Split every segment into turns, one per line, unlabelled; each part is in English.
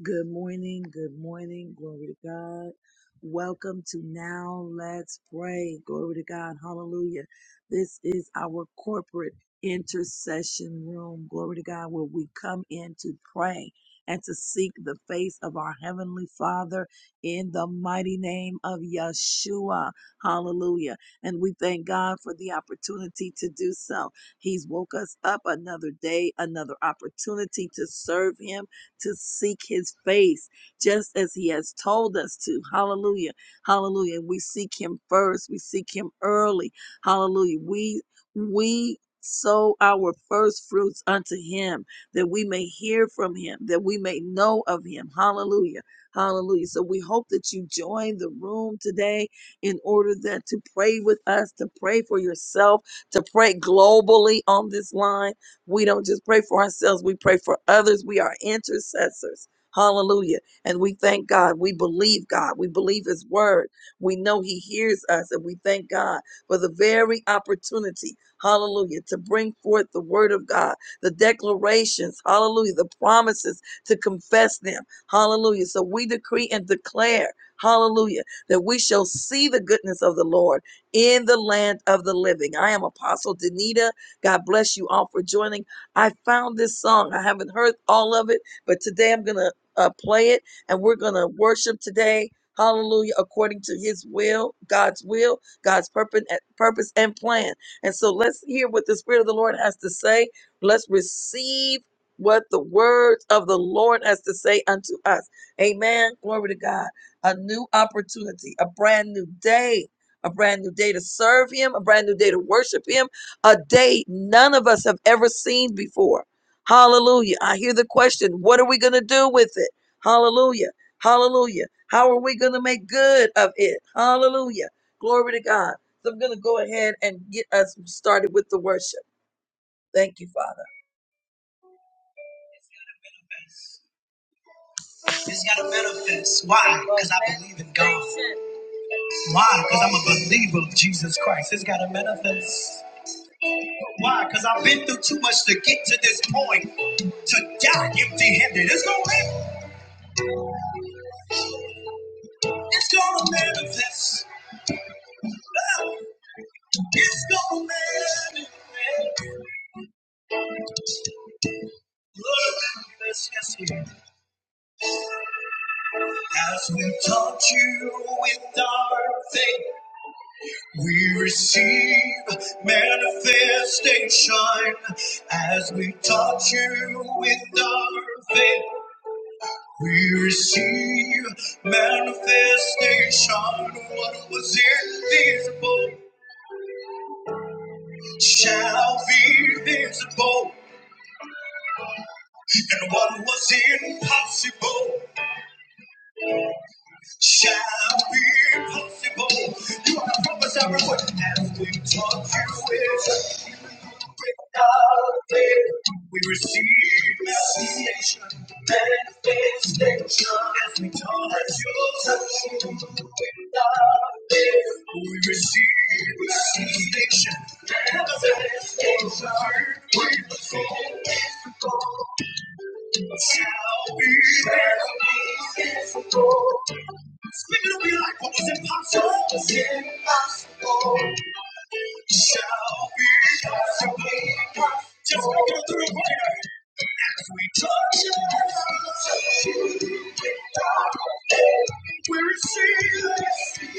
Good morning. Good morning. Glory to God. Welcome to Now Let's Pray. Glory to God. Hallelujah. This is our corporate intercession room. Glory to God, where we come in to pray and to seek the face of our Heavenly Father in the mighty name of Yeshua. Hallelujah. And we thank God for the opportunity to do so. He's woke us up another day, another opportunity to serve Him to seek his face just as he has told us to. Hallelujah. Hallelujah. We seek him first. We seek him early. Hallelujah. We we sow our first fruits unto him that we may hear from him, that we may know of him. Hallelujah. Hallelujah. So we hope that you join the room today in order that to pray with us, to pray for yourself, to pray globally on this line we don't just pray for ourselves, we pray for others. We are intercessors. Hallelujah. And we thank God. We believe God. We believe His word. We know He hears us, and we thank God for the very opportunity, hallelujah, to bring forth the word of God, the declarations, hallelujah, the promises to confess them, hallelujah. So we decree and declare, hallelujah, that we shall see the goodness of the Lord in the land of the living. I am Apostle Danita. God bless you all for joining. I found this song. I haven't heard all of it, but today I'm going to uh, play it and we're going to worship today. Hallelujah, according to his will, God's will, God's purpose, purpose and plan. And so let's hear what the Spirit of the Lord has to say. Let's receive what the words of the Lord has to say unto us. Amen. Glory to God. A new opportunity, a brand new day, a brand new day to serve Him, a brand new day to worship Him a day none of us have ever seen before. Hallelujah. I hear the question, what are we going to do with it? Hallelujah. Hallelujah. How are we going to make good of it? Hallelujah. Glory to God. So I'm going to go ahead and get us started with the worship. Thank you, Father. It's got to manifest. Why? Because I believe in God. Why? Because I'm a believer of Jesus Christ. It's got to manifest. Why? Because I've been through too much to get to this point to die empty handed. It's gonna live. It's gonna manifest. It's gonna manifest. Manifest, Yes, yeah. As we taught you in our faith, we receive manifestation. As we taught you in our faith, we receive manifestation. What was invisible. shall be visible, and what was impossible shall be possible. You are the promise everywhere as we touch you with without faith. We receive manifestation, manifestation as we touch your touch without faith. We receive manifestation, manifestation. We receive manifestation. Living will be like what was impossible. What was impossible shall be possible. Just make it through prayer. As we touch it, we receive it.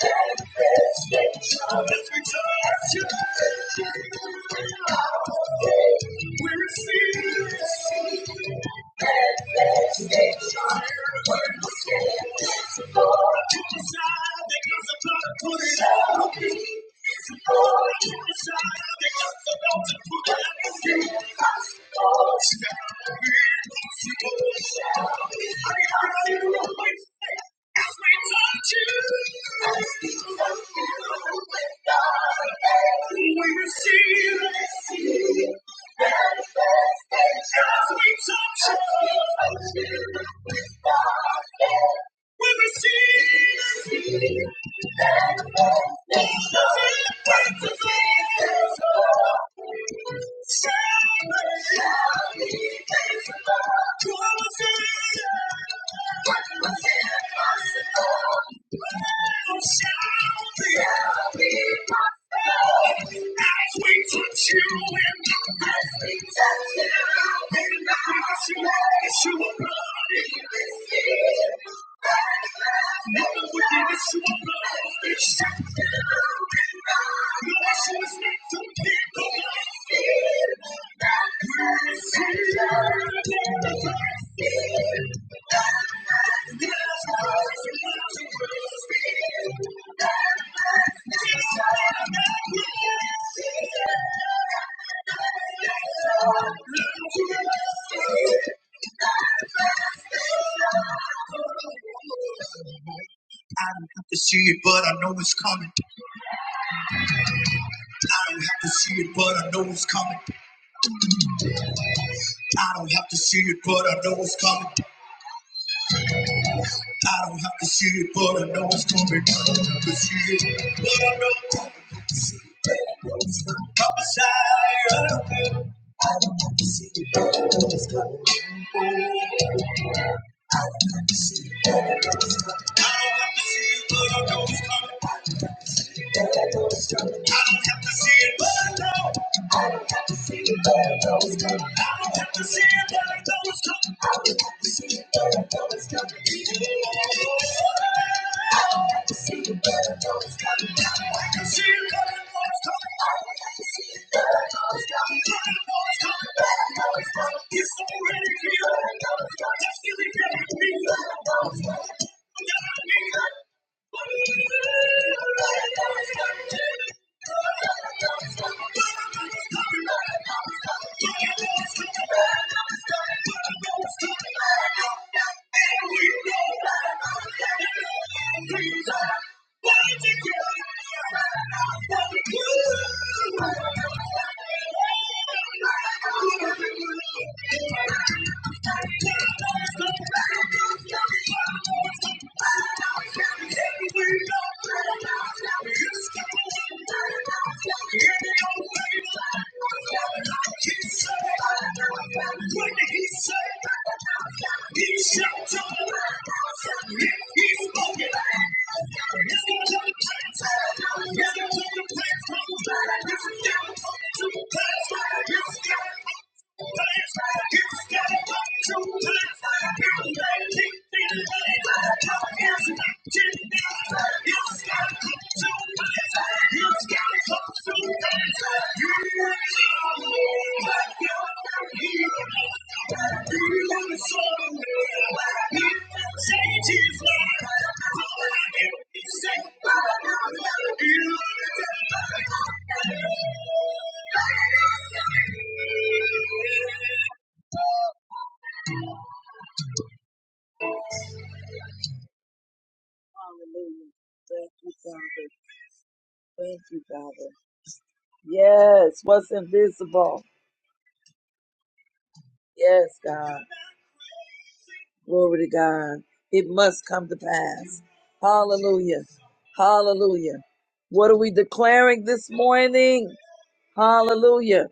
As we touch it, we receive it. We receive it. Manifestation. As we touch you. We receive as we touch you in the as we touch you in the I see what you want me to see. Never would have guessed you'd be so blind. I'm not the one who's meant to keep you blind. I'm the one who's meant to break you. I'm the one who's meant to make you see. I don't have to see it, but I know it's coming. I don't have to see it, but I know it's coming. I don't have to see it, but I know it's coming. I don't have to see it, but I know it's coming. I don't have to see it, but I know it's coming. Prophesy, I don't have to see it, but I know it's coming. I don't have to see it, but I know it's coming. I don't have to see it, but I know it's coming. I know it's coming, but I know it's coming. It's already here. Destiny can be. Thank you. Thank you. Hallelujah. Thank you, Father. Thank you, Father. Yes, what's invisible. Yes, God. Glory to God. It must come to pass. Hallelujah. Hallelujah. What are we declaring this morning? Hallelujah.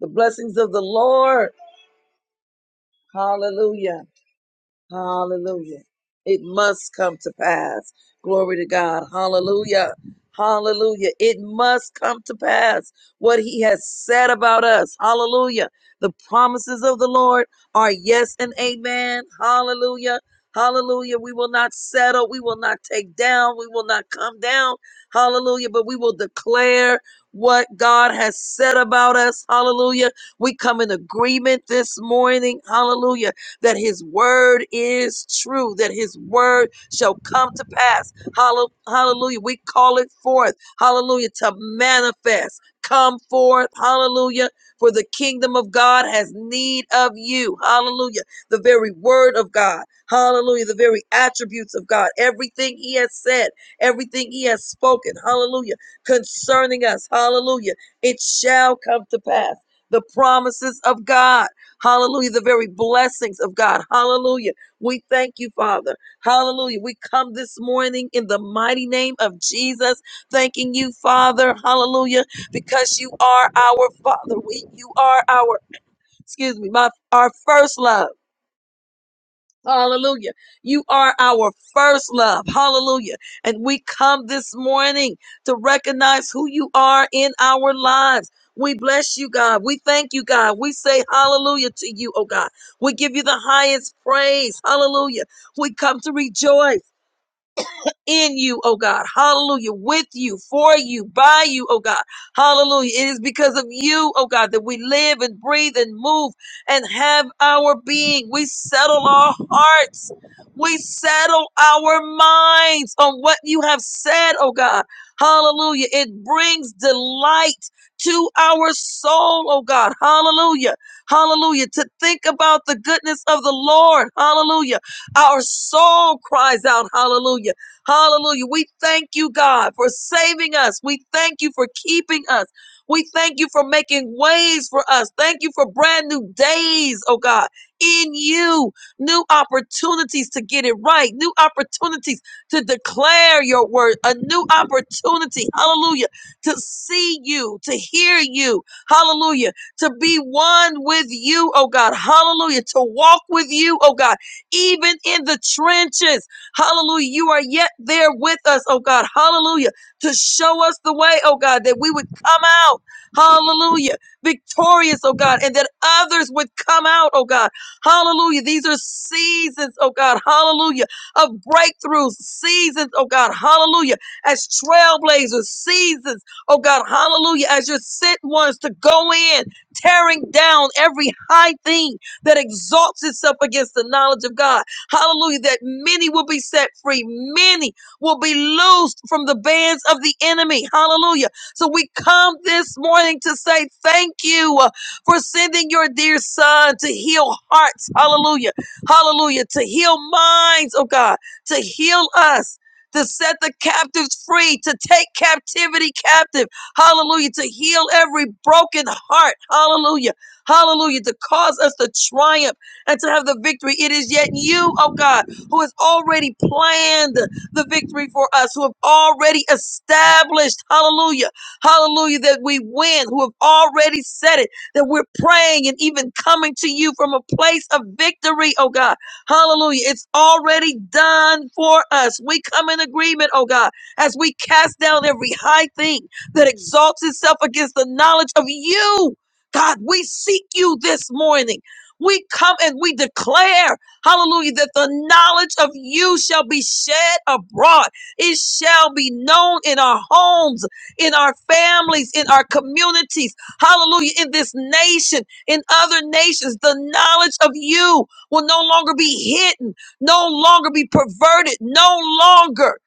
The blessings of the Lord. Hallelujah. Hallelujah. It must come to pass. Glory to God. Hallelujah. Hallelujah. It must come to pass what he has said about us. Hallelujah. The promises of the Lord are yes and amen. Hallelujah. Hallelujah. We will not settle. We will not take down. We will not come down. Hallelujah. But we will declare what God has said about us. Hallelujah. We come in agreement this morning. Hallelujah that his word is true, that his word shall come to pass. Hallo- Hallelujah. We call it forth. Hallelujah. To manifest. Come forth. Hallelujah. For the kingdom of God has need of you. Hallelujah. The very word of God. Hallelujah. The very attributes of God. Everything he has said, everything he has spoken. Hallelujah. Concerning us. Hallelujah. It shall come to pass. The promises of God. Hallelujah. The very blessings of God. Hallelujah. We thank you, Father. Hallelujah. We come this morning in the mighty name of Jesus, thanking you, Father. Hallelujah. Because you are our Father. We, you are our, excuse me, my, our first love. Hallelujah. You are our first love. Hallelujah. And we come this morning to recognize who you are in our lives. We bless you, God. We thank you, God. We say hallelujah to you, oh God. We give you the highest praise. Hallelujah. We come to rejoice in you, oh God. Hallelujah. With you, for you, by you, oh God. Hallelujah. It is because of you, oh God, that we live and breathe and move and have our being. We settle our hearts. We settle our minds on what you have said, oh God. Hallelujah. It brings delight to our soul, oh God. Hallelujah. Hallelujah. To think about the goodness of the Lord. Hallelujah. Our soul cries out, Hallelujah. Hallelujah. We thank you, God, for saving us. We thank you for keeping us. We thank you for making ways for us. Thank you for brand new days, oh God, in you. New opportunities to get it right, new opportunities to declare your word, a new opportunity, hallelujah, to see you, to hear you, hallelujah, to be one with you, oh God, hallelujah, to walk with you, oh God, even in the trenches. Hallelujah. You are yet there with us, oh God. Hallelujah. To show us the way, oh God, that we would come out. Hallelujah. Victorious, oh God, and that others would come out, oh God. Hallelujah. These are seasons, oh God. Hallelujah. Of breakthroughs, seasons, oh God. Hallelujah. As trailblazers, seasons, oh God. Hallelujah. As your sent ones to go in, tearing down every high thing that exalts itself against the knowledge of God Hallelujah. That many will be set free. Many will be loosed from the bands of the enemy. Hallelujah. So we come this morning to say thank you uh, for sending your dear son to heal hearts. Hallelujah. Hallelujah. To heal minds, oh God, to heal us. To set the captives free, to take captivity captive. Hallelujah. To heal every broken heart. Hallelujah. Hallelujah. To cause us to triumph and to have the victory. It is yet you, oh God, who has already planned the victory for us, who have already established, hallelujah, hallelujah, that we win, who have already said it, that we're praying and even coming to you from a place of victory, oh God. Hallelujah. It's already done for us. We come in agreement, oh God, as we cast down every high thing that exalts itself against the knowledge of you. God, we seek you this morning. We come and we declare, hallelujah, that the knowledge of you shall be shed abroad. It shall be known in our homes, in our families, in our communities, hallelujah, in this nation, in other nations. The knowledge of you will no longer be hidden, no longer be perverted, no longer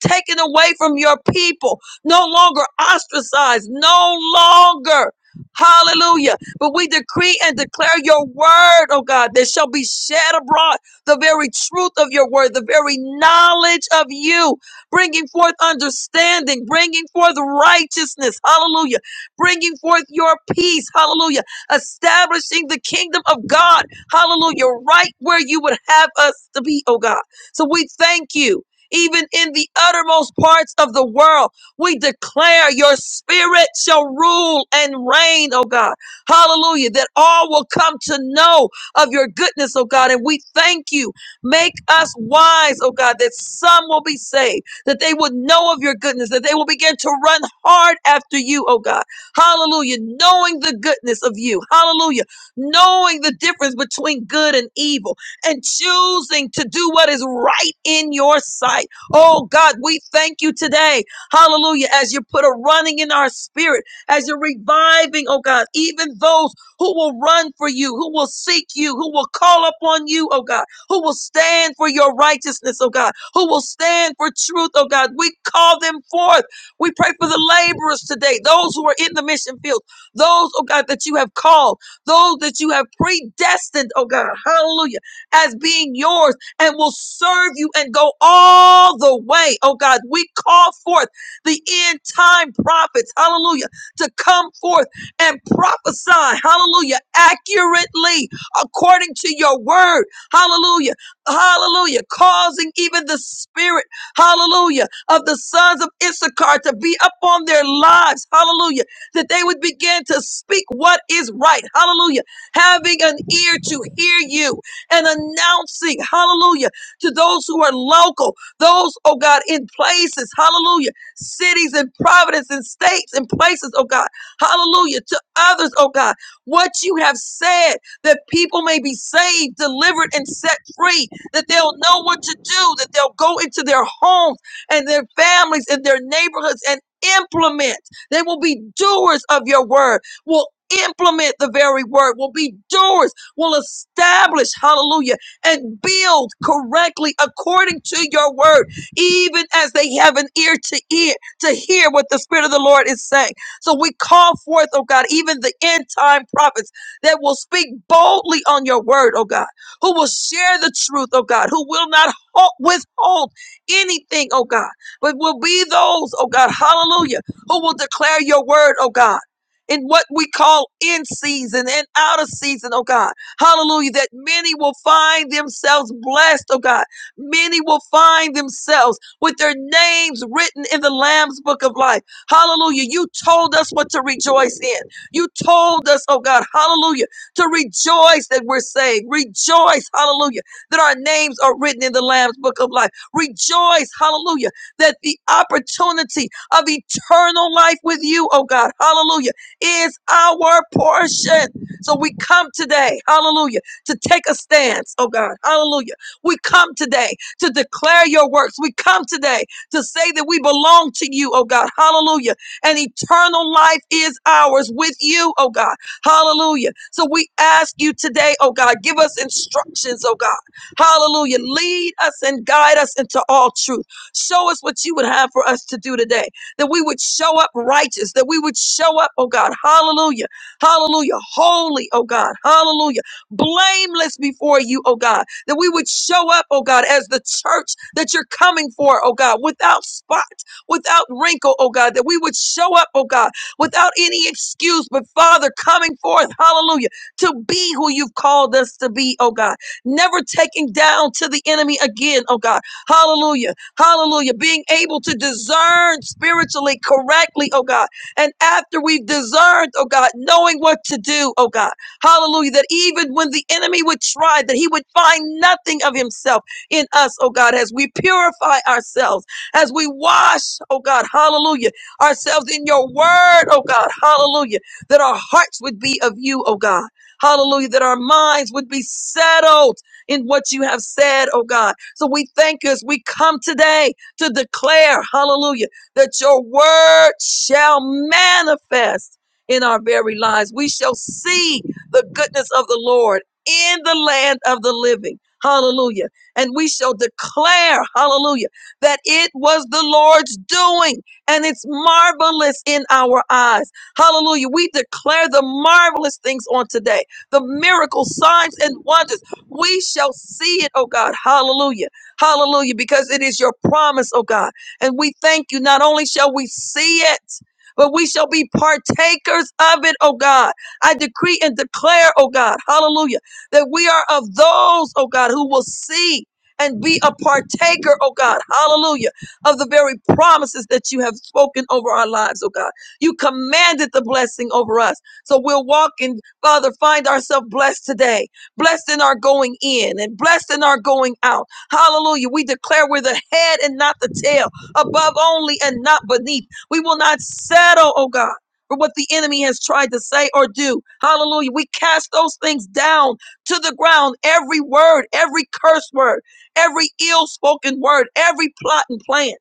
taken away from your people, no longer ostracized, no longer. Hallelujah but we decree and declare your word, oh God, that shall be shed abroad the very truth of your word, the very knowledge of you, bringing forth understanding, bringing forth righteousness. Hallelujah. Bringing forth your peace. Hallelujah. Establishing the kingdom of God. Hallelujah. Right where you would have us to be, oh God. So we thank you. Even in the uttermost parts of the world, we declare your spirit shall rule and reign, oh God Hallelujah. That all will come to know of your goodness, oh God. And we thank you. Make us wise, oh God, that some will be saved, that they would know of your goodness, that they will begin to run hard after you, oh God. Hallelujah. Knowing the goodness of you. Hallelujah. Knowing the difference between good and evil and choosing to do what is right in your sight. Oh God, we thank you today. Hallelujah. As you put a running in our spirit as you're reviving, oh God, even those who will run for you, who will seek you, who will call upon you, oh God, who will stand for your righteousness, oh God, who will stand for truth, oh God. We call them forth. We pray for the laborers today, those who are in the mission field, those, oh God, that you have called, those that you have predestined, oh God, hallelujah, as being yours and will serve you and go all the way, oh God. We call forth the end time prophets, hallelujah to come forth and prophesy, hallelujah, accurately according to your word, hallelujah, hallelujah, causing even the spirit, hallelujah, of the sons of Issachar to be upon their lives, hallelujah, that they would begin to speak what is right, hallelujah, having an ear to hear you and announcing, hallelujah, to those who are local, those, oh God, in places, hallelujah cities and providence and states and places, oh God. Hallelujah. To others, oh God. What you have said that people may be saved, delivered, and set free, that they'll know what to do, that they'll go into their homes and their families and their neighborhoods and implement. They will be doers of your word. Will implement the very word, will be doers, will establish, hallelujah, and build correctly according to your word even as they have an ear to ear to hear what the Spirit of the Lord is saying. So we call forth, oh God, even the end time prophets that will speak boldly on your word, oh God, who will share the truth, oh God, who will not ho- withhold anything, oh God, but will be those, oh God, hallelujah, who will declare your word, oh God. In what we call in season and out of season, oh God. Hallelujah. That many will find themselves blessed, oh God Many will find themselves with their names written in the Lamb's book of life. Hallelujah. You told us what to rejoice in. You told us, oh God, hallelujah, to rejoice that we're saved. Rejoice, hallelujah, that our names are written in the Lamb's book of life. Rejoice, hallelujah, that the opportunity of eternal life with you, oh God, hallelujah, is our portion. So we come today, hallelujah, to take a stance, oh God, hallelujah we come today to declare your works. We come today to say that we belong to you, oh God. Hallelujah. And eternal life is ours with you, oh God. Hallelujah. So we ask you today, oh God, give us instructions, oh God. Hallelujah. Lead us and guide us into all truth. Show us what you would have for us to do today. That we would show up righteous, that we would show up, oh God. Hallelujah. Hallelujah. Holy, oh God. Hallelujah. Blameless before you, oh God that we would show up, oh God, as the church that you're coming for, oh God, without spot, without wrinkle, oh God, that we would show up, oh God, without any excuse, but Father, coming forth, hallelujah, to be who you've called us to be, oh God, never taking down to the enemy again, oh God, hallelujah, hallelujah, being able to discern spiritually correctly, oh God, and after we've discerned, oh God, knowing what to do, oh God. Hallelujah. That even when the enemy would try, that he would find nothing of himself in us, oh God, as we purify ourselves, as we wash, oh God, hallelujah, ourselves in your word, oh God, hallelujah, that our hearts would be of you, oh God. Hallelujah, that our minds would be settled in what you have said, oh God. So we thank you as we come today to declare, hallelujah, that your word shall manifest in our very lives. We shall see the goodness of the Lord in the land of the living. Hallelujah. And we shall declare, hallelujah, that it was the Lord's doing and it's marvelous in our eyes. Hallelujah. We declare the marvelous things on today, the miracle signs and wonders. We shall see it, oh God. Hallelujah. Hallelujah. Because it is your promise, oh God. And we thank you. Not only shall we see it, but we shall be partakers of it, oh God. I decree and declare, oh God, hallelujah, that we are of those, oh God, who will see and be a partaker, oh God, hallelujah, of the very promises that you have spoken over our lives, oh God. You commanded the blessing over us. So we'll walk in, Father, find ourselves blessed today, blessed in our going in and blessed in our going out. Hallelujah. We declare we're the head and not the tail, above only and not beneath. We will not settle, oh God for what the enemy has tried to say or do. Hallelujah. We cast those things down to the ground. Every word, every curse word, every ill spoken word, every plot and plan.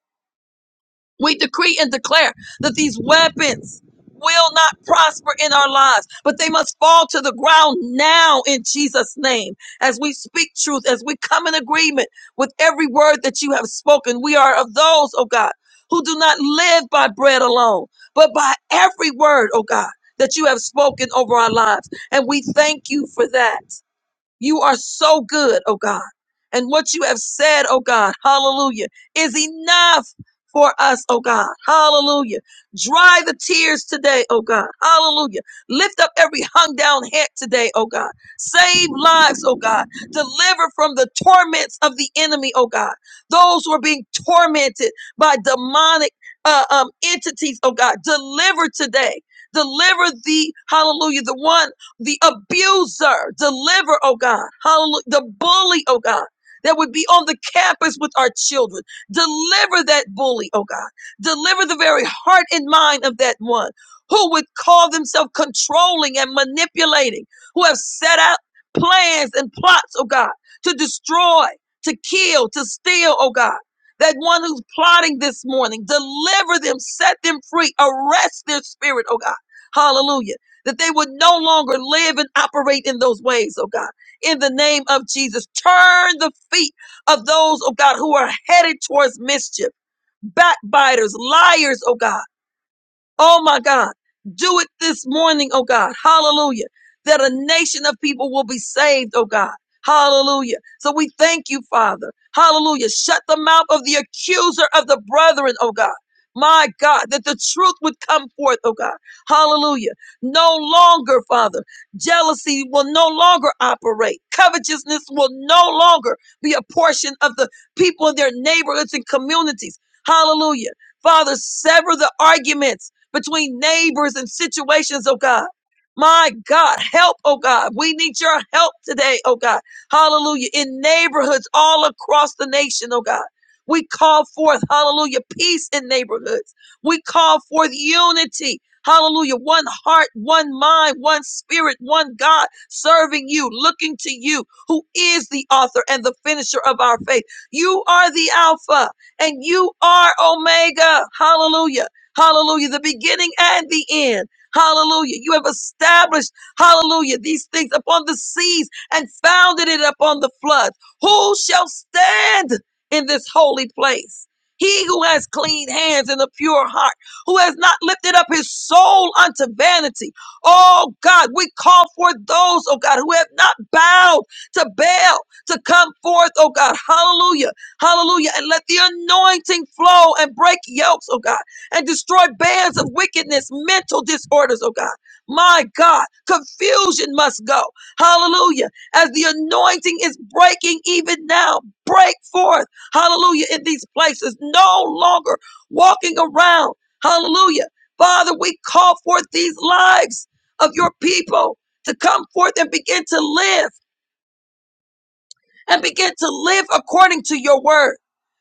We decree and declare that these weapons will not prosper in our lives, but they must fall to the ground now in Jesus' name. As we speak truth, as we come in agreement with every word that you have spoken, we are of those, oh God, who do not live by bread alone, but by every word, oh God, that you have spoken over our lives. And we thank you for that. You are so good, oh God. And what you have said, oh God, hallelujah, is enough for us, oh God, hallelujah. Dry the tears today, oh God, hallelujah. Lift up every hung down head today, oh God. Save lives, oh God. Deliver from the torments of the enemy, oh God. Those who are being tormented by demonic uh, um, entities, oh God, deliver today. Deliver the, hallelujah, the one the abuser, deliver, oh God, hallelujah, the bully, oh God, that would be on the campus with our children. Deliver that bully, oh God. Deliver the very heart and mind of that one who would call themselves controlling and manipulating, who have set out plans and plots, oh God, to destroy, to kill, to steal, oh God. That one who's plotting this morning, deliver them, set them free, arrest their spirit, oh God. Hallelujah that they would no longer live and operate in those ways, oh God. In the name of Jesus, turn the feet of those, oh God, who are headed towards mischief, backbiters, liars, oh God. Oh my God. Do it this morning, oh God. Hallelujah. That a nation of people will be saved, oh God. Hallelujah. So we thank you, Father. Hallelujah. Shut the mouth of the accuser of the brethren, oh God. My God, that the truth would come forth, oh God. Hallelujah. No longer, Father, jealousy will no longer operate. Covetousness will no longer be a portion of the people in their neighborhoods and communities. Hallelujah. Father, sever the arguments between neighbors and situations, oh God. My God, help, oh God. We need your help today, oh God. Hallelujah. In neighborhoods all across the nation, oh God. We call forth, hallelujah, peace in neighborhoods. We call forth unity. Hallelujah. One heart, one mind, one spirit, one God serving you, looking to you, who is the author and the finisher of our faith. You are the Alpha and you are Omega. Hallelujah. Hallelujah. The beginning and the end. Hallelujah. You have established, hallelujah, these things upon the seas and founded it upon the floods. Who shall stand in this holy place? He who has clean hands and a pure heart, who has not lifted up his soul unto vanity. Oh God, we call forth those, oh God, who have not bowed to Baal to come forth, oh God. Hallelujah. Hallelujah. And let the anointing flow and break yokes, oh God and destroy bands of wickedness, mental disorders, oh God. My God, confusion must go. Hallelujah. As the anointing is breaking even now, break forth. Hallelujah. In these places, no longer walking around. Hallelujah. Father, we call forth these lives of your people to come forth and begin to live and begin to live according to your word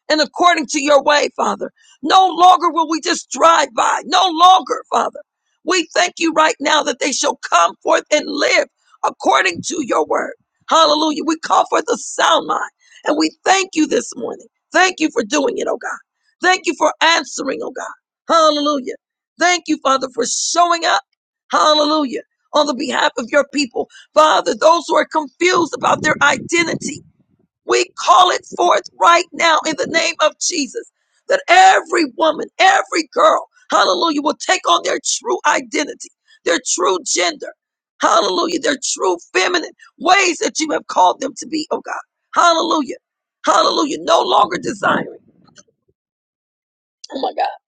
and according to your way, Father. No longer will we just drive by. No longer, Father. We thank you right now that they shall come forth and live according to your word. Hallelujah. We call forth a sound mind and we thank you this morning. Thank you for doing it, oh God. Thank you for answering, oh God. Hallelujah. Thank you, Father, for showing up. Hallelujah. On the behalf of your people, Father, those who are confused about their identity. We call it forth right now in the name of Jesus that every woman, every girl, hallelujah, will take on their true identity, their true gender, hallelujah, their true feminine ways that you have called them to be, oh God. Hallelujah. Hallelujah. No longer desiring. Oh my God.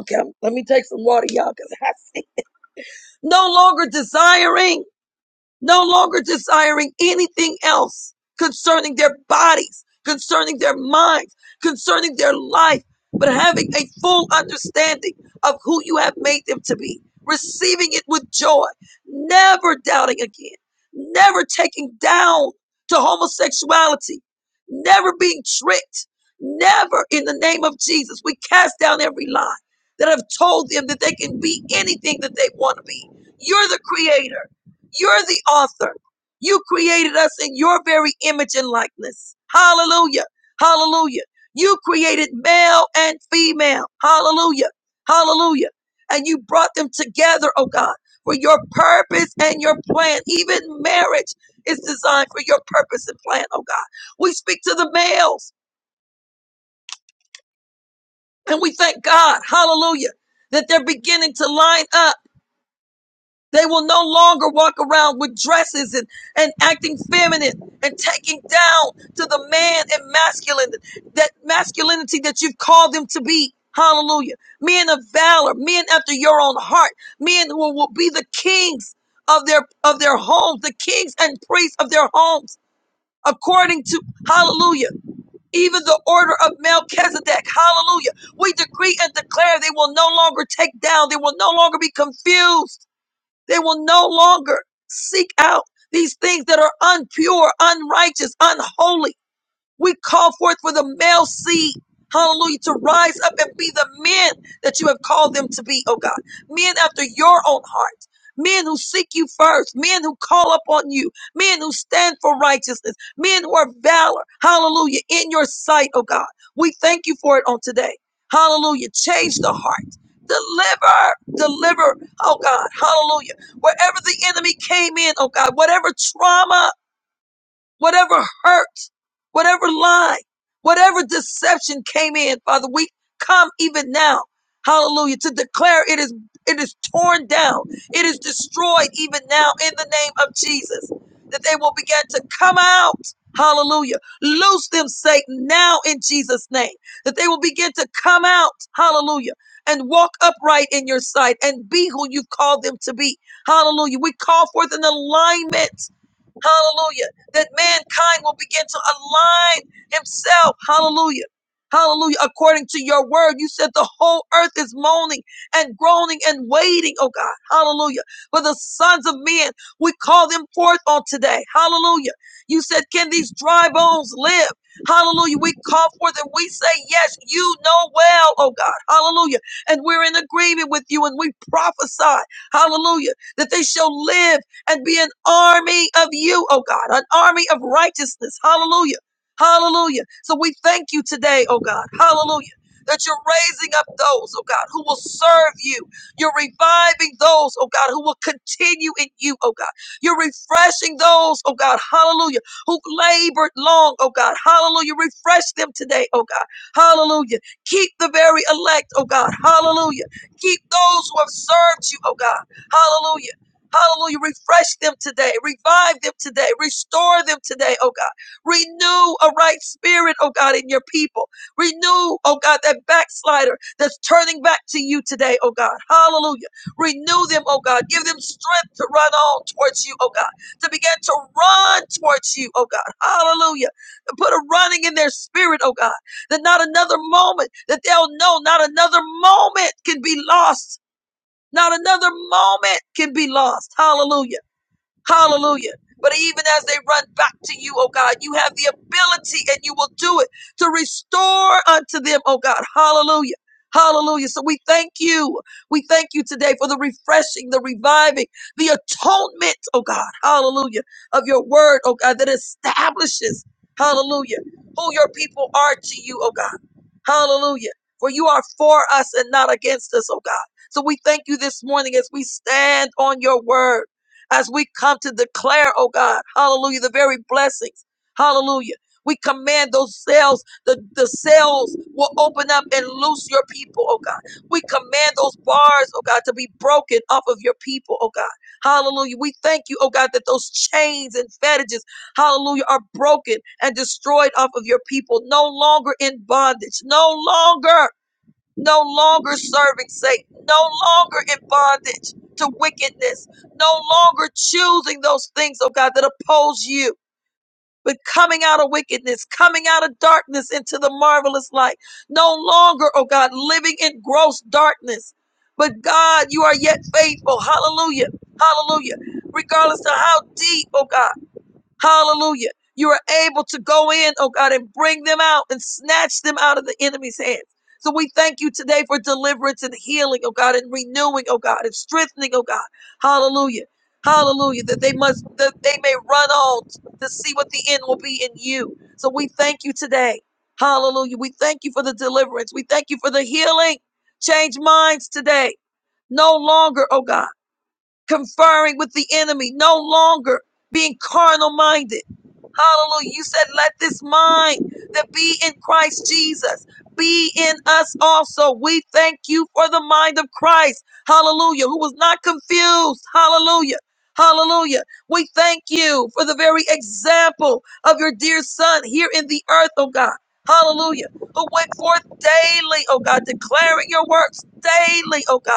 Okay, I'm- let me take some water, y'all, because I see. No longer desiring. no longer desiring anything else concerning their bodies, concerning their minds, concerning their life, but having a full understanding of who you have made them to be, receiving it with joy, never doubting again, never taking down to homosexuality, never being tricked, never in the name of Jesus. We cast down every lie that have told them that they can be anything that they want to be. You're the creator. You're the author. You created us in your very image and likeness. Hallelujah. Hallelujah. You created male and female. Hallelujah. Hallelujah. And you brought them together, oh God, for your purpose and your plan. Even marriage is designed for your purpose and plan, oh God. We speak to the males and we thank God. Hallelujah. That they're beginning to line up. They will no longer walk around with dresses and, and acting feminine and taking down to the man and masculine, that masculinity that you've called them to be. Hallelujah. Men of valor, men after your own heart, men who will be the kings of their, of their homes, the kings and priests of their homes, according to, hallelujah, even the order of Melchizedek. Hallelujah. We decree and declare they will no longer take down. They will no longer be confused they will no longer seek out these things that are unpure, unrighteous, unholy. We call forth for the male seed, hallelujah, to rise up and be the men that you have called them to be, oh God. Men after your own heart. Men who seek you first, men who call upon you, men who stand for righteousness, men who are valor, hallelujah, in your sight, oh God. We thank you for it on today. Hallelujah. Change the heart. Deliver, deliver, oh God, hallelujah. Wherever the enemy came in, oh God, whatever trauma whatever hurt, whatever lie, whatever deception came in, Father, we come even now, hallelujah, to declare it is it is torn down, it is destroyed even now in the name of Jesus. That they will begin to come out. Hallelujah. Loose them, Satan, now in Jesus' name. That they will begin to come out. Hallelujah. And walk upright in your sight and be who you've called them to be. Hallelujah. We call forth an alignment. Hallelujah. That mankind will begin to align himself. Hallelujah. Hallelujah. According to your word, you said the whole earth is moaning and groaning and waiting, oh God. Hallelujah. For the sons of men, we call them forth on today. Hallelujah. You said, Can these dry bones live? Hallelujah. We call forth and we say, Yes, you know well, oh God. Hallelujah. And we're in agreement with you and we prophesy, hallelujah, that they shall live and be an army of you, oh God, an army of righteousness. Hallelujah. Hallelujah. So we thank you today, oh God. Hallelujah. That you're raising up those, oh God, who will serve you. You're reviving those, oh God, who will continue in you, oh God. You're refreshing those, oh God, hallelujah, who labored long, oh God, hallelujah. Refresh them today, oh God, hallelujah. Keep the very elect, oh God, hallelujah. Keep those who have served you, oh God, hallelujah. Hallelujah. Refresh them today. Revive them today. Restore them today, oh God. Renew a right spirit, oh God, in your people. Renew, oh God, that backslider that's turning back to you today, oh God. Hallelujah. Renew them, oh God. Give them strength to run on towards you, oh God. To begin to run towards you, oh God. Hallelujah. To put a running in their spirit, oh God. That not another moment, that they'll know not another moment can be lost not another moment can be lost. Hallelujah. Hallelujah. But even as they run back to you, oh God, you have the ability and you will do it to restore unto them, oh God. Hallelujah. Hallelujah. So we thank you. We thank you today for the refreshing, the reviving, the atonement, oh God. Hallelujah. Of your word, oh God, that establishes, hallelujah, who your people are to you, oh God. Hallelujah. For you are for us and not against us, oh God. So we thank you this morning as we stand on your word as we come to declare, oh God, hallelujah, the very blessings. Hallelujah. We command those cells, the, the cells will open up and loose your people, oh God. We command those bars, oh God, to be broken off of your people, oh God. Hallelujah. We thank you, oh God, that those chains and fetters, hallelujah, are broken and destroyed off of your people, no longer in bondage, no longer no longer serving Satan, no longer in bondage to wickedness, no longer choosing those things, oh God, that oppose you. But coming out of wickedness, coming out of darkness into the marvelous light. No longer, oh God, living in gross darkness. But God, you are yet faithful. Hallelujah. Hallelujah. Regardless of how deep, oh God. Hallelujah. You are able to go in, oh God, and bring them out and snatch them out of the enemy's hands. So we thank you today for deliverance and healing, oh God, and renewing, oh God, and strengthening, oh God. Hallelujah. Hallelujah. That they must, that they may run on to see what the end will be in you. So we thank you today. Hallelujah. We thank you for the deliverance. We thank you for the healing. Change minds today. No longer, oh God conferring with the enemy, no longer being carnal minded. Hallelujah. You said, let this mind that be in Christ Jesus be in us also. We thank you for the mind of Christ. Hallelujah. Who was not confused. Hallelujah. Hallelujah. We thank you for the very example of your dear son here in the earth, oh God. Hallelujah. Who went forth daily, oh God, declaring your works daily, oh God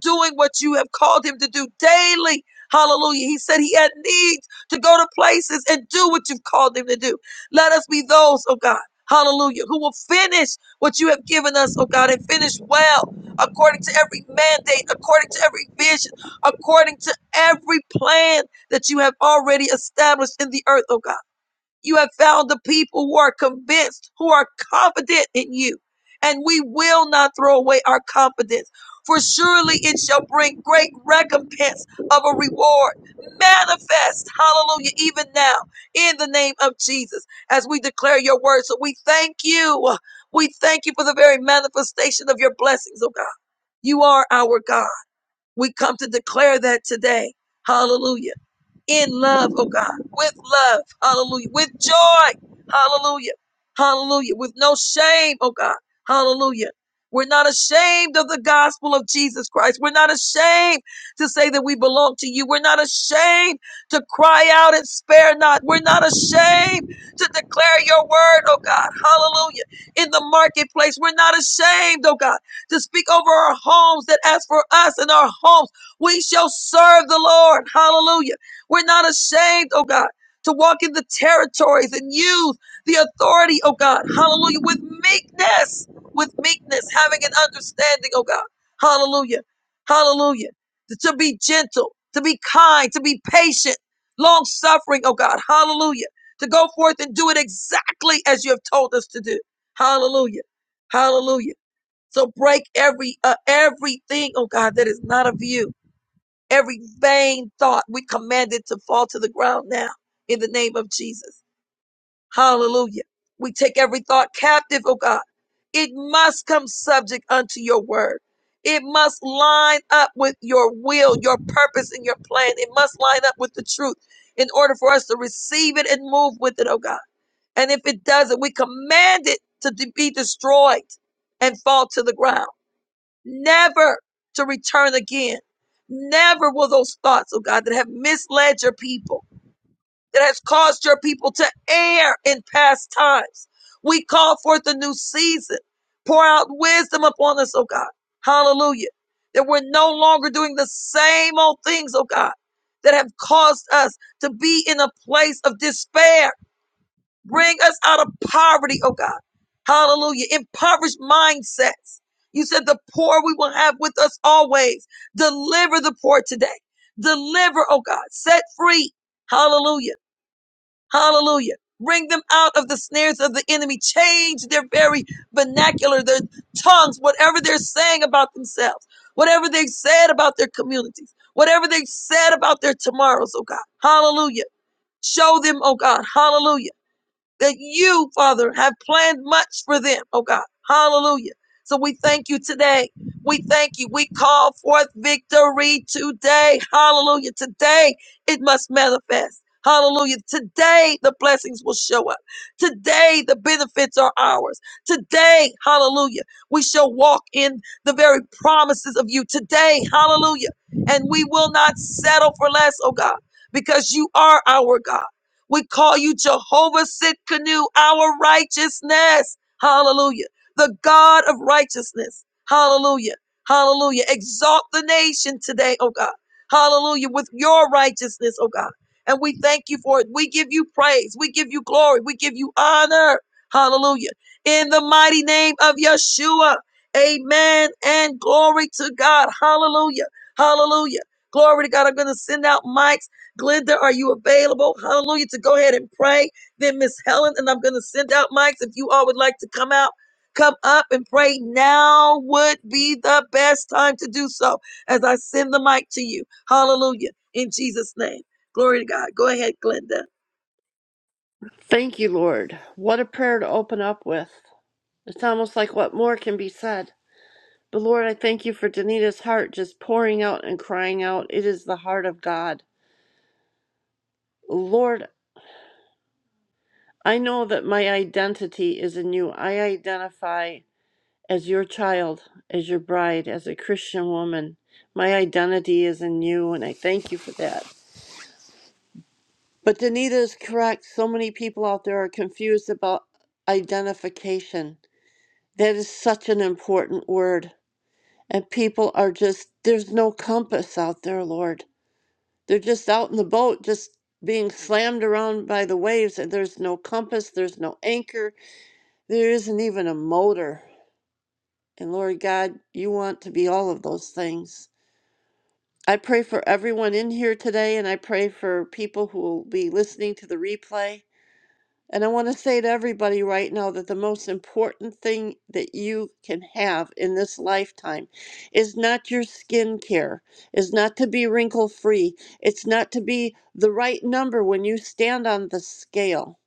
doing what you have called him to do daily. Hallelujah. He said he had needs to go to places and do what you've called him to do. Let us be those, oh God. Hallelujah. Who will finish what you have given us, oh God, and finish well according to every mandate, according to every vision, according to every plan that you have already established in the earth, oh God. You have found the people who are convinced, who are confident in you. And we will not throw away our confidence, for surely it shall bring great recompense of a reward. Manifest, hallelujah, even now, in the name of Jesus, as we declare your word. So we thank you. We thank you for the very manifestation of your blessings, oh God. You are our God. We come to declare that today. Hallelujah in love, oh God, with love, hallelujah, with joy, hallelujah, hallelujah, with no shame, oh God, hallelujah. We're not ashamed of the gospel of Jesus Christ. We're not ashamed to say that we belong to you. We're not ashamed to cry out and spare not. We're not ashamed to declare your word, oh God, hallelujah, in the marketplace. We're not ashamed, oh God, to speak over our homes that as for us and our homes, we shall serve the Lord, hallelujah. We're not ashamed, oh God, to walk in the territories and use the authority, oh God, hallelujah, with meekness, with meekness, having an understanding, oh God, hallelujah, hallelujah, to be gentle, to be kind, to be patient, long suffering, oh God, hallelujah, to go forth and do it exactly as you have told us to do, hallelujah, hallelujah. So break every uh, everything, oh God, that is not of you Every vain thought we command it to fall to the ground now in the name of Jesus. Hallelujah. We take every thought captive, oh God. It must come subject unto your word. It must line up with your will, your purpose, and your plan. It must line up with the truth in order for us to receive it and move with it, oh God. And if it doesn't, we command it to de- be destroyed and fall to the ground never to return again. Never will those thoughts, oh God, that have misled your people, that has caused your people to err in past times. We call forth a new season. Pour out wisdom upon us, oh God. Hallelujah. That we're no longer doing the same old things, oh God, that have caused us to be in a place of despair Bring us out of poverty, oh God. Hallelujah. Impoverished mindsets. You said the poor we will have with us always. Deliver the poor today. Deliver, oh God. Set free. Hallelujah. Hallelujah. Bring them out of the snares of the enemy. Change their very vernacular, their tongues, whatever they're saying about themselves, whatever they've said about their communities, whatever they've said about their tomorrows, oh God. Hallelujah. Show them, oh God. Hallelujah that you, Father, have planned much for them, oh God. Hallelujah. So we thank you today. We thank you. We call forth victory today. Hallelujah. Today it must manifest. Hallelujah. Today the blessings will show up. Today the benefits are ours. Today, hallelujah, we shall walk in the very promises of you. Today, hallelujah. And we will not settle for less, oh God, because you are our God. We call you Jehovah Sitkanu, our righteousness. Hallelujah. The God of righteousness. Hallelujah. Hallelujah. Exalt the nation today, oh God. Hallelujah. With your righteousness, oh God. And we thank you for it. We give you praise. We give you glory. We give you honor. Hallelujah. In the mighty name of Yeshua. Amen. And glory to God. Hallelujah. Hallelujah. Glory to God. I'm going to send out mics. Glenda, are you available? Hallelujah. To go ahead and pray. Then Miss Helen, and I'm going to send out mics. If you all would like to come out, come up and pray. Now would be the best time to do so as I send the mic to you. Hallelujah. In Jesus' name. Glory to God. Go ahead, Glenda.
Thank you, Lord. What a prayer to open up with. It's almost like what more can be said. But Lord, I thank you for Danita's heart just pouring out and crying out. It is the heart of God. Lord, I know that my identity is in you. I identify as your child, as your bride, as a Christian woman. My identity is in you, and I thank you for that. But Danita is correct. So many people out there are confused about identification. That is such an important word. And people are just, there's no compass out there, Lord. They're just out in the boat, just being slammed around by the waves, and there's no compass, there's no anchor, there isn't even a motor. And Lord God, you want to be all of those things. I pray for everyone in here today, and I pray for people who will be listening to the replay. And I want to say to everybody right now that the most important thing that you can have in this lifetime is not your skincare, is not to be wrinkle free, it's not to be the right number when you stand on the scale,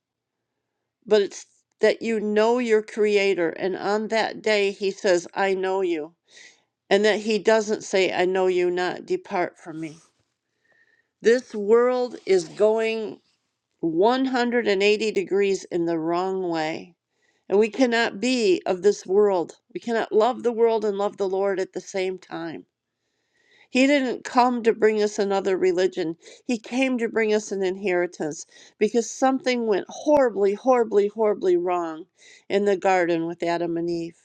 but it's that you know your Creator. And on that day, He says, I know you. And that He doesn't say, I know you not, depart from me. This world is going 180 degrees in the wrong way And we cannot be of this world. We cannot love the world and love the Lord at the same time. He didn't come to bring us another religion. He came to bring us an inheritance because something went horribly, horribly, horribly wrong in the garden with Adam and Eve.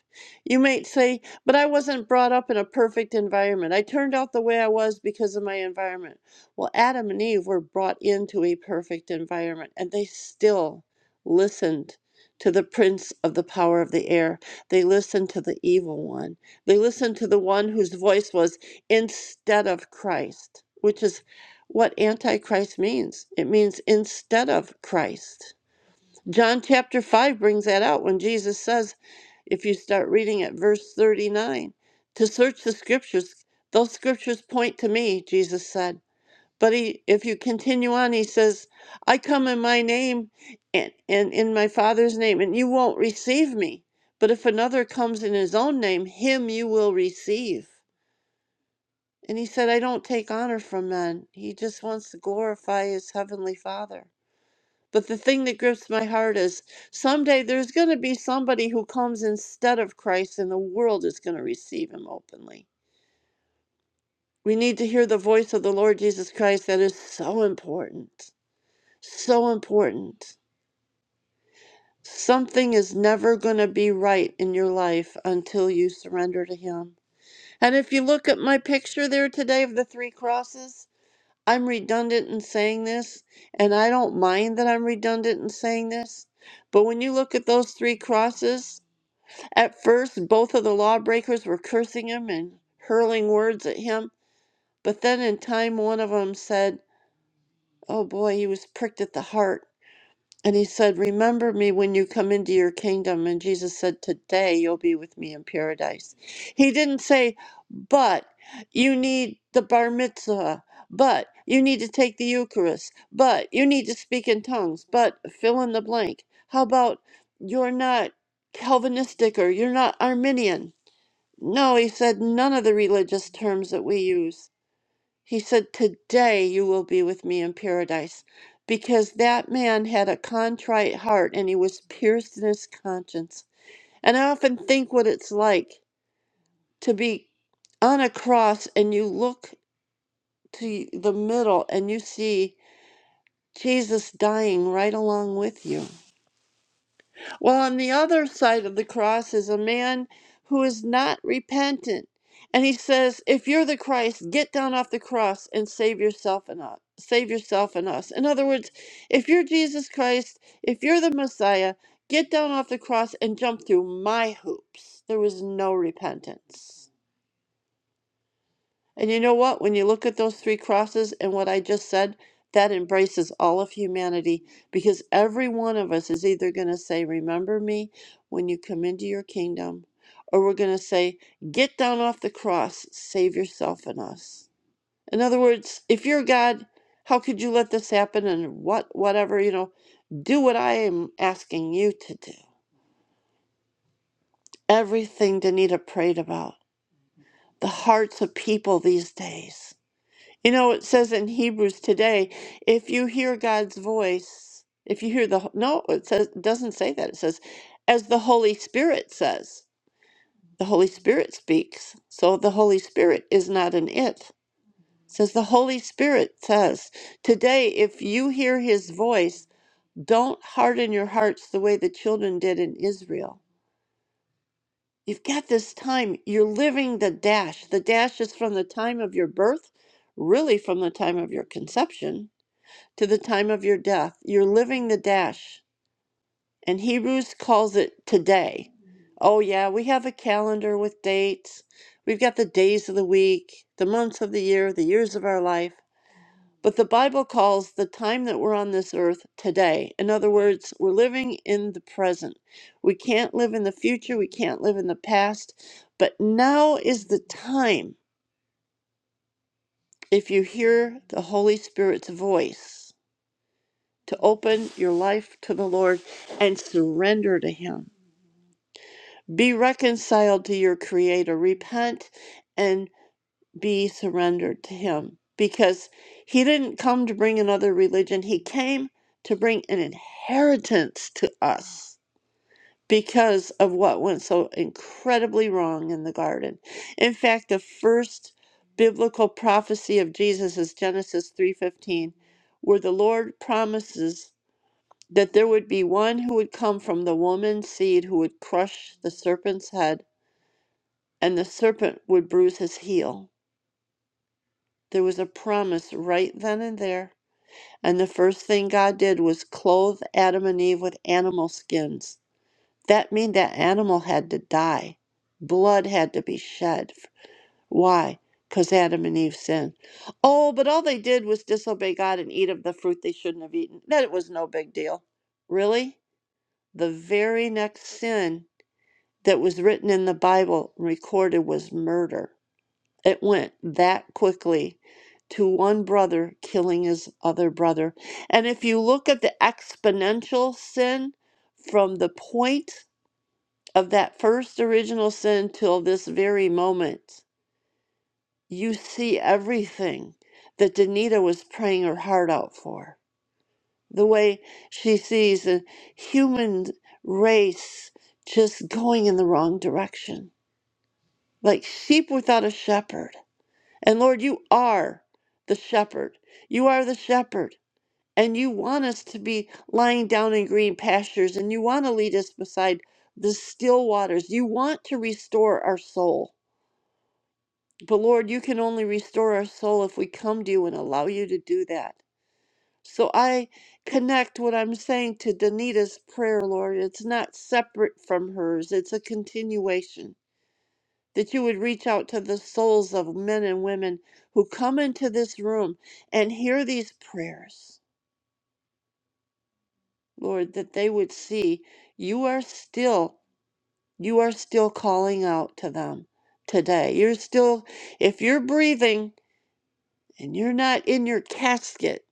You might say, but I wasn't brought up in a perfect environment. I turned out the way I was because of my environment. Well, Adam and Eve were brought into a perfect environment and they still listened to the prince of the power of the air. They listened to the evil one. They listened to the one whose voice was instead of Christ, which is what Antichrist means. It means instead of Christ. John chapter 5 brings that out when Jesus says, if you start reading at verse 39, to search the scriptures, those scriptures point to me, Jesus said. But he, if you continue on, he says, I come in my name and, and in my Father's name, and you won't receive me. But if another comes in his own name, him you will receive. And he said, I don't take honor from men. He just wants to glorify his heavenly father. But the thing that grips my heart is someday there's going to be somebody who comes instead of Christ and the world is going to receive him openly. We need to hear the voice of the Lord Jesus Christ. That is so important. So important. Something is never going to be right in your life until you surrender to him. And if you look at my picture there today of the three crosses, I'm redundant in saying this, and I don't mind that I'm redundant in saying this, but when you look at those three crosses, at first both of the lawbreakers were cursing him and hurling words at him, but then in time one of them said, Oh boy, he was pricked at the heart. And he said, Remember me when you come into your kingdom. And Jesus said, Today you'll be with me in paradise. He didn't say, But you need the bar mitzvah. But you need to take the Eucharist. But you need to speak in tongues. But fill in the blank. How about you're not Calvinistic or you're not Arminian? No, he said, none of the religious terms that we use. He said, Today you will be with me in paradise. Because that man had a contrite heart and he was pierced in his conscience. And I often think what it's like to be on a cross and you look to the middle and you see Jesus dying right along with you. Well, on the other side of the cross is a man who is not repentant. And he says, "If you're the Christ, get down off the cross and save yourself and us. Save yourself and us." In other words, if you're Jesus Christ, if you're the Messiah, get down off the cross and jump through my hoops. There was no repentance. And you know what? When you look at those three crosses and what I just said, that embraces all of humanity because every one of us is either going to say, Remember me when you come into your kingdom, or we're going to say, Get down off the cross, save yourself and us. In other words, if you're God, how could you let this happen and what, whatever, you know, do what I am asking you to do? Everything Danita prayed about, the hearts of people these days You know, it says in Hebrews today, if you hear God's voice, if you hear the no, it says it doesn't say that. It says, as the Holy Spirit says, the Holy Spirit speaks. So the Holy Spirit is not an it. It says the Holy Spirit says, today, if you hear His voice, don't harden your hearts the way the children did in Israel. You've got this time. You're living the dash. The dash is from the time of your birth, really from the time of your conception to the time of your death. You're living the dash. And Hebrews calls it today. Oh, yeah, we have a calendar with dates. We've got the days of the week, the months of the year, the years of our life. But the Bible calls the time that we're on this earth today. In other words, we're living in the present. We can't live in the future. We can't live in the past. But now is the time if you hear the Holy Spirit's voice. to open your life to the Lord and surrender to Him. Be reconciled to your Creator. Repent and be surrendered to Him because He didn't come to bring another religion, He came to bring an inheritance to us. Because of what went so incredibly wrong in the garden. In fact, the first biblical prophecy of Jesus is Genesis 3:15, where the Lord promises that there would be one who would come from the woman's seed who would crush the serpent's head, and the serpent would bruise his heel. There was a promise right then and there. And the first thing God did was clothe Adam and Eve with animal skins. That meant that animal had to die. Blood had to be shed. Why? Because Adam and Eve sinned. Oh, but all they did was disobey God and eat of the fruit they shouldn't have eaten. That was no big deal. Really? The very next sin that was written in the Bible and recorded was murder. It went that quickly to one brother killing his other brother. And if you look at the exponential sin from the point of that first original sin till this very moment, you see everything that Danita was praying her heart out for. The way she sees the human race just going in the wrong direction like sheep without a shepherd. And Lord, you are the shepherd. You are the shepherd. And you want us to be lying down in green pastures, and you want to lead us beside the still waters. You want to restore our soul. But Lord, you can only restore our soul if we come to you and allow you to do that. So I connect what I'm saying to Danita's prayer, Lord. It's not separate from hers, it's a continuation. that you would reach out to the souls of men and women who come into this room and hear these prayers, Lord, that they would see you are still, you are still calling out to them today. You're still, if you're breathing and you're not in your casket,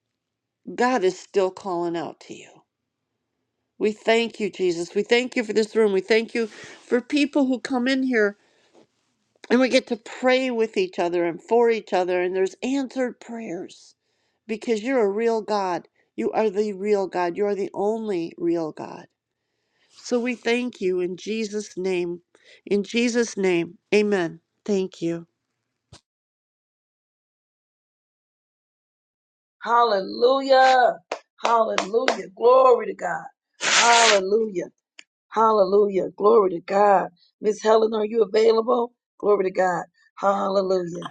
God is still calling out to you. We thank you, Jesus. We thank you for this room. We thank you for people who come in here And we get to pray with each other and for each other, and there's answered prayers because you're a real God. You are the real God. You are the only real God. So we thank you in Jesus' name. In Jesus' name, amen. Thank you.
Hallelujah. Hallelujah. Glory to God. Hallelujah. Hallelujah. Glory to God. Miss Helen, are you available? Glory to God. Hallelujah.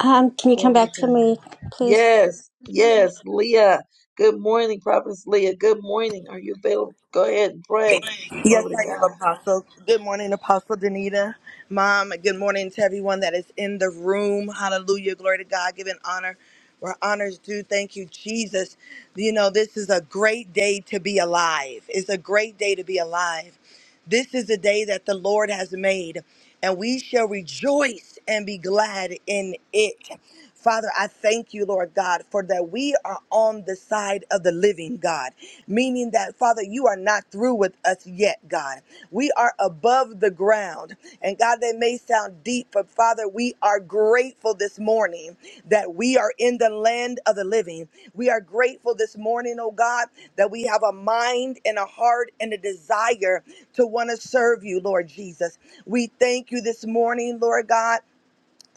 Um, can you come
Glory to
back
God.
to me, please?
Yes, yes, Leah. Good morning, Prophetess Leah. Good morning. Are you available? Go ahead and pray.
Yes,
Glory
I
to
am,
God.
Apostle. Good morning, Apostle Danita. Mom, good morning to everyone that is in the room. Hallelujah. Glory to God. Giving honor where honor's due. Thank you, Jesus. You know, this is a great day to be alive. It's a great day to be alive. This is the day that the Lord has made, and we shall rejoice and be glad in it. Father, I thank you, Lord God, for that we are on the side of the living God, meaning that, Father, you are not through with us yet, God. We are above the ground loud. And God, they may sound deep, but Father, we are grateful this morning that we are in the land of the living. We are grateful this morning, oh God, that we have a mind and a heart and a desire to want to serve you, Lord Jesus. We thank you this morning, Lord God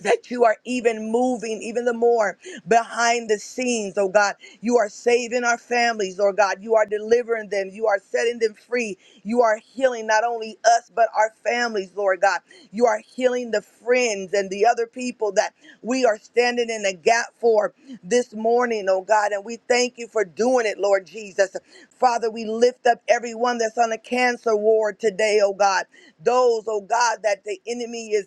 that you are even moving even the more behind the scenes oh god you are saving our families oh god you are delivering them you are setting them free you are healing not only us but our families lord god you are healing the friends and the other people that we are standing in the gap for this morning oh god and we thank you for doing it lord jesus father we lift up everyone that's on a cancer ward today oh god those oh god that the enemy is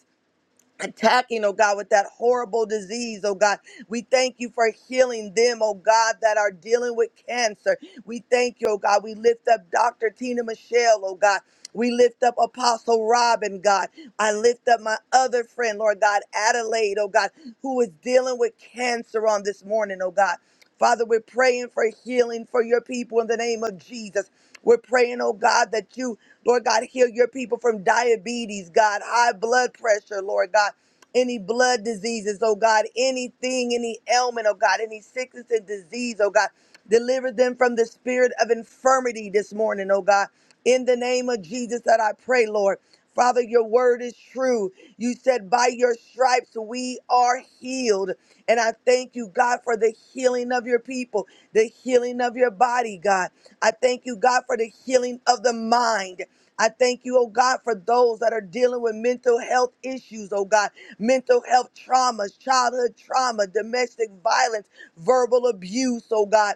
attacking, oh God, with that horrible disease, oh God. We thank you for healing them, oh God, that are dealing with cancer. We thank you, oh God. We lift up Dr. Tina Michelle, oh God. We lift up Apostle Robin, God. I lift up my other friend, Lord God, Adelaide, oh God, who is dealing with cancer on this morning, oh God. Father, we're praying for healing for your people in the name of Jesus. We're praying, oh God, that you, Lord God, heal your people from diabetes, God, high blood pressure, Lord God, any blood diseases, oh God, anything, any ailment, oh God, any sickness and disease, oh God. Deliver them from the spirit of infirmity this morning, oh God. In the name of Jesus that I pray, Lord. Father, your word is true. You said, By your stripes we are healed. And I thank you, God, for the healing of your people, the healing of your body, God. I thank you, God, for the healing of the mind. I thank you, oh God, for those that are dealing with mental health issues, oh God, mental health traumas, childhood trauma, domestic violence, verbal abuse, oh God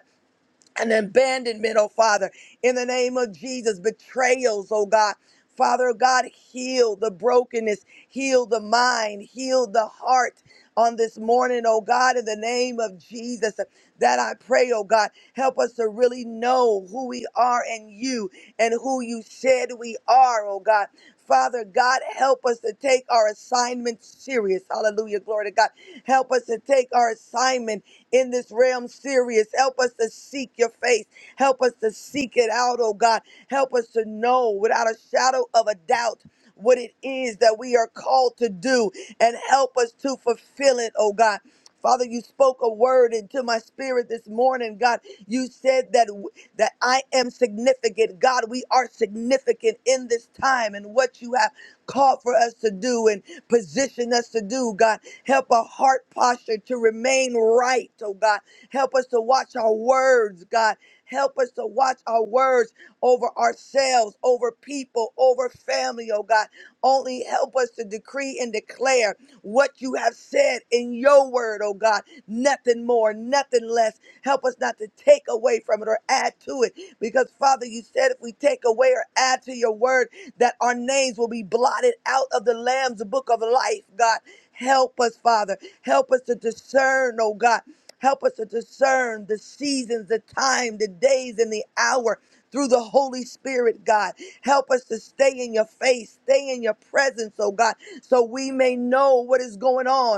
and abandonment, oh Father, in the name of Jesus, betrayals, oh God. Father God, heal the brokenness, heal the mind, heal the heart on this morning, oh God, in the name of Jesus. That I pray, oh God, help us to really know who we are in you and who you said we are, oh God. Father God, help us to take our assignment serious. Hallelujah. Glory to God. Help us to take our assignment in this realm serious. Help us to seek your face. Help us to seek it out, oh God. Help us to know without a shadow of a doubt what it is that we are called to do and help us to fulfill it, oh God. Father, you spoke a word into my spirit this morning, God. You said that w- that I am significant. God, we are significant in this time and what you have called for us to do and positioned us to do, God. Help our heart posture to remain right, oh God. Help us to watch our words, God. Help us to watch our words over ourselves, over people, over family, oh God. Only help us to decree and declare what you have said in your word, oh God. Nothing more, nothing less. Help us not to take away from it or add to it. Because, Father, you said if we take away or add to your word, that our names will be blotted out of the Lamb's book of life, God. Help us, Father. Help us to discern, oh God. Help us to discern the seasons, the time, the days, and the hour through the Holy Spirit, God. Help us to stay in your face, stay in your presence, oh God, so we may know what is going on.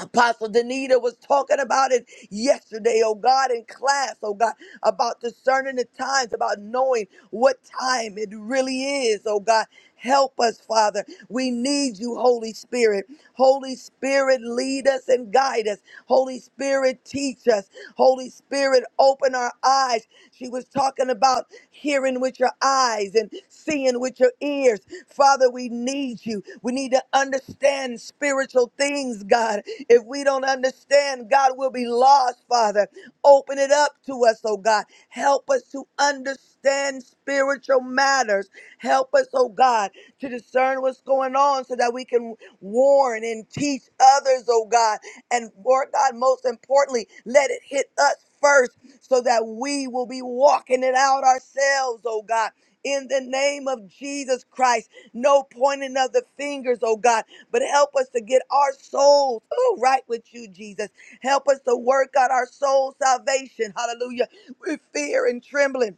Apostle Danita was talking about it yesterday, oh God, in class, oh God, about discerning the times, about knowing what time it really is, oh God. Help us, Father. We need you, Holy Spirit. Holy Spirit, lead us and guide us. Holy Spirit, teach us. Holy Spirit, open our eyes. She was talking about hearing with your eyes and seeing with your ears. Father, we need you. We need to understand spiritual things, God. If we don't understand, God will be lost, Father. Open it up to us, oh God. Help us to understand spiritual matters. Help us, oh God, to discern what's going on so that we can warn and teach others, oh God. And Lord God, most importantly, let it hit us first so that we will be walking it out ourselves, oh God. In the name of Jesus Christ, no pointing of the fingers, oh God but help us to get our souls oh, right with you, Jesus. Help us to work out our soul salvation. Hallelujah. With fear and trembling.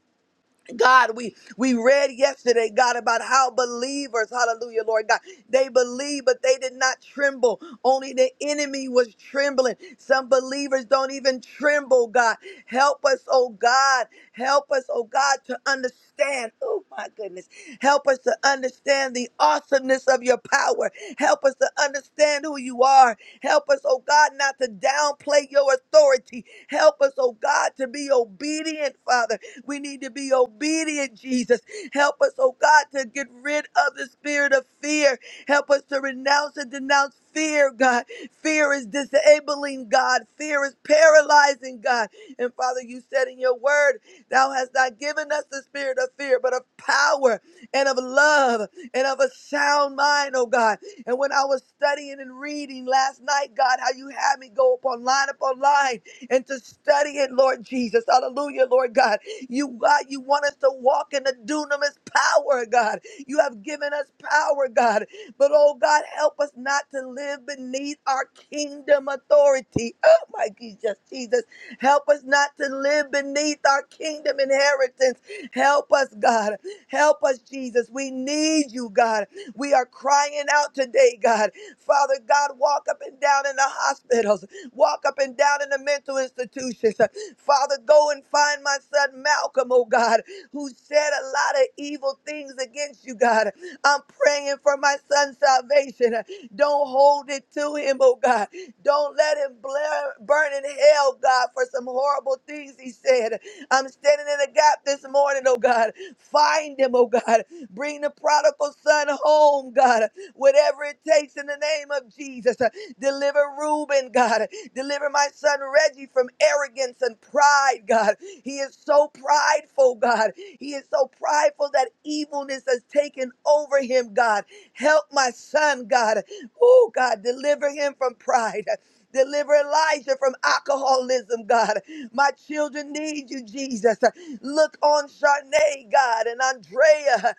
God, we we read yesterday, God, about how believers, hallelujah, Lord God, they believed, but they did not tremble. Only the enemy was trembling. Some believers don't even tremble, God. Help us, oh God. Help us, oh God, to understand. Oh my goodness. Help us to understand the awesomeness of your power. Help us to understand who you are. Help us, oh God, not to downplay your authority. Help us, oh God, to be obedient, Father. We need to be obedient, Jesus. Help us, oh God, to get rid of the spirit of fear. Help us to renounce and denounce fear, God. Fear is disabling, God. Fear is paralyzing, God. And Father, you said in your word, Thou hast not given us the spirit of fear, but of power and of love and of a sound mind, oh God. And when I was studying and reading last night, God, how you had me go upon line upon line and to study it, Lord Jesus. Hallelujah, Lord God. You, God, you want us to walk in the dunamis power, God. You have given us power, God. But, oh, God, help us not to live beneath our kingdom authority. Oh, my Jesus, Jesus. Help us not to live beneath our kingdom inheritance. Help us, God. Help us, Jesus. We need you, God. We are crying out today, God. Father God, walk up and down in the hospitals, walk up and down in the mental institutions, Father, go and find my son Malcolm, oh God, who said a lot of evil things against you, God. I'm praying for my son's salvation. Don't hold it to him, oh God. Don't let him blare, burn in hell, God, for some horrible things he said. I'm standing in the gap this morning, oh God. Find him, oh God. Bring the prodigal son home, God. Whatever it takes in the name of Jesus. Deliver Reuben, God. Deliver my son Reggie from arrogance and pride, God. He is so prideful, God. He is so prideful that evilness has taken over him, God. Help my son, God. Oh, God, deliver him from pride. Deliver Elijah from alcoholism, God. My children need you, Jesus. Look on Charnay, God, and Andrea.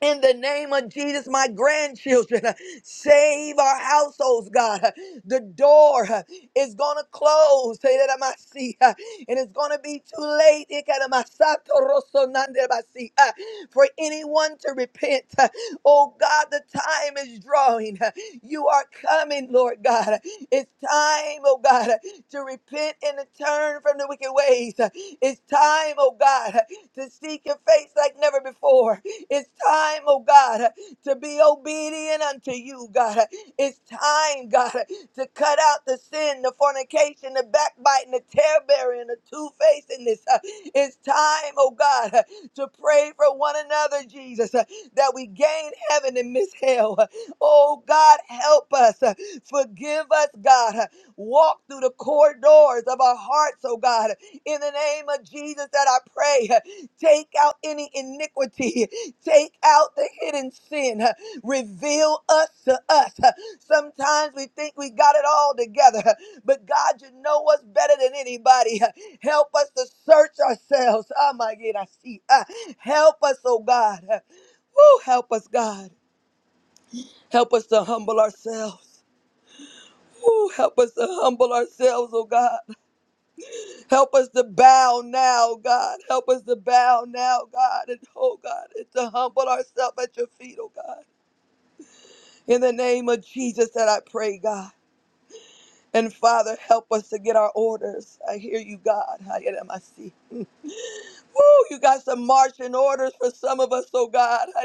In the name of Jesus, my grandchildren, uh, save our households, God. Uh, The door uh, is going to close, eh, that I might see, uh, and it's going to be too late eh, kind of my sato rosso nande I see, uh, for anyone to repent. Uh, Oh God, the time is drawing. Uh, You are coming, Lord God. Uh, It's time, oh God, uh, to repent and to turn from the wicked ways. Uh, It's time, oh God, uh, to seek your face like never before. It's time, oh God, to be obedient unto you, God. It's time, God, to cut out the sin, the fornication, the backbiting, the tear bearing, the two facedness. It's time, oh God, uh, to pray for one another, Jesus, uh, that we gain heaven and miss hell. Uh, Oh God, help us. Uh, Forgive us, God. Uh, Walk through the corridors of our hearts, oh God. In the name of Jesus, that I pray. Take out any iniquity. Take out the hidden sin. Reveal us to us. Sometimes we think we got it all together, but God, you know us better than anybody. Help us to search ourselves. Oh my God, I see. Uh, Help us, oh God. Woo, help us, God. Help us to humble ourselves. Woo, help us to humble ourselves, oh God. Help us to bow now, God. Help us to bow now, God. And oh, God, and to humble ourselves at your feet, oh, God. In the name of Jesus that I pray, God. And Father, help us to get our orders. I hear you, God. I am I see. Woo, you got some marching orders for some of us, oh God.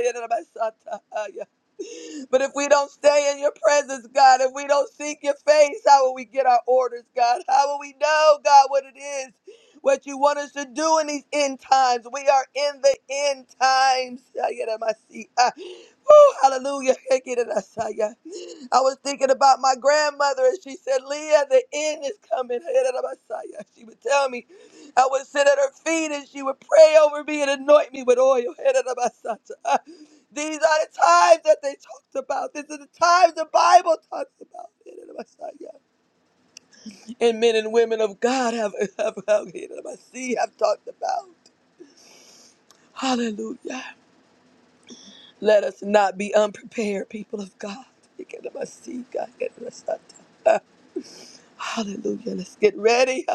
But if we don't stay in your presence, God, if we don't seek your face, how will we get our orders, God? How will we know, God, what it is, what you want us to do in these end times? We are in the end times. Woo, hallelujah. I was thinking about my grandmother, and she said, Leah, the end is coming. She would tell me. I would sit at her feet and she would pray over me and anoint me with oil. These are the times that they talked about. This is the times the Bible talks about. And men and women of God have, have, have, have talked about. Hallelujah. Let us not be unprepared, people of God. Hallelujah. Let's get ready.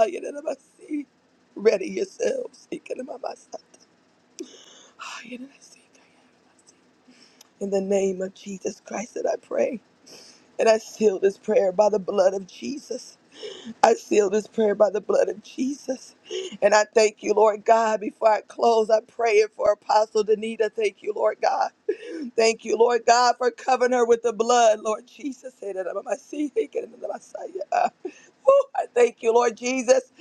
Ready yourselves. In the name of Jesus Christ that I pray. And I seal this prayer by the blood of Jesus. I seal this prayer by the blood of Jesus. And I thank you, Lord God. Before I close, I pray it for Apostle Danita. Thank you, Lord God. Thank you, Lord God, for covering her with the blood, Lord Jesus. Woo, I thank you, Lord Jesus,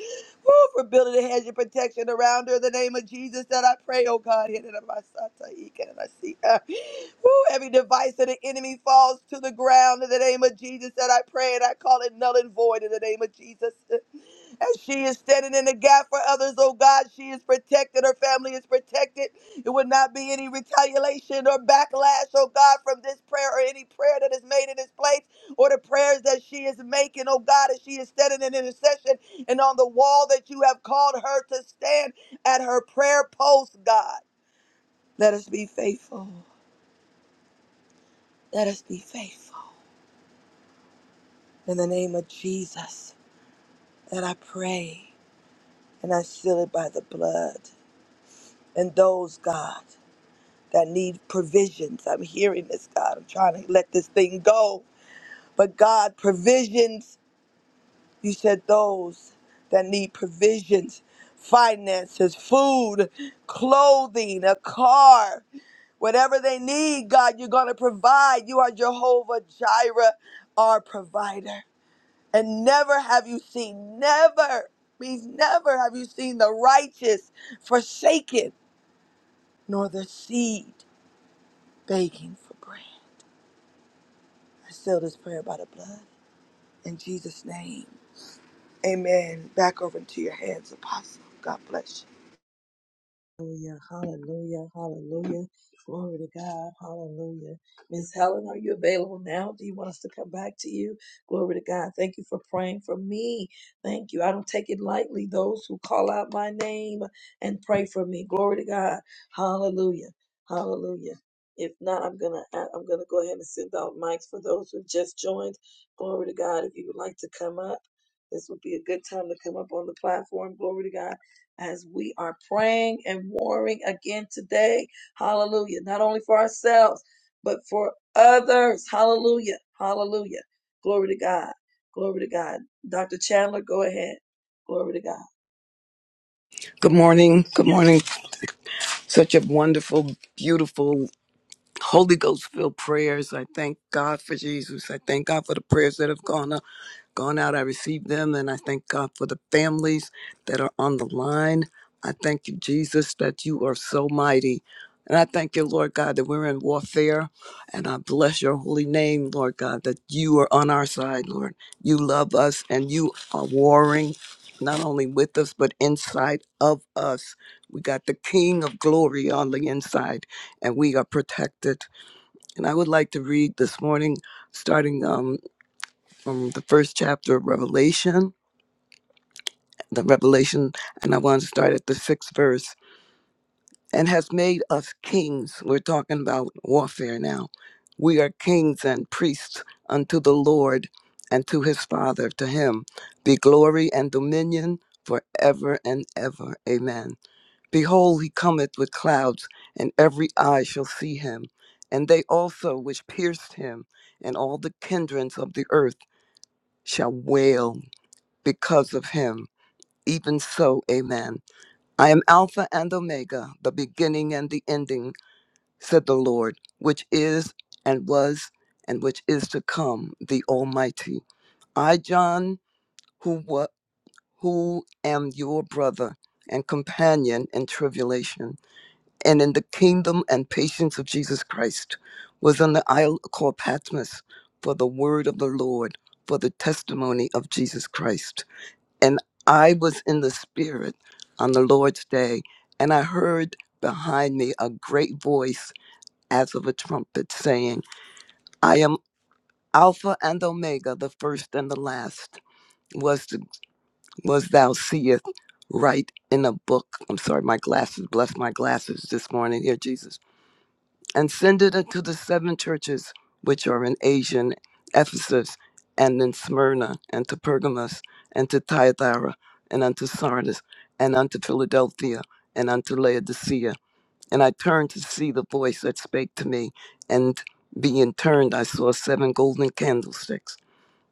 Woo, for building a hedge of protection around her. In the name of Jesus that I pray, oh God. hit it up my son, so and I see her. Woo, every device of the enemy falls to the ground in the name of Jesus that I pray and I call it null and void in the name of Jesus. As she is standing in the gap for others, oh God, she is protected. Her family is protected. It would not be any retaliation or backlash, oh God, from this prayer or any prayer that is made in this place or the prayers that she is making, oh God, as she is standing in intercession and on the wall that you have called her to stand at her prayer post, God. Let us be faithful. Let us be faithful. In the name of Jesus, that I pray and I seal it by the blood. And those, God. that need provisions. I'm hearing this, God. I'm trying to let this thing go. But God, provisions, you said those that need provisions, finances, food, clothing, a car, whatever they need, God, you're going to provide. You are Jehovah Jireh, our provider. And never have you seen, never, means never have you seen the righteous forsaken, nor the seed begging for bread. I seal this prayer by the blood in Jesus' name. Amen. Back over into your hands, Apostle. God bless you.
Hallelujah, hallelujah, hallelujah. Glory to God, hallelujah. Miss Helen, are you available now? Do you want us to come back to you? Glory to God. Thank you for praying for me. Thank you. I don't take it lightly, those who call out my name and pray for me. Glory to God. Hallelujah. Hallelujah. If not, I'm gonna I'm gonna go ahead and send out mics for those who've just joined. Glory to God. If you would like to come up, this would be a good time to come up on the platform. Glory to God as we are praying and warring again today. Hallelujah. Not only for ourselves, but for others. Hallelujah. Hallelujah. Glory to God. Glory to God. Dr. Chandler, go ahead. Glory to God.
Good morning.
Thank
Good
you,
morning.
Father.
Such a wonderful, beautiful, Holy Ghost filled prayers. I thank God for Jesus. I thank God for the prayers that have gone up gone out. I received them, and I thank God for the families that are on the line. I thank you, Jesus, that you are so mighty. And I thank you, Lord God, that we're in warfare. And I bless your holy name, Lord God, that you are on our side, Lord. You love us and you are warring not only with us, but inside of us. We got the King of glory on the inside, and we are protected. And I would like to read this morning, starting um, from the first chapter of Revelation, the Revelation, and I want to start at the sixth verse, and has made us kings. We're talking about warfare now. We are kings and priests unto the Lord and to his Father. To him be glory and dominion forever and ever. Amen. Behold, he cometh with clouds, and every eye shall see him, and they also which pierced him, and all the kindreds of the earth shall wail because of him. Even so, amen. I am Alpha and Omega, the beginning and the ending, said the Lord, which is and was and which is to come, the Almighty. I, John, who wa- who am your brother and companion in tribulation and in the kingdom and patience of Jesus Christ, was on the isle called Patmos for the word of the Lord, for the testimony of Jesus Christ. And I was in the spirit on the Lord's day, and I heard behind me a great voice as of a trumpet saying, I am Alpha and Omega, the first and the last. Was, was thou seest, write in a book. I'm sorry, my glasses, bless my glasses this morning, here, Jesus and send it unto the seven churches which are in Asia, in Ephesus, and in Smyrna, and to Pergamos, and to Thyatira, and unto Sardis, and unto Philadelphia, and unto Laodicea. And I turned to see the voice that spake to me, and being turned, I saw seven golden candlesticks.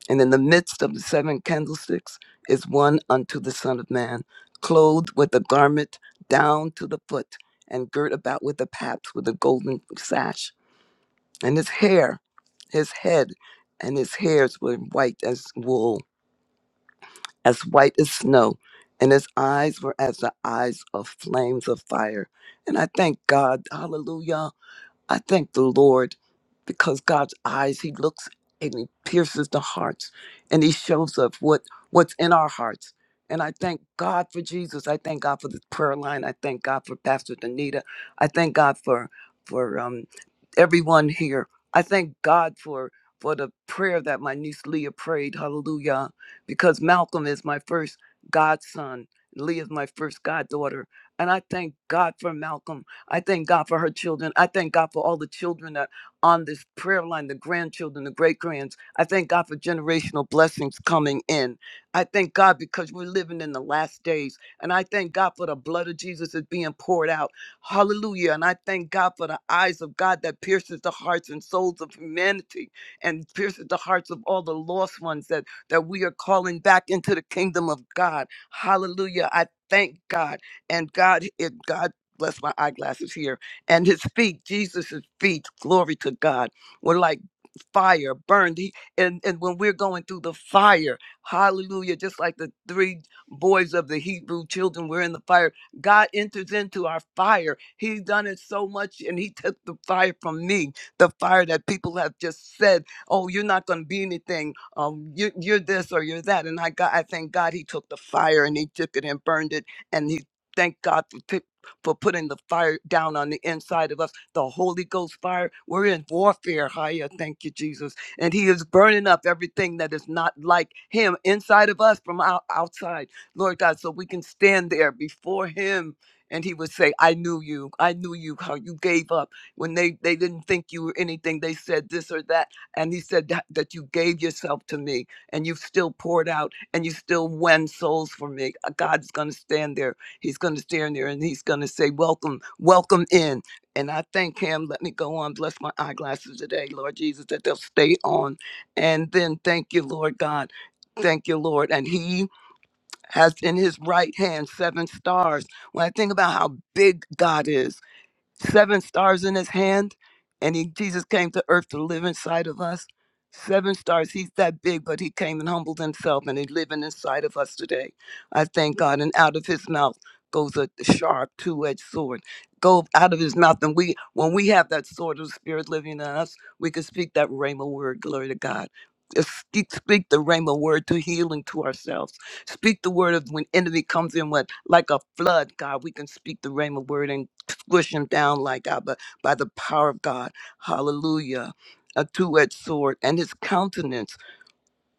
And in the midst of the seven candlesticks is one unto the Son of Man, clothed with a garment down to the foot, and girt about with a paps with a golden sash and his hair, his head, and his hairs were white as wool, as white as snow, and his eyes were as the eyes of flames of fire. And I thank God, hallelujah I thank the Lord because God's eyes, He looks and He pierces the hearts and He shows us what, what's in our hearts. And I thank God for Jesus. I thank God for this prayer line. I thank God for Pastor Danita. I thank God for for um, everyone here. I thank God for for the prayer that my niece Leah prayed. Hallelujah. Because Malcolm is my first godson. Leah is my first goddaughter. And I thank God for Malcolm. I thank God for her children. I thank God for all the children that on this prayer line, the grandchildren, the great grands. I thank God for generational blessings coming in. I thank God because we're living in the last days. And I thank God for the blood of Jesus is being poured out. Hallelujah. And I thank God for the eyes of God that pierces the hearts and souls of humanity and pierces the hearts of all the lost ones that, that we are calling back into the kingdom of God. Hallelujah. I thank God. And God, if God bless my eyeglasses here, and his feet, Jesus' feet, glory to God, were like fire burned. He, and, and when we're going through the fire, hallelujah, just like the three boys of the Hebrew children were in the fire, God enters into our fire. He's done it so much, and He took the fire from me, the fire that people have just said, oh, you're not going to be anything. Um, you, you're this or you're that. And I, got, I thank God He took the fire and He took it and burned it. And He thank God for, t- for putting the fire down on the inside of us the Holy Ghost fire. We're in warfare, higher. Thank you, Jesus. And He is burning up everything that is not like Him inside of us from out- outside, Lord God, so we can stand there before Him. And he would say, I knew you. I knew you, how you gave up when they, they didn't think you were anything. They said this or that. And he said that, that you gave yourself to me and you've still poured out and you still won souls for me. Uh, God's going to stand there. He's going to stand there and he's going to say, Welcome, welcome in. And I thank him. Let me go on. Bless my eyeglasses today, Lord Jesus, that they'll stay on. And then thank you, Lord God. Thank you, Lord. And he has in his right hand seven stars. When I think about how big God is, seven stars in his hand and he jesus came to earth to live inside of us seven stars he's that big but he came and humbled himself and he's living inside of us today i thank god and out of his mouth goes a sharp two-edged sword go out of his mouth and we when we have that sword of the spirit living in us we can speak that rhema word glory to god Just Speak, speak the rhema word to healing to ourselves. Speak the word of when enemy comes in with like a flood, God. We can speak the rhema word and squish them down like God, but by the power of God. Hallelujah. A two edged sword and his countenance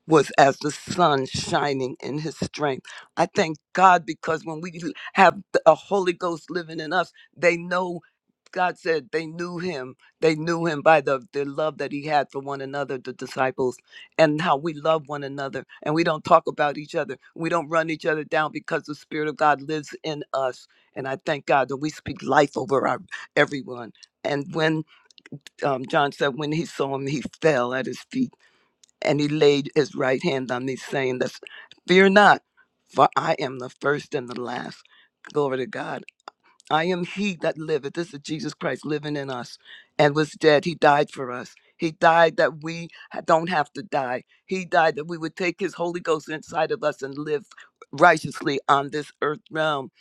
was as the sun shining in his strength. I thank God because when we have a Holy Ghost living in us, they know God said they knew him. They knew him by the, the love that he had for one another, the disciples, and how we love one another. And we don't talk about each other. We don't run each other down because the Spirit of God lives in us. And I thank God that we speak life over our everyone. And when um, John said, when he saw him, he fell at his feet and he laid his right hand on me, saying, this, Fear not, for I am the first and the last. Glory to God. I am he that liveth. This is Jesus Christ living in us and was dead. He died for us. He died that we ha- don't have to die. He died that we would take his Holy Ghost inside of us and live righteously on this earth realm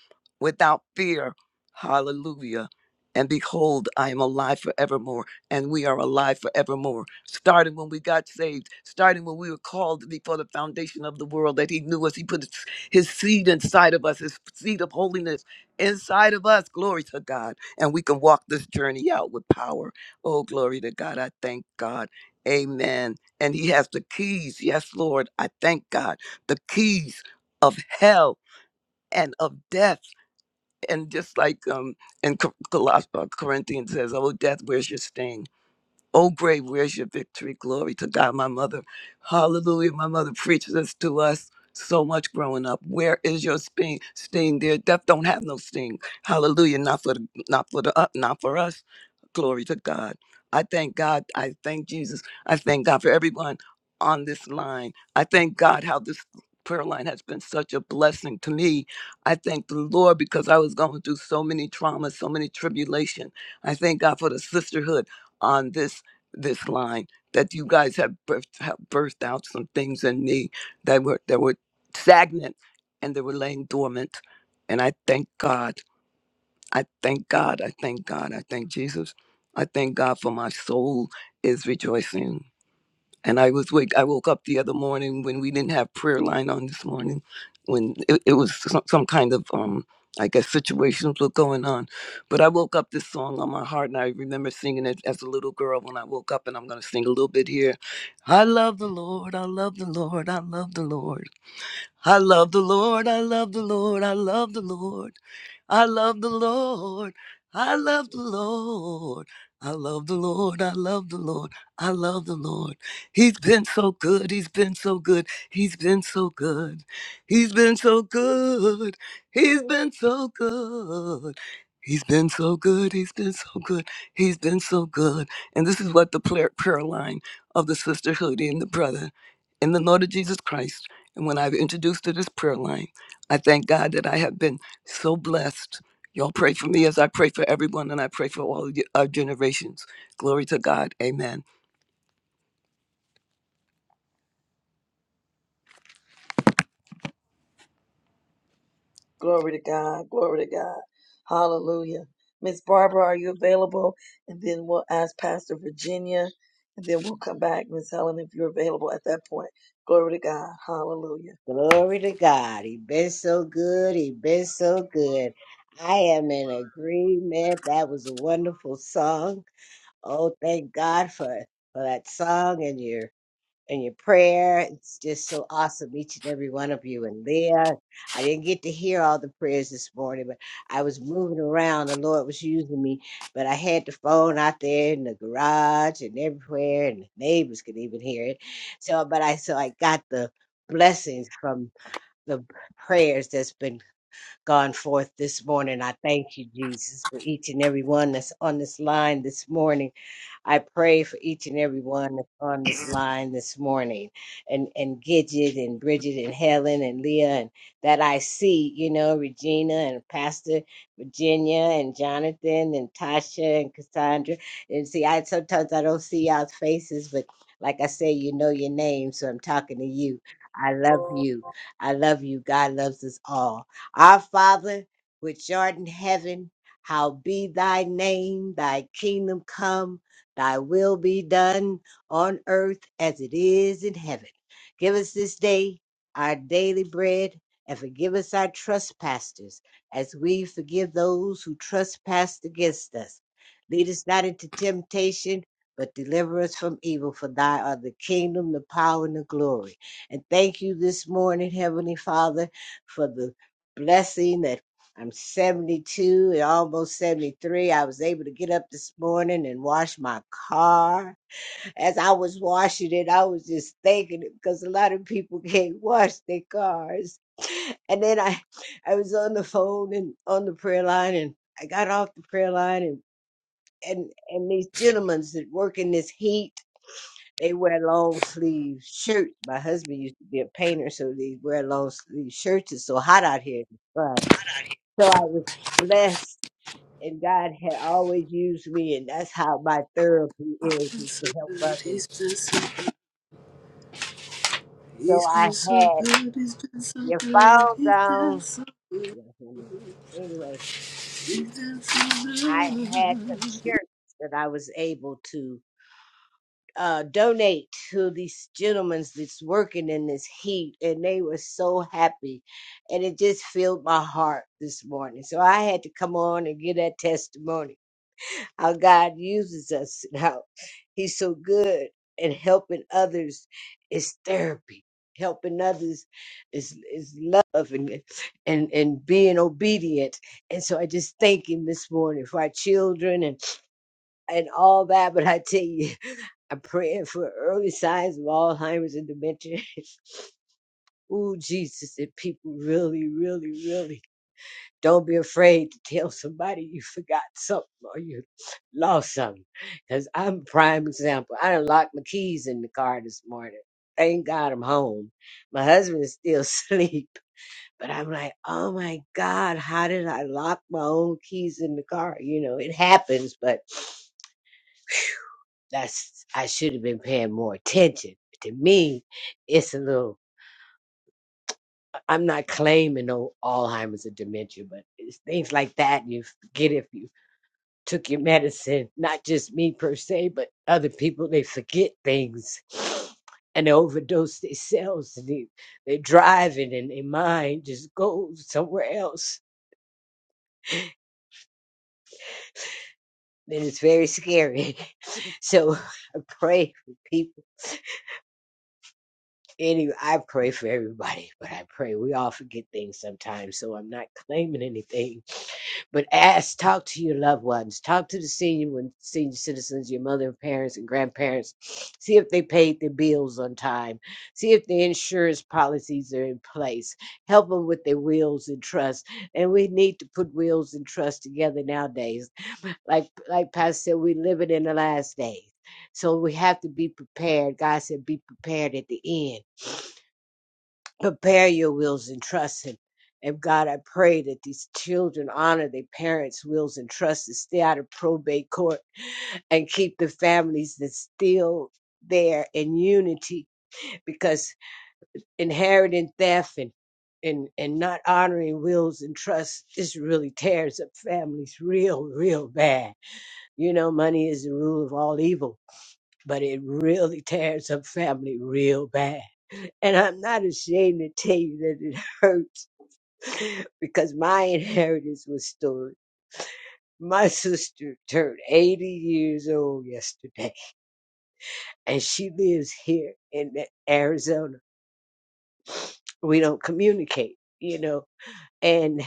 without fear. Hallelujah. And behold, I am alive forevermore, and we are alive forevermore. Starting when we got saved, starting when we were called before the foundation of the world, that He knew us. He put His His seed inside of us, His seed of holiness inside of us. Glory to God. And we can walk this journey out with power. Oh, glory to God. I thank God. Amen. And He has the keys. Yes, Lord. I thank God. The keys of hell and of death. And just like um in Cor- Colos- uh, Corinthians says, Oh, death, where's your sting? O grave, where's your victory? Glory to God, my mother. Hallelujah. My mother preached this to us so much growing up. Where is your sting? Sting, dear. Death don't have no sting. Hallelujah. Not for the, not for the, uh, not for us. Glory to God. I thank God. I thank Jesus. I thank God for everyone on this line. I thank God how this prayer line has been such a blessing to me. I thank the Lord because I was going through so many traumas, so many tribulation. I thank God for the sisterhood on this this line that you guys have birthed, have birthed out some things in me that were that were stagnant and they were laying dormant and i thank god i thank god i thank god i thank jesus i thank god for my soul is rejoicing and I was wake. I woke up the other morning when we didn't have prayer line on this morning, when it, it was some, some kind of um, I guess situations were going on. But I woke up this song on my heart, and I remember singing it as a little girl when I woke up. And I'm gonna sing a little bit here. I love the Lord. I love the Lord. I love the Lord. I love the Lord. I love the Lord. I love the Lord. I love the Lord. I love the Lord. I love the Lord. I love the Lord. I love the Lord. He's been so good. He's been so good. He's been so good. He's been so good. He's been so good. He's been so good. He's been so good. He's been so good. And this is what the prayer, prayer line of the sisterhood and the brother in the Lord of Jesus Christ. And when I've introduced to this prayer line, I thank God that I have been so blessed. Y'all pray for me as I pray for everyone, and I pray for all of you- our generations. Glory to God. Amen.
Glory to God. Glory to God. Hallelujah. Miss Barbara, are you available? And then we'll ask Pastor Virginia, and then we'll come back. Miss Helen, if you're available at that point. Glory to God. Hallelujah.
Glory to God. He been so good. He been so good. I am in agreement. That was a wonderful song. Oh, thank God for, for that song and your and your prayer. It's just so awesome, each and every one of you. And Leah, I didn't get to hear all the prayers this morning, but I was moving around. The Lord was using me, but I had the phone out there in the garage and everywhere, and the neighbors could even hear it. So, but I so I got the blessings from the prayers that's been gone forth this morning. I thank you, Jesus, for each and every one that's on this line this morning. I pray for each and every one that's on this line this morning, and and Gidget and Bridget and Helen and Leah and that I see, you know, Regina and Pastor Virginia and Jonathan and Tasha and Cassandra. And see, I sometimes I don't see y'all's faces, but like I say, you know your name, so I'm talking to you. I love you. I love you. God loves us all. Our Father, which art in heaven, how be thy name, thy kingdom come. Thy will be done on earth as it is in heaven. Give us this day our daily bread and forgive us our trespasses as we forgive those who trespass against us. Lead us not into temptation, but deliver us from evil. For thy are the kingdom, the power, and the glory. And thank you this morning, Heavenly Father, for the blessing that I'm 72 and almost 73. I was able to get up this morning and wash my car. As I was washing it, I was just thanking it because a lot of people can't wash their cars. And then I, I was on the phone and on the prayer line, and I got off the prayer line, and and and these gentlemen that work in this heat, they wear long sleeve shirts. My husband used to be a painter, so they wear long sleeve shirts. It's so hot out here. It's fun. So I was blessed and God had always used me, and that's how my therapy is,
been
is to
so
help
good.
others.
He's been so.
So
He's
I
been so
had
good. He's been so
your
good.
fall
He's been
down.
so good.
Yeah, honey. Anyway,
He's been so good.
I had some church that I was able to uh, donate to these gentlemen that's working in this heat, and they were so happy, and it just filled my heart this morning. So I had to come on and give that testimony. how God uses us and how He's so good and helping others is therapy. Helping others is is love and and and being obedient. And so I just thank Him this morning for our children and and all that. But I tell you, I'm praying for early signs of Alzheimer's and dementia. Ooh, Jesus, that people really, really, really don't be afraid to tell somebody you forgot something or you lost something. Because I'm prime example. I done locked my keys in the car this morning. Thank God I'm home. My husband is still asleep. But I'm like, oh my God, how did I lock my own keys in the car? You know, it happens, but that's, I should have been paying more attention. To me, it's a little, I'm not claiming no Alzheimer's or dementia, but it's things like that you forget if you took your medicine, not just me per se, but other people, they forget things and they overdose themselves and they, they driving and their mind just goes somewhere else. And it's very scary. So I pray for people. Anyway, I pray for everybody, but I pray we all forget things sometimes. So I'm not claiming anything But ask, talk to your loved ones, talk to the senior ones, senior citizens, your mother and parents and grandparents. See if they paid their bills on time. See if their insurance policies are in place. Help them with their wills and trusts. And we need to put wills and trusts together nowadays. Like like Pastor said, we're living in the last days. So we have to be prepared. God said, be prepared at the end prepare your wills and trust him. And God, I pray that these children honor their parents' wills and trusts and stay out of probate court and keep the families that's still there in unity because inheriting theft and and, and not honoring wills and trusts just really tears up families real, real bad. You know, money is the rule of all evil, but it really tears up family real bad. And I'm not ashamed to tell you that it hurt because my inheritance was stolen. My sister turned 80 years old yesterday, and she lives here in Arizona. We don't communicate, you know. And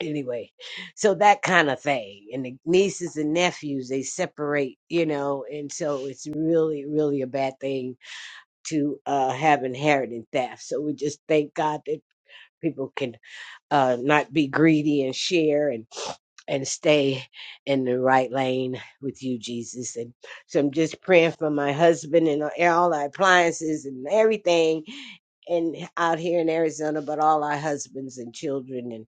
anyway, so that kind of thing. And the nieces and nephews, they separate, you know, and so it's really, really a bad thing to uh, have inheritance theft. So we just thank God that people can uh, not be greedy and share. and. and stay in the right lane with you, Jesus. And so I'm just praying for my husband and all our appliances and everything and out here in Arizona, but all our husbands and children and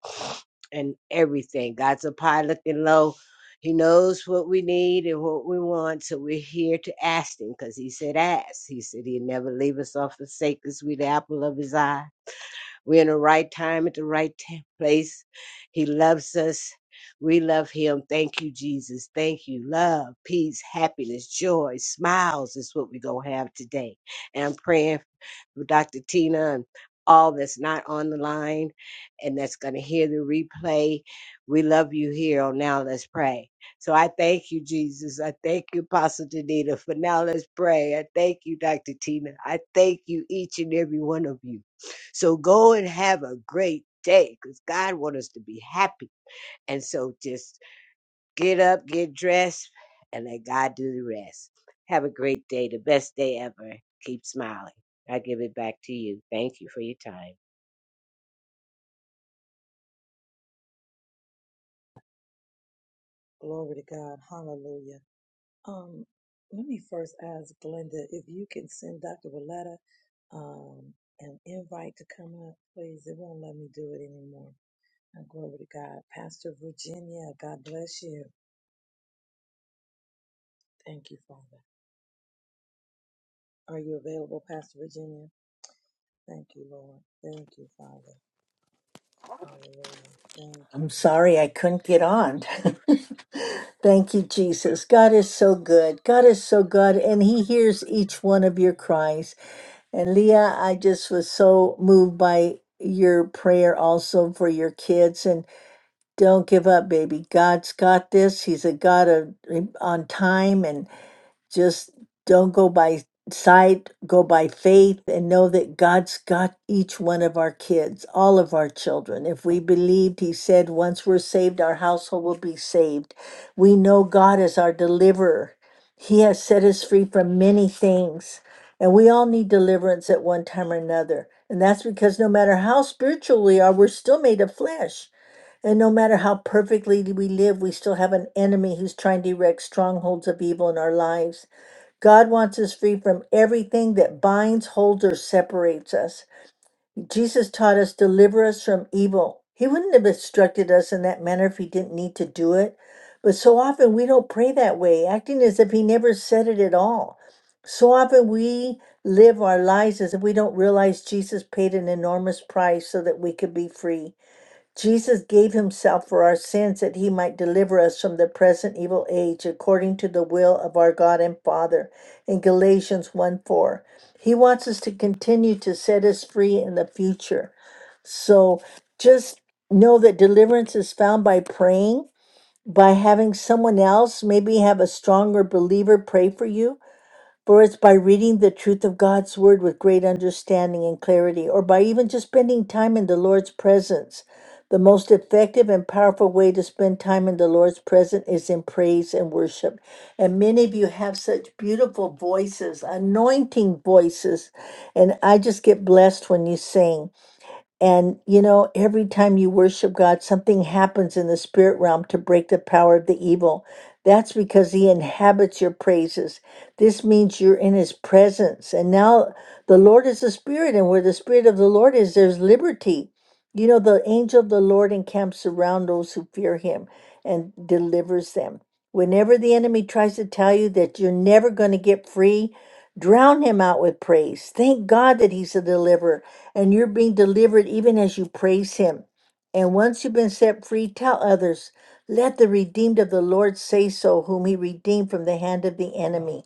and everything. God's up high looking low. He knows what we need and what we want, so we're here to ask him because he said ask. He said he'd never leave us or forsake us. We the apple of his eye. We're in the right time at the right ta- place. He loves us. We love him. Thank you, Jesus. Thank you. Love, peace, happiness, joy, smiles is what we're going to have today. And I'm praying for Dr. Tina and all that's not on the line and that's going to hear the replay. We love you here on Now Let's Pray. So I thank you, Jesus. I thank you, Apostle Danita, for Now Let's Pray. I thank you, Dr. Tina. I thank you, each and every one of you. So go and have a great day because God wants us to be happy. And so just get up, get dressed, and let God do the rest. Have a great day, the best day ever. Keep smiling. I give it back to you. Thank you for your time.
I'm sorry I couldn't get on. Thank you, Jesus. God is so good. God is so good, and He hears each one of your cries. And Leah, I just was so moved by your prayer also for your kids. And don't give up, baby. God's got this. He's a God of on time, just don't go by sight, go by faith, and know that God's got each one of our kids, all of our children. If we believed, He said, once we're saved, our household will be saved. We know God is our deliverer, He has set us free from many things. And we all need deliverance at one time or another. And that's because no matter how spiritual we are, we're still made of flesh. And no matter how perfectly we live, we still have an enemy who's trying to erect strongholds of evil in our lives. God wants us free from everything that binds, holds, or separates us. Jesus taught us, deliver us from evil. He wouldn't have instructed us in that manner if he didn't need to do it. But so often we don't pray that way, acting as if he never said it at all. So often we live our lives as if we don't realize Jesus paid an enormous price so that we could be free. Jesus gave himself for our sins that he might deliver us from the present evil age according to the will of our God and Father in Galatians 1 4. He wants us to continue to set us free in the future. So just know that deliverance is found by praying, by having someone else, maybe have a stronger believer pray for you for it's by reading the truth of God's word with great understanding and clarity, or by even just spending time in the Lord's presence. The most effective and powerful way to spend time in the Lord's presence is in praise and worship. And many of you have such beautiful voices, anointing voices. And I just get blessed when you sing. And you know, every time you worship God, something happens in the spirit realm to break the power of the evil. That's because he inhabits your praises. This means you're in his presence. And now the Lord is the spirit, and where the spirit of the Lord is, there's liberty. You know, the angel of the Lord encamps around those who fear him and delivers them. Whenever the enemy tries to tell you that you're never going to get free, drown him out with praise. Thank God that he's a deliverer and you're being delivered even as you praise Him. And once you've been set free, tell others, let the redeemed of the Lord say so, whom He redeemed from the hand of the enemy.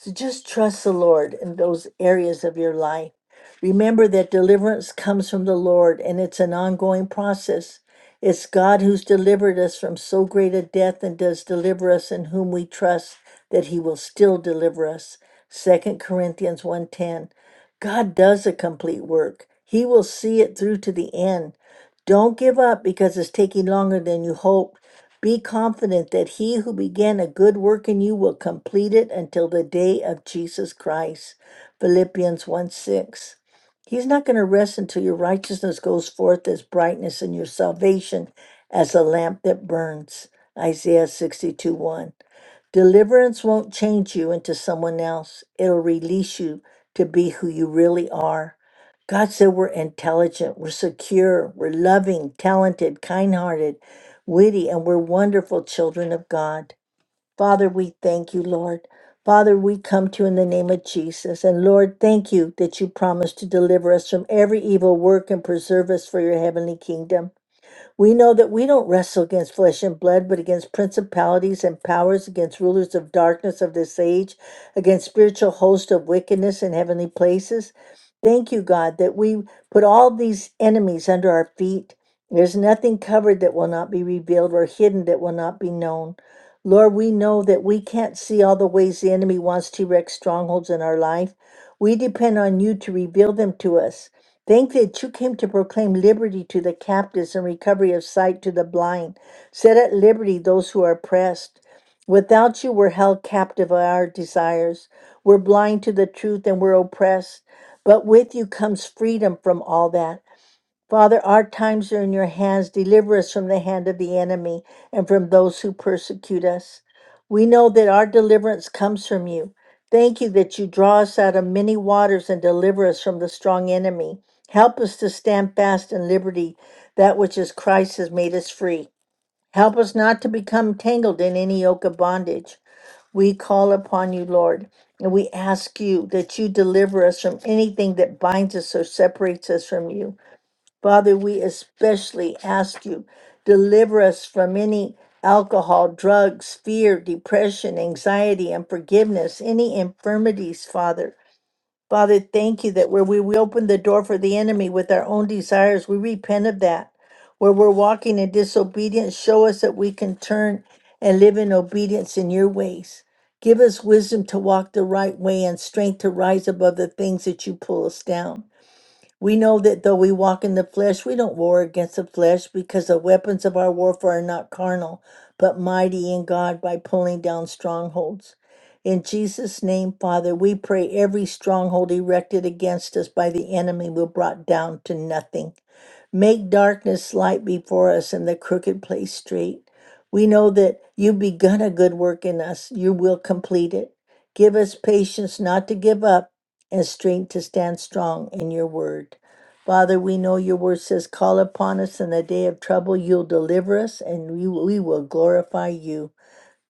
So just trust the Lord in those areas of your life. Remember that deliverance comes from the Lord and it's an ongoing process. It's God who's delivered us from so great a death and does deliver us in whom we trust that he will still deliver us. Second Corinthians one ten, God does a complete work. He will see it through to the end. Don't give up because it's taking longer than you hope be confident that he who began a good work in you will complete it until the day of Jesus Christ. Philippians 1 6. He's not going to rest until your righteousness goes forth as brightness and your salvation as a lamp that burns. Isaiah 62 1. Deliverance won't change you into someone else. It'll release you to be who you really are. God said we're intelligent, we're secure, we're loving, talented, kind hearted, witty, and we're wonderful children of God. Father, we thank you, Lord. Father, we come to you in the name of Jesus. And Lord, thank you that you promised to deliver us from every evil work and preserve us for your heavenly kingdom. We know that we don't wrestle against flesh and blood, but against principalities and powers, against rulers of darkness of this age, against spiritual hosts of wickedness in heavenly places. Thank you, God, that we put all these enemies under our feet. There's nothing covered that will not be revealed or hidden that will not be known. Lord, we know that we can't see all the ways the enemy wants to erect strongholds in our life. We depend on you to reveal them to us. Thank thee that you came to proclaim liberty to the captives and recovery of sight to the blind. Set at liberty those who are oppressed. Without you, we're held captive by our desires. We're blind to the truth and we're oppressed. But with you comes freedom from all that. Father, our times are in your hands. Deliver us from the hand of the enemy and from those who persecute us. We know that our deliverance comes from you. Thank you that you draw us out of many waters and deliver us from the strong enemy. Help us to stand fast in liberty, that which is Christ has made us free. Help us not to become tangled in any yoke of bondage. We call upon you, Lord, and we ask you that you deliver us from anything that binds us or separates us from you. Father, we especially ask you, deliver us from any alcohol, drugs, fear, depression, anxiety, unforgiveness, any infirmities, Father. Father, thank you that where we, we open the door for the enemy with our own desires, we repent of that. Where we're walking in disobedience, show us that we can turn and live in obedience in your ways. Give us wisdom to walk the right way and strength to rise above the things that you pull us down. We know that though we walk in the flesh, we don't war against the flesh because the weapons of our warfare are not carnal, but mighty in God by pulling down strongholds. In Jesus' name, Father, we pray every stronghold erected against us by the enemy will brought down to nothing. Make darkness light before us and the crooked place straight. We know that you've begun a good work in us, you will complete it. Give us patience not to give up and strength to stand strong in your word. Father, we know your word says, Call upon us in the day of trouble, you'll deliver us, and we, we will glorify you.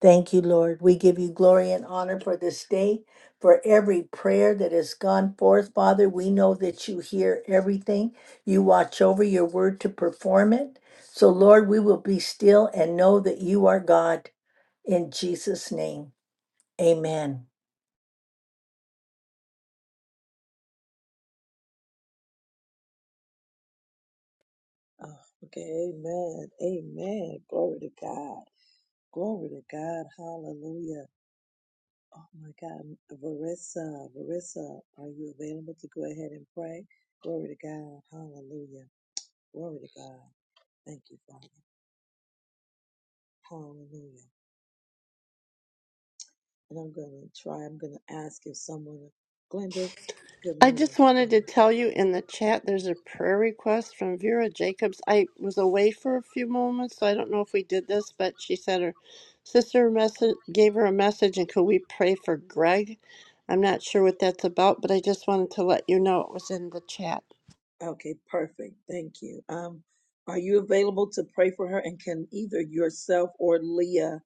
Thank you, Lord. We give you glory and honor for this day, for every prayer that has gone forth. Father, we know that you hear everything. You watch over your word to perform it. So, Lord, we will be still and know that you are God. In Jesus' name, amen.
I just wanted to tell you in the chat there's a prayer request from Vera Jacobs. I was away for a few moments, so I don't know if we did this, but she said her sister message gave her a message and could we pray for Greg? I'm not sure what that's about, but I just wanted to let you know it was in the chat.
Okay, perfect. Thank you. Um, are you available to pray for her? And can either yourself or Leah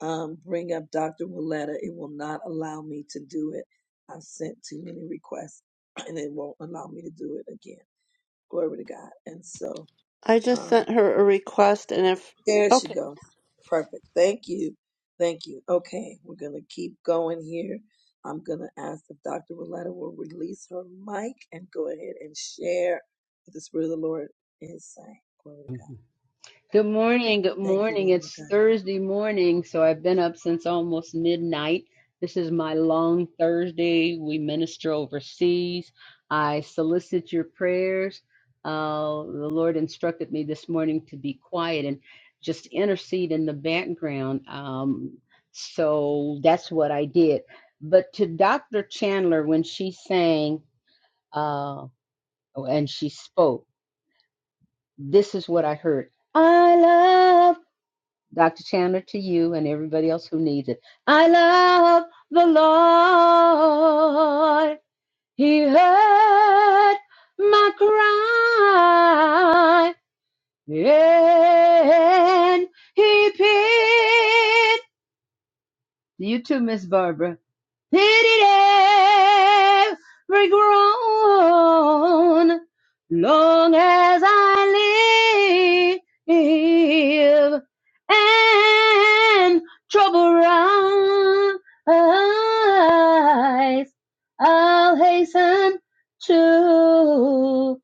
um, bring up Dr. Willetta? It will not allow me to do it. I've sent too many requests and it won't allow me to do it again. Glory to God. And so,
I just
um,
sent her a request and if
there she
okay.
goes. Perfect. Thank you. Thank you. Okay, we're going to keep going here. I'm going to ask if Dr. Willetta will release her mic and go ahead and share what the Spirit of the Lord is saying. Glory to God.
Good morning. Good
Thank you,
morning.
woman of
It's
God.
Thursday morning, so I've been up since almost midnight. This is my long Thursday. We minister overseas. I solicit your prayers. Uh, the Lord instructed me this morning to be quiet and just intercede in the background. Um, so that's what I did. But to Dr. Chandler, when she sang uh, and she spoke, this is what I heard. I love. Dr. Chandler, to you and everybody else who needs it. I love the Lord. He heard my cry and he paid. You too, Miss Barbara. It every groan long as I live and trouble rise I'll hasten to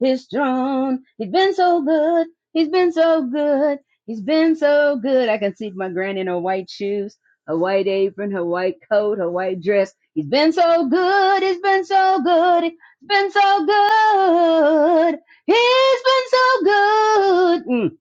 his throne he's been so good he's been so good He's been so good. I can see my granny in her white shoes, her white apron, her white coat, her white dress. He's been so good. He's been so good. He's been so good. He's been so good. Mm.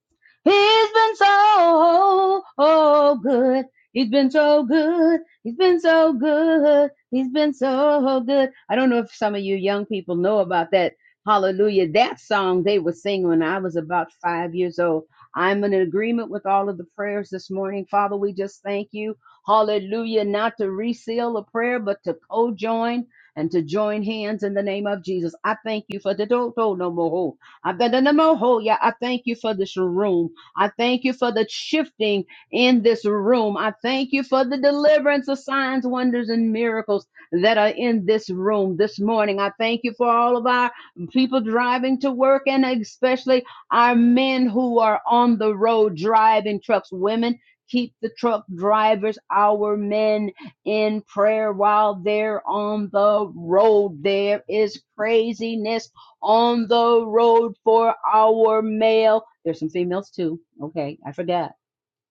He's been so oh, good. He's been so good. He's been so good. He's been so good. I don't know if some of you young people know about that. Hallelujah. That song they would sing when I was about five years old. I'm in agreement with all of the prayers this morning. Father, we just thank you. Hallelujah. Not to reseal a prayer, but to co join and to join hands in the name of Jesus. I thank you for the do do no more. oh, I bet the no more. ho, Yeah, I thank you for this room. I thank you for the shifting in this room. I thank you for the deliverance of signs, wonders, and miracles that are in this room this morning. I thank you for all of our people driving to work and especially our men who are on the road driving trucks, women, keep the truck drivers, our men in prayer while they're on the road. There is craziness on the road for our male. There's some females too. Okay, I forgot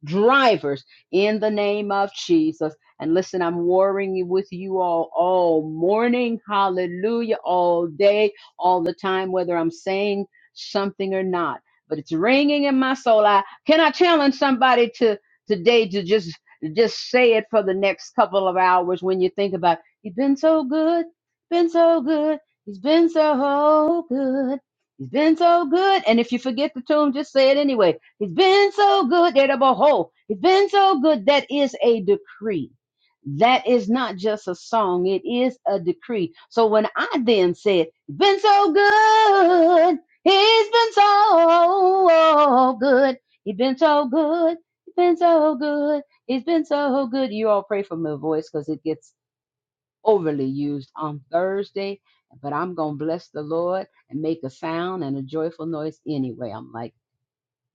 drivers in the name of Jesus. And listen, I'm warring with you all all morning, hallelujah, all day, all the time, whether I'm saying something or not. But it's ringing in my soul. I can I challenge somebody to today to just just say it for the next couple of hours when you think about he's been so good, been so good, he's been so good, he's been so good. And if you forget the tune, just say it anyway. He's been so good that a behold, he's been so good that is a decree. That is not just a song, it is a decree. So when I then said, He's been so good, he's been so good, he's been so good, he's been so good, he's been so good. You all pray for my voice because it gets overly used on Thursday, but I'm gonna bless the Lord and make a sound and a joyful noise anyway. I'm like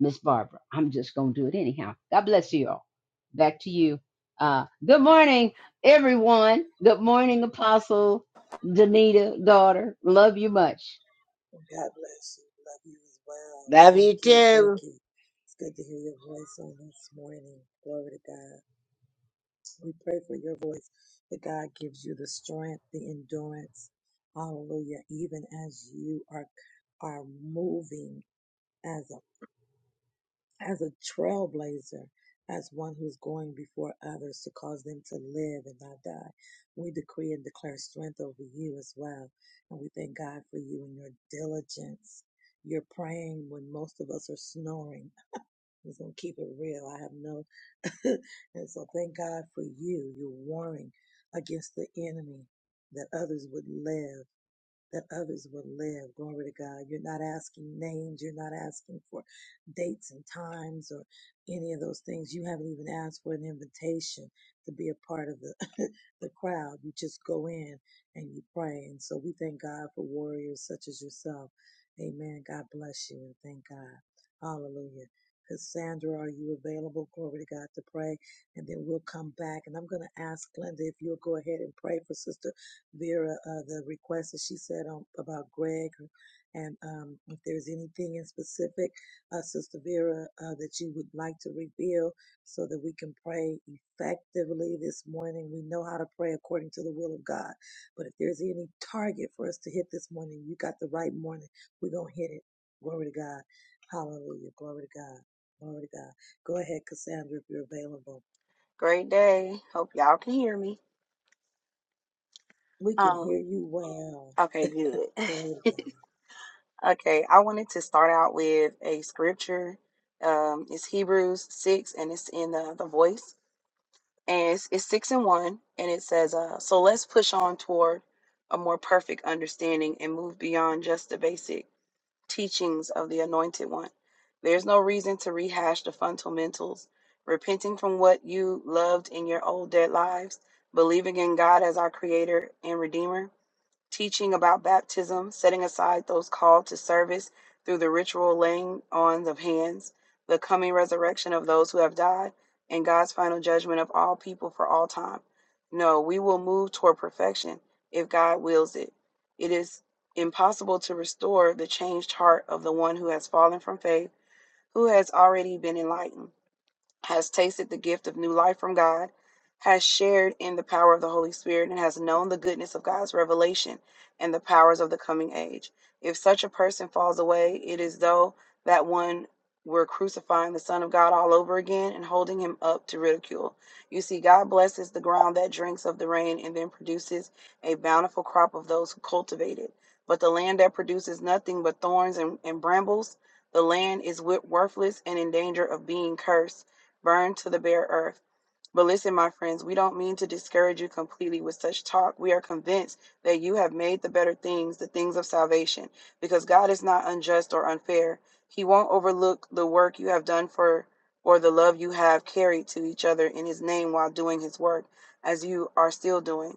Miss Barbara. I'm just going to do it anyhow. God bless you all. Back to you. Uh, good morning, everyone. Good morning, Apostle Danita, daughter. Love you much.
Love you too.
Great day. Hope y'all can hear me. Um, okay, good. okay, I wanted to start out with a scripture. Um, it's Hebrews 6 and it's in the, the voice. And it's, it's 6 and 1. And it says, uh, So let's push on toward a more perfect understanding and move beyond just the basic. teachings of the Anointed One. There's no reason to rehash the fundamentals, repenting from what you loved in your old dead lives, believing in God as our Creator and Redeemer, teaching about baptism, setting aside those called to service through the ritual laying on of hands, the coming resurrection of those who have died, and God's final judgment of all people for all time. No, we will move toward perfection if God wills it. It is impossible to restore the changed heart of the one who has fallen from faith, who has already been enlightened has tasted the gift of new life from God, has shared in the power of the Holy Spirit, and has known the goodness of God's revelation and the powers of the coming age. If such a person falls away, it is though that one were crucifying the Son of God all over again and holding him up to ridicule. You see, God blesses the ground that drinks of the rain and then produces a bountiful crop of those who cultivate it. But the land that produces nothing but thorns and, and brambles, the land is wit- worthless and in danger of being cursed burned to the bare earth. But listen, my friends, we don't mean to discourage you completely with such talk. We are convinced that you have made the better things the things of salvation, because God is not unjust or unfair. He won't overlook the work you have done for or the love you have carried to each other in His name while doing His work, as you are still doing.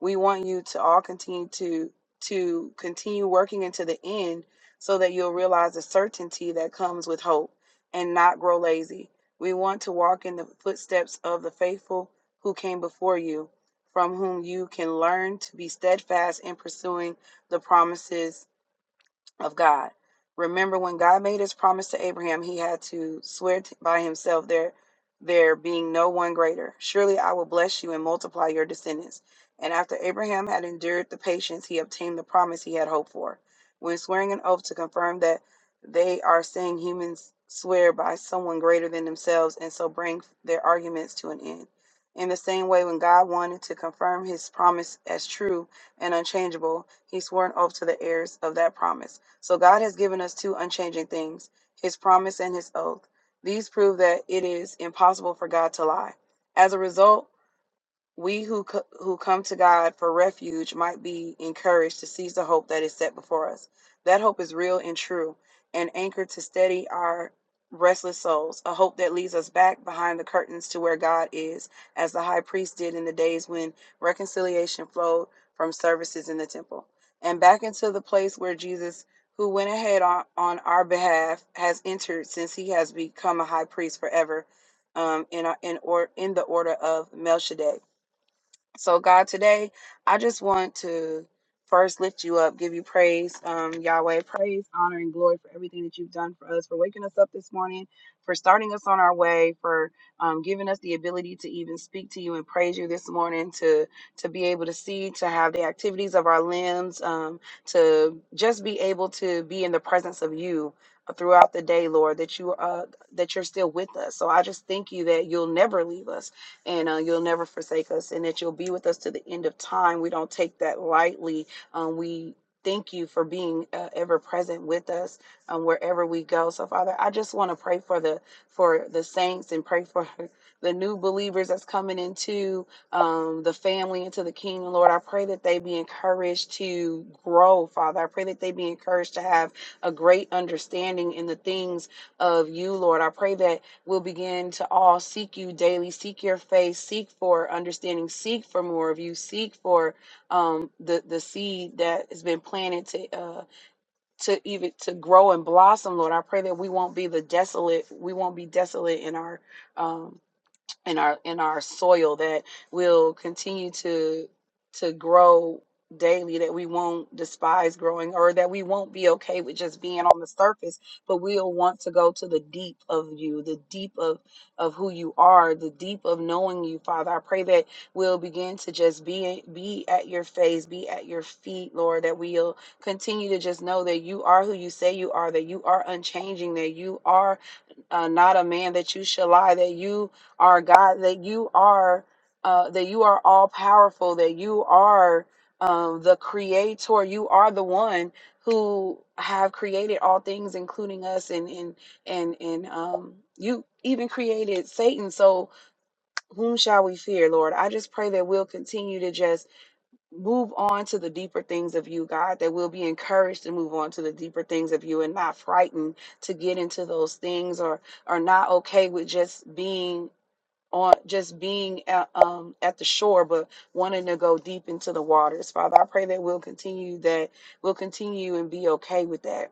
We want you to all continue to to continue working into the end so that you'll realize the certainty that comes with hope and not grow lazy we want to walk in the footsteps of the faithful who came before you, from whom you can learn to be steadfast in pursuing the promises of God. Remember when God made his promise to Abraham, he had to swear t- by himself there there being no one greater. Surely I will bless you and multiply your descendants. And after Abraham had endured the patience, he obtained the promise he had hoped for. When swearing an oath to confirm that they are saying humans swear by someone greater than themselves and so bring their arguments to an end. In the same way, when God wanted to confirm his promise as true, and unchangeable, he swore an oath to the heirs of that promise. So God has given us two unchanging things his promise and his oath. These prove that it is impossible for God to lie. As a result, we who co- who come to God for refuge might be encouraged to seize the hope that is set before us. That hope is real and true, an anchor to steady our restless souls. A hope that leads us back behind the curtains to where God is, as the high priest did in the days when reconciliation flowed from services in the temple, and back into the place where Jesus, who went ahead on, on our behalf, has entered since he has become a high priest forever, um, in our, in or in the order of Melchizedek. So, God, today I just want to first lift you up, give you praise, um, Yahweh, praise, honor, and glory for everything that you've done for us, for waking us up this morning, for starting us on our way, for um, giving us the ability to even speak to you and praise you this morning, to to be able to see, to have the activities of our limbs, um, to just be able to be in the presence of you throughout the day, Lord, that you uh, that you're still with us. So I just thank you that you'll never leave us and uh, you'll never forsake us, and that you'll be with us to the end of time. We don't take that lightly. Um, we thank you for being uh, ever present with us um, wherever we go. So, Father, I just want to pray for the for the saints and pray for the new believers that's coming into um, the family, into the kingdom. Lord, I pray that they be encouraged to grow, Father. I pray that they be encouraged to have a great understanding in the things of you, Lord. I pray that will begin to all seek you daily, seek your face, seek for understanding, seek for more of you, seek for um, the the seed that has been planted to uh, to even to grow and blossom. Lord, I pray that we won't be the desolate. We won't be desolate in our um, in our in our soil that will continue to to grow daily that we won't despise growing or that we won't be okay with just being on the surface but we'll want to go to the deep of you the deep of of who you are the deep of knowing you father i pray that we'll begin to just be be at your face be at your feet lord that we'll continue to just know that you are who you say you are that you are unchanging that you are uh, not a man that you shall lie, that you are God, that you are uh, that you are all powerful, that you are um, the creator, you are the one who have created all things, including us, and and and and um, you even created Satan. So whom shall we fear, Lord? I just pray that we'll continue to just move on to the deeper things of you, God, that we'll be encouraged to move on to the deeper things of you and not frightened to get into those things or are not okay with just being on just being at, um, at the shore but wanting to go deep into the waters father i pray that we'll continue that we'll continue and be okay with that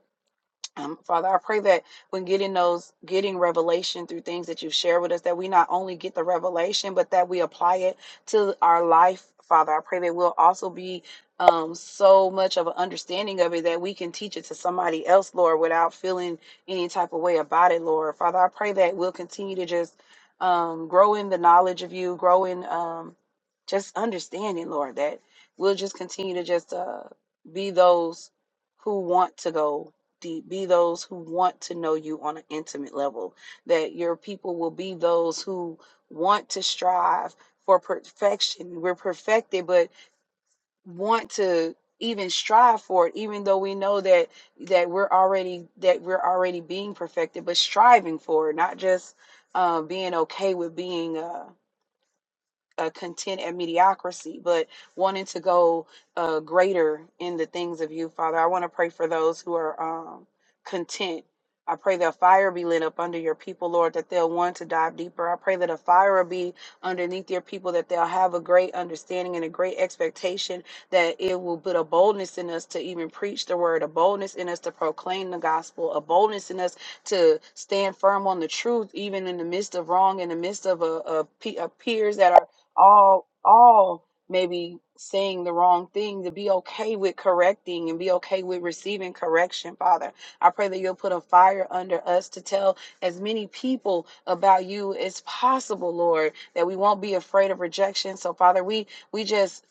um, Father, I pray that when getting those, getting revelation through things that you share with us, that we not only get the revelation, but that we apply it to our life. Father, I pray that we'll also be um, so much of an understanding of it that we can teach it to somebody else, Lord, without feeling any type of way about it, Lord. Father, I pray that we'll continue to just um, grow in the knowledge of you, grow in um, just understanding, Lord, that we'll just continue to just uh, be those who want to go the- be those who want to know you on an intimate level, that your people will be those who want to strive for perfection. We're perfected, but want to even strive for it even though we know that that we're already that we're already being perfected but striving for it not just uh, being okay with being uh, uh, content at mediocrity, but wanting to go uh, greater in the things of you, Father. I want to pray for those who are um, content. I pray that fire be lit up under your people, Lord, that they'll want to dive deeper. I pray that a fire will be underneath your people, that they'll have a great understanding and a great expectation, that it will put a boldness in us to even preach the word, a boldness in us to proclaim the gospel, a boldness in us to stand firm on the truth, even in the midst of wrong, in the midst of, a, of pe- of peers that are all all maybe saying the wrong thing to be okay with correcting and be okay with receiving correction father i pray that you'll put a fire under us to tell as many people about you as possible lord that we won't be afraid of rejection so father we we just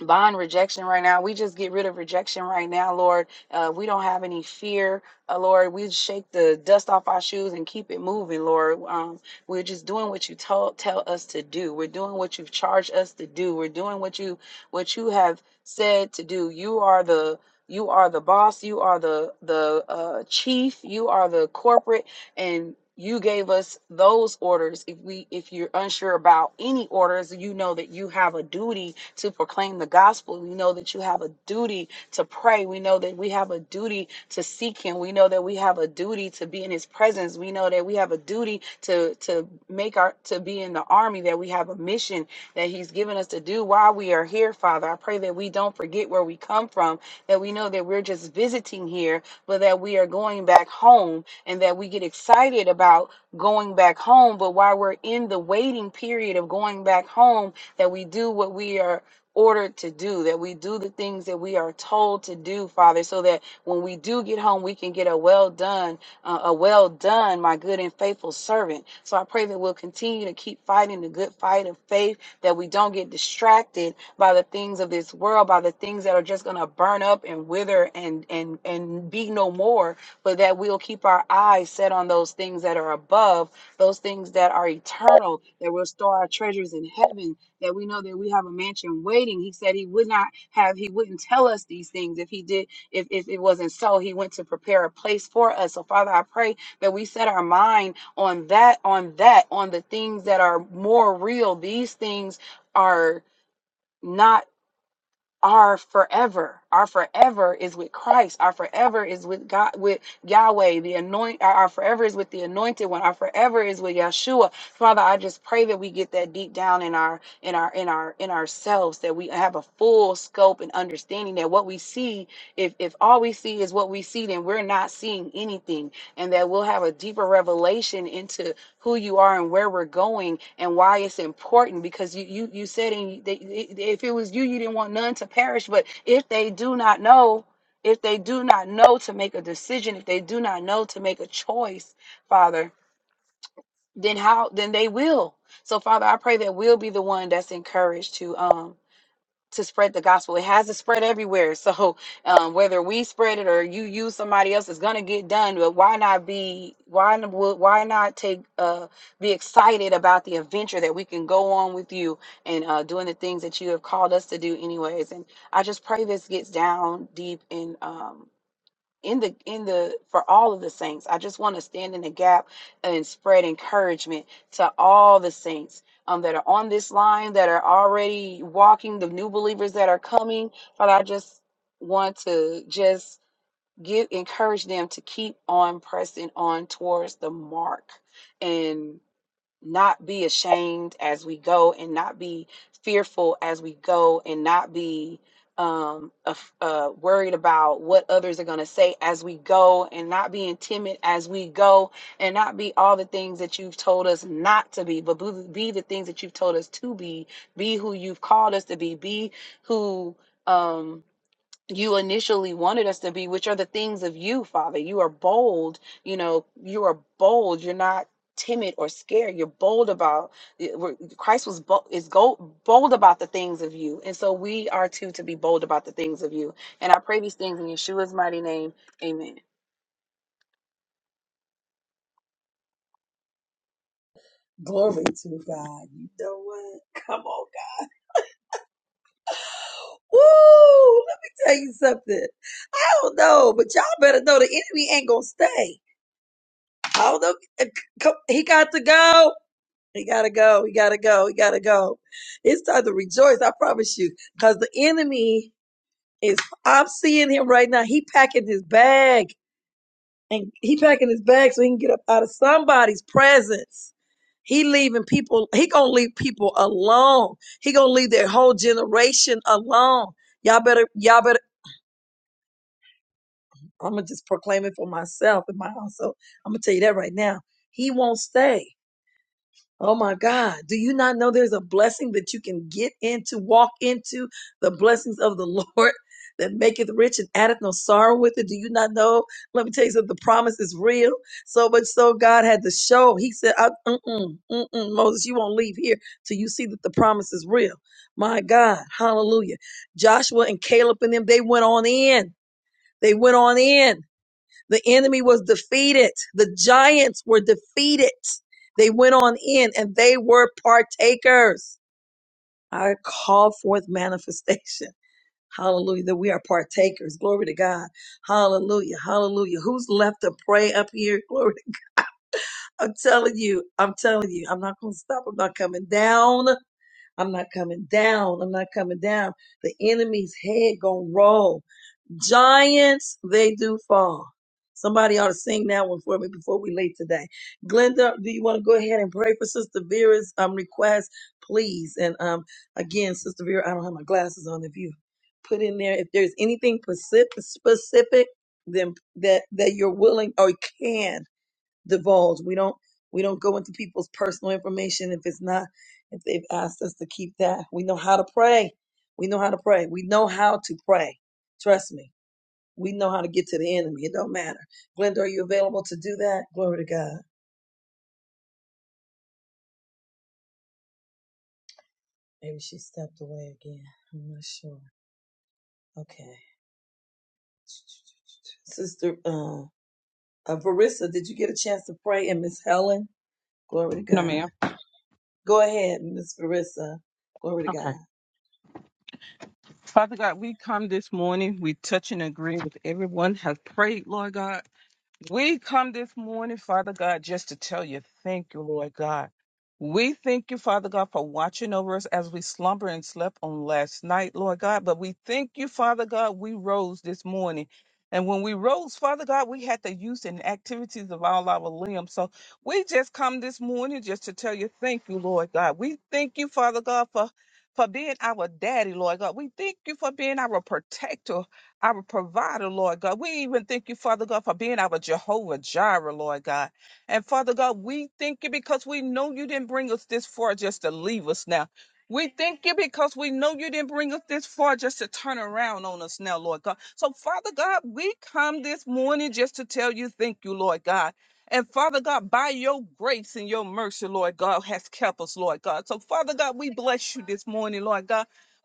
bond rejection right now. We just get rid of rejection right now, Lord. Uh, we don't have any fear, uh, Lord. We shake the dust off our shoes and keep it moving, Lord. Um, we're just doing what you told tell us to do. We're doing what you've charged us to do. We're doing what you what you have said to do. You are the you are the boss. You are the the uh, chief. You are the corporate and you gave us those orders if we if you're unsure about any orders you know that you have a duty to proclaim the gospel we know that you have a duty to pray we know that we have a duty to seek him we know that we have a duty to be in his presence we know that we have a duty to to make our to be in the army that we have a mission that he's given us to do while we are here father i pray that we don't forget where we come from that we know that we're just visiting here but that we are going back home and that we get excited about going back home. But while we're in the waiting period of going back home, that we do what we are ordered to do, that we do the things that we are told to do, Father, so that when we do get home, we can get a well done, uh, a well done, my good and faithful servant. So I pray that we'll continue to keep fighting the good fight of faith, that we don't get distracted by the things of this world, by the things that are just going to burn up and wither and and and be no more, but that we'll keep our eyes set on those things that are above, those things that are eternal, that we'll store our treasures in heaven, that we know that we have a mansion waiting. He said he would not have, he wouldn't tell us these things if he did, if, if it wasn't so. He went to prepare a place for us. So, Father, I pray that we set our mind on that, on that, on the things that are more real. These things are. Not our forever our forever is with christ our forever is with god with yahweh the anoint our our forever is with the anointed one our forever is with yeshua father i just pray that we get that deep down in our in our in our in ourselves that we have a full scope and understanding that what we see if if all we see is what we see then we're not seeing anything and that we'll have a deeper revelation into who you are and where we're going and why it's important because you you, you said in, that if it was you you didn't want none to perish but if they do not know if they do not know to make a decision if they do not know to make a choice father then how then they will so father i pray that we'll be the one that's encouraged to um to spread the gospel. It has to spread everywhere. So um, whether we spread it or you use somebody else, it's gonna get done. But why not be? Why n- wo- why not take? Uh, be excited about the adventure that we can go on with you and uh, doing the things that you have called us to do, anyways. And I just pray this gets down deep in. Um, in the in the for all of the saints i just want to stand in the gap and spread encouragement to all the saints um, that are on this line that are already walking the new believers that are coming but i just want to just give encourage them to keep on pressing on towards the mark and not be ashamed as we go and not be fearful as we go and not be um af- uh, worried about what others are going to say as we go and not being timid as we go and not be all the things that you've told us not to be but be be the things that you've told us to be be who you've called us to be be who um you initially wanted us to be, which are the things of you, Father. You are bold, you know, you are bold. You're not timid or scared. You're bold about Christ was bold, is go, bold about the things of you. And so we are too to be bold about the things of you. And I pray these things in Yeshua's mighty name. Amen.
You know what? Come on. Woo! Let me tell you something. I don't know, but y'all better know the enemy ain't going to stay. I don't know. Come- He got to go. He gotta go. He gotta go. He gotta go. It's time to rejoice. I promise you, because the enemy is. I'm seeing him right now. He packing his bag, and he packing his bag so he can get up out of somebody's presence. He leaving people. He gonna leave people alone. He gonna leave their whole generation alone. Y'all better. Y'all better. I'm gonna just proclaim it for myself and my household. I'm gonna tell you that right now. He won't stay. Oh my God. Do you not know there's a blessing that you can get into, walk into the blessings of the Lord that maketh rich and addeth no sorrow with it? Do you not know? Let me tell you something. The promise is real. So much so God had to show. He said, I, mm-mm, mm-mm, Moses, you won't leave here till you see that the promise is real. My God. Hallelujah. Joshua and Caleb and them, they went on in. They went on in. The enemy was defeated. The giants were defeated. They went on in and they were partakers. I call forth manifestation. Hallelujah. That we are partakers. Glory to God. Hallelujah. Hallelujah. Who's left? We don't go into people's personal information if it's not. We know how to pray. We know how to pray. Sister uh, uh, Verissa, did you get a chance to pray? And Miss Helen, glory to
No,
God.
ma'am.
Go ahead, Miss Verissa. Glory to
Okay.
God.
Father God, we come this morning. We touch and agree with everyone has prayed, Lord God. We come this morning, Father God, just to tell you thank you, Lord God. We thank you, Father God, for watching over us as we slumber and slept on last night, Lord God. But we thank you, Father God, we rose this morning. And when we rose, Father God, we had the use and activities of all our limbs. So we just come this morning just to tell you thank you, Lord God. We thank you, Father God, for for being our daddy, Lord God. We thank you for being our protector, our provider, Lord God. We even thank you, Father God, for being our Jehovah Jireh, Lord God. And Father God, we thank you because we know you didn't bring us this far just to leave us now. We thank you because we know you didn't bring us this far just to turn around on us now, Lord God. So, Father God, we come this morning just to tell you thank you, Lord God. And Father God, by your grace and your mercy, Lord God, has kept us, Lord God. So, Father God, we bless you this morning, Lord God.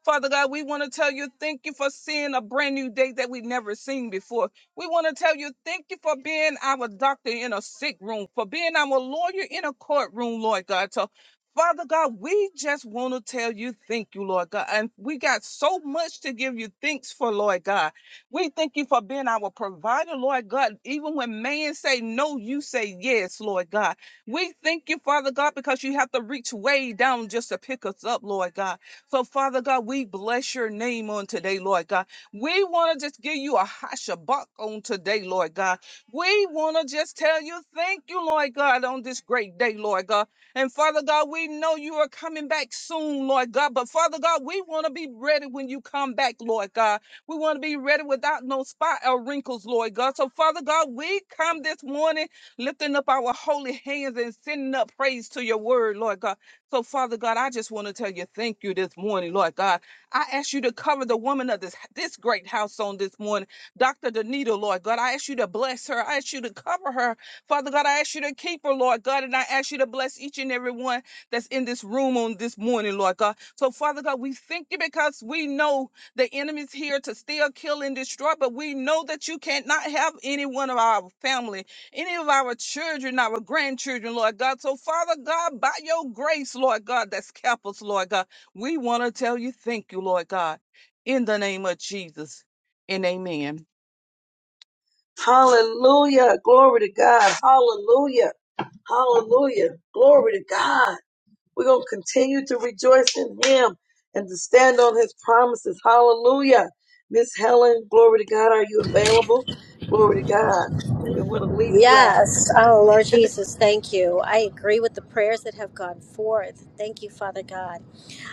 Father God, we want to tell you thank you for seeing a brand new day that we've never seen before. We want to tell you thank you for being our doctor in a sick room, for being our lawyer in a courtroom, Lord God. So, Father God, we just want to tell you thank you, Lord God. And we got so much to give you thanks for, Lord God. We thank you for being our provider, Lord God. Even when man say no, you say yes, Lord God. We thank you, Father God, because you have to reach way down just to pick us up, Lord God. So, Father God, we bless your name on today, Lord God. We want to just give you a hashabak on today, Lord God. We want to just tell you thank you, Lord God, on this great day, Lord God. And Father God, we know you are coming back soon, Lord God. But Father God, we want to be ready when you come back, Lord God. We want to be ready without no spot or wrinkles, Lord God. So, Father God, we come this morning lifting up our holy hands and sending up praise to your word, Lord God. So, Father God, I just want to tell you thank you this morning, Lord God. I ask you to cover the woman of this, this great house on this morning, Dr. Danita, Lord God. I ask you to bless her. I ask you to cover her. Father God, I ask you to keep her, Lord God. And I ask you to bless each and every one that's in this room on this morning, Lord God. So, Father God, we thank you because we know the enemy's here to steal, kill, and destroy, but we know that you cannot have any one of our family any of our children, our grandchildren, Lord God. So, Father God, by your grace, Lord God, that's kept us, Lord God. We want to tell you thank you, Lord God, in the name of Jesus and amen.
Hallelujah. Glory to God. Hallelujah. Hallelujah. Glory to God. We're going to continue to rejoice in Him and to stand on His promises. Hallelujah. Miss Helen, glory to God. Are you available? Glory to God. We don't want to leave you out.
Yes. Oh, Lord Jesus, thank you. I agree with the prayers that have gone forth. Thank you, Father God.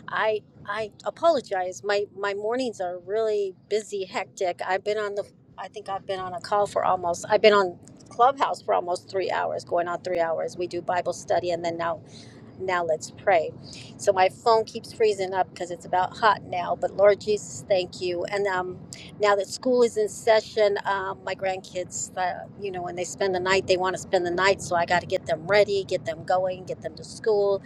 I I apologize. My my mornings are really busy, hectic. I've been on the I think I've been on a call for almost I've been on Clubhouse for almost 3 hours, going on 3 hours. We do Bible study and then now Now let's pray. So my phone keeps freezing up because it's about hot now. But Lord Jesus, thank you. And um, now that school is in session, um, my grandkids, uh, you know, when they spend the night, they want to spend the night. So I got to get them ready, get them going, get them to school.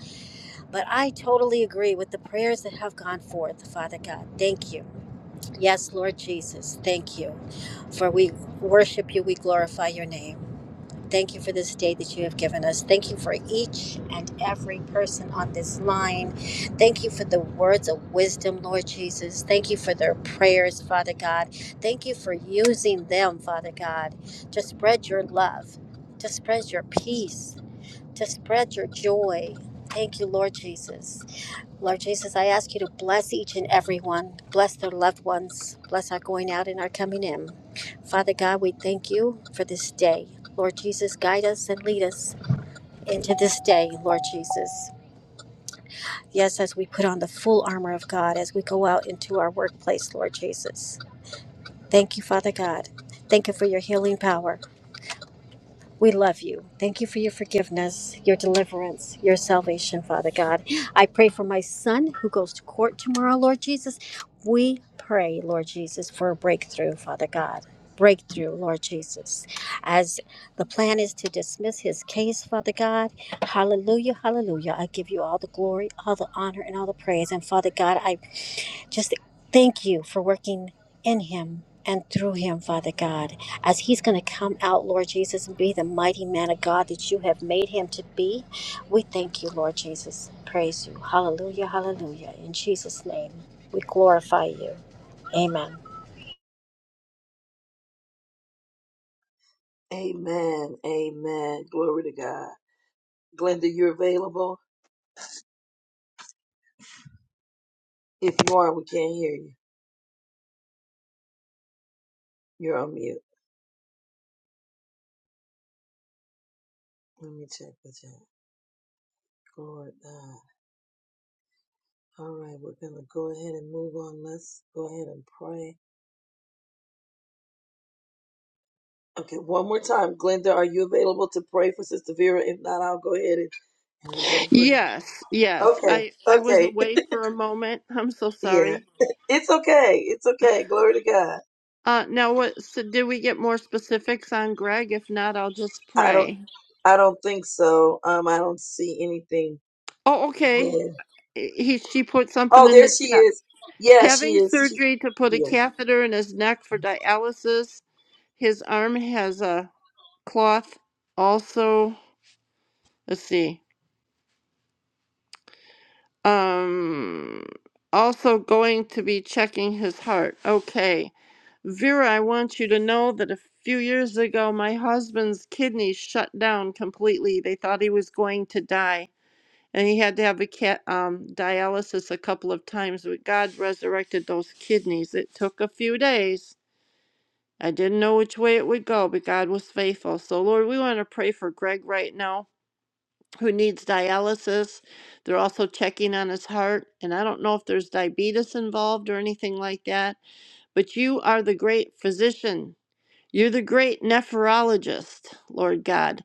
But I totally agree with the prayers that have gone forth, Father God. Thank you. Yes, Lord Jesus, thank you. For we worship you, we glorify your name. Thank you for this day that you have given us. Thank you for each and every person on this line. Thank you for the words of wisdom, Lord Jesus. Thank you for their prayers, Father God. Thank you for using them, Father God, to spread your love, to spread your peace, to spread your joy. Thank you, Lord Jesus. Lord Jesus, I ask you to bless each and every one, bless their loved ones, bless our going out and our coming in. Father God, we thank you for this day. Lord Jesus, guide us and lead us into this day, Lord Jesus. Yes, as we put on the full armor of God as we go out into our workplace, Lord Jesus. Thank you, Father God. Thank you for your healing power. We love you. Thank you for your forgiveness, your deliverance, your salvation, Father God. I pray for my son who goes to court tomorrow, Lord Jesus. We pray, Lord Jesus, for a breakthrough, Father God. Breakthrough, Lord Jesus. As the plan is to dismiss his case, Father God. Hallelujah, hallelujah. I give you all the glory, all the honor, and all the praise. And Father God, I just thank you for working in him and through him, Father God, as he's going to come out, Lord Jesus, and be the mighty man of God that you have made him to be. We thank you, Lord Jesus. Praise you. Hallelujah, hallelujah. In Jesus' name, we glorify you. Amen.
And we're gonna go.
Yes, yes.
Okay,
I I was
okay,
away for a moment. I'm so
yeah,
sorry.
it's okay, it's okay. Glory to God.
Uh now what so did we get more specifics on Greg? If not, I'll just
I don't,
pray.
I don't, don't see anything.
Oh, okay. He, she put something
Oh,
in
there
the
she
chat.
is. Yeah,
Having surgery to put a catheter in his neck for dialysis. His arm has a cloth. Also, let's see. Um, also going to be checking his heart. Okay. Vera, I want you to know that a few years ago, my husband's kidneys shut down completely. They thought he was going to die. and he had to have a cat um, dialysis a couple of times. But God resurrected those kidneys. It took a few days. I didn't know which way it would go, but God was faithful. So Lord, we want to pray for Greg right now, who needs dialysis. They're also checking on his heart, and I don't know if there's diabetes involved or anything like that. But you are the great physician. You're the great nephrologist, Lord God.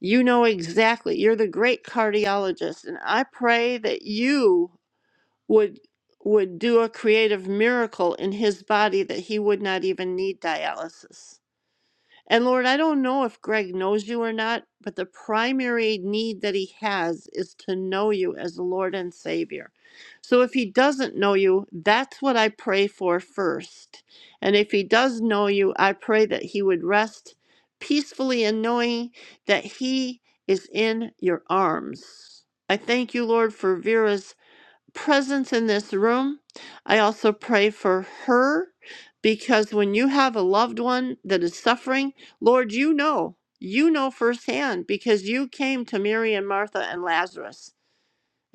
You know exactly. You're the great cardiologist. And I pray that you would would do a creative miracle in his body that he would not even need dialysis. And Lord, I don't know if Greg knows you or not, but the primary need that he has is to know you as Lord and Savior. So if he doesn't know you, that's what I pray for first. And if he does know you, I pray that he would rest peacefully in knowing that he is in your arms. I thank you, Lord, for Vera's presence in this room. I also pray for her because when you have a loved one that is suffering, Lord, you know, you know firsthand because you came to Mary and Martha and Lazarus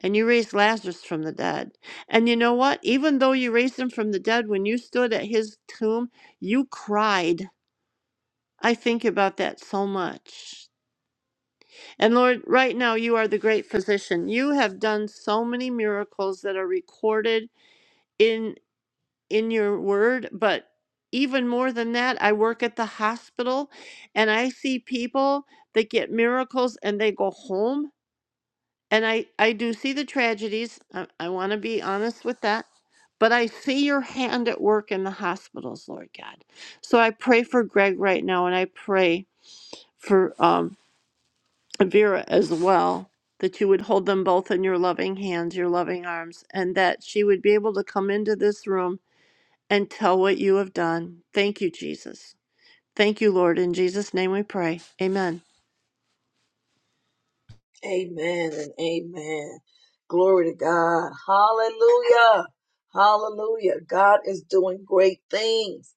and you raised Lazarus from the dead. And you know what? Even though you raised him from the dead, when you stood at his tomb, you cried. I think about that so much. And Lord, right now you are the great physician. You have done so many miracles that are recorded in. in your word, but even more than that, I work at the hospital and I see people that get miracles and they go home. And I, I do see the tragedies. I, I want to be honest with that. But I see your hand at work in the hospitals, Lord God. So I pray for Greg right now and I pray for um, Vera as well, that you would hold them both in your loving hands, your loving arms, and that she would be able to come into this room and tell what you have done. Thank you, Jesus. Thank you, Lord. In Jesus' name we pray. Amen.
amen and amen. Glory to God. Hallelujah, hallelujah. God is doing great things.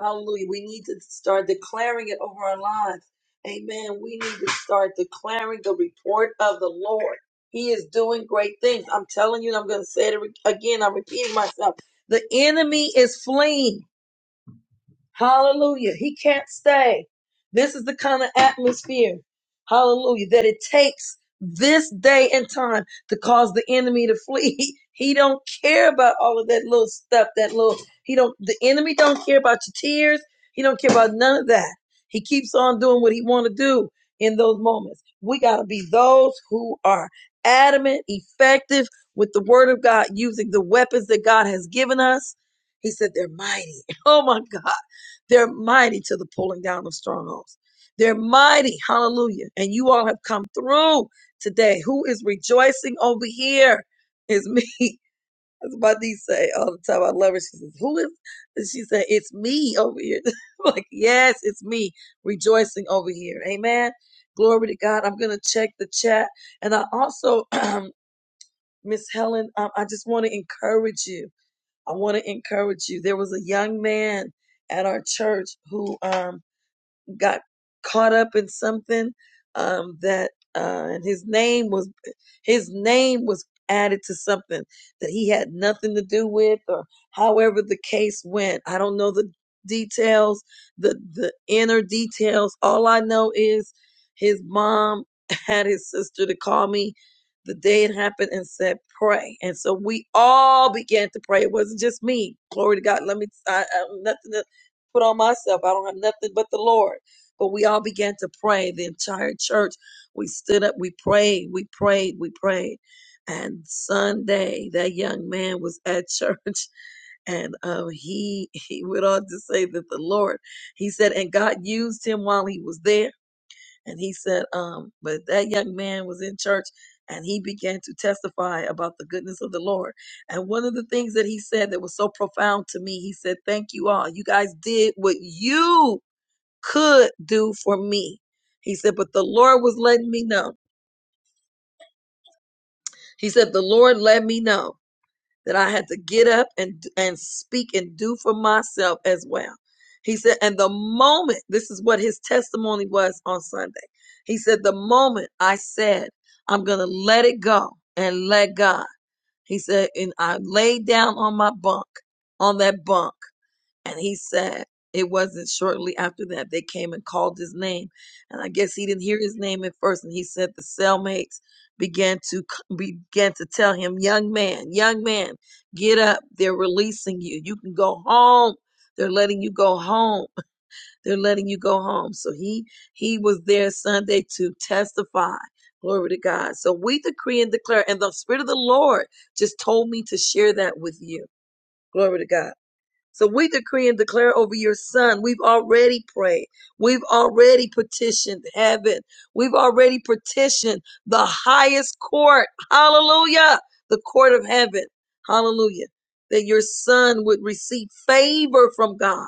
Hallelujah. We need to start declaring it over our lives. Amen. We need to start declaring the report of the Lord. He is doing great things. I'm telling you, and I'm going to say it again. I'm repeating myself. The enemy is fleeing. Hallelujah. He can't stay. This is the kind of atmosphere, hallelujah, that it takes this day and time to cause the enemy to flee. He he don't care about all of that little stuff, that little, he don't, the enemy don't care about your tears. He don't care about none of that. He keeps on doing what he want to do in those moments. We got to be those who are adamant, effective with the word of God, using the weapons that God has given us. He said they're mighty. Oh my God. They're mighty to the pulling down of strongholds. They're mighty. Hallelujah. And you all have come through today. Who is rejoicing over here is me. That's what my niece say all the time. I love her. She says, Who is and she said, It's me over here. I'm like, yes, it's me rejoicing over here. Amen. Glory to God. I'm gonna check the chat. And I also, Miss Helen, um, I just want to encourage you. I want to encourage you. There was a young man at our church who um got caught up in something um, that uh, and his name was his name was added to something that he had nothing to do with or however the case went i don't know the details the the inner details all i know is his mom had his sister to call me the day it happened and said, pray. And so we all began to pray. It wasn't just me. Glory to God. Let me, I, I have nothing to put on myself. I don't have nothing but the Lord. But we all began to pray. The entire church, we stood up, we prayed, we prayed, we prayed. And Sunday, that young man was at church and um, he he went on to say that the Lord, he said, and God used him while he was there and he said, um, but that young man was in church and he began to testify about the goodness of the Lord. And one of the things that he said that was so profound to me, he said, Thank you all. You guys did what you could do for me. He said, but the Lord was letting me know. He said, the Lord let me know that I had to get up and and speak and do for myself as well. He said, and the moment this is what his testimony was on Sunday. He said, the moment I said I'm gonna let it go and let God. He said, and I laid down on my bunk, on that bunk. And he said, it wasn't shortly after that they came and called his name. And I guess he didn't hear his name at first. And he said the cellmates began to c- began to tell him, young man, young man, get up. They're releasing you. You can go home. They're letting you go home. They're letting you go home. So he he was there Sunday to testify. Glory to God. So we decree and declare, and the Spirit of the Lord just told me to share that with you. Glory to God so we decree and declare over your son. We've already prayed. We've already petitioned heaven. We've already petitioned the highest court. Hallelujah. The court of heaven. Hallelujah. That your son would receive favor from God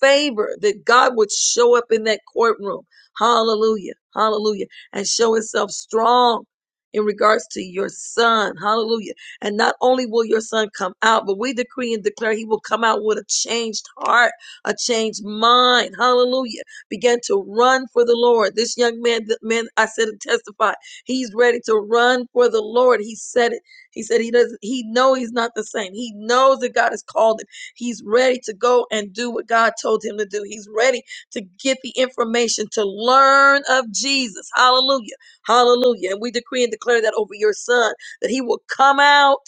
favor that God would show up in that courtroom. Hallelujah. Hallelujah. And show himself strong in regards to your son. Hallelujah. And not only will your son come out, but we decree and declare he will come out with a changed heart, a changed mind. Hallelujah. Begin to run for the Lord. This young man, the man I said and testify, he's ready to run for the Lord. He said it. He said he doesn't, he know he's not the same. He knows that God has called him. He's ready to go and do what God told him to do. He's ready to get the information to learn of Jesus. Hallelujah. Hallelujah. And we decree and declare that over your son that he will come out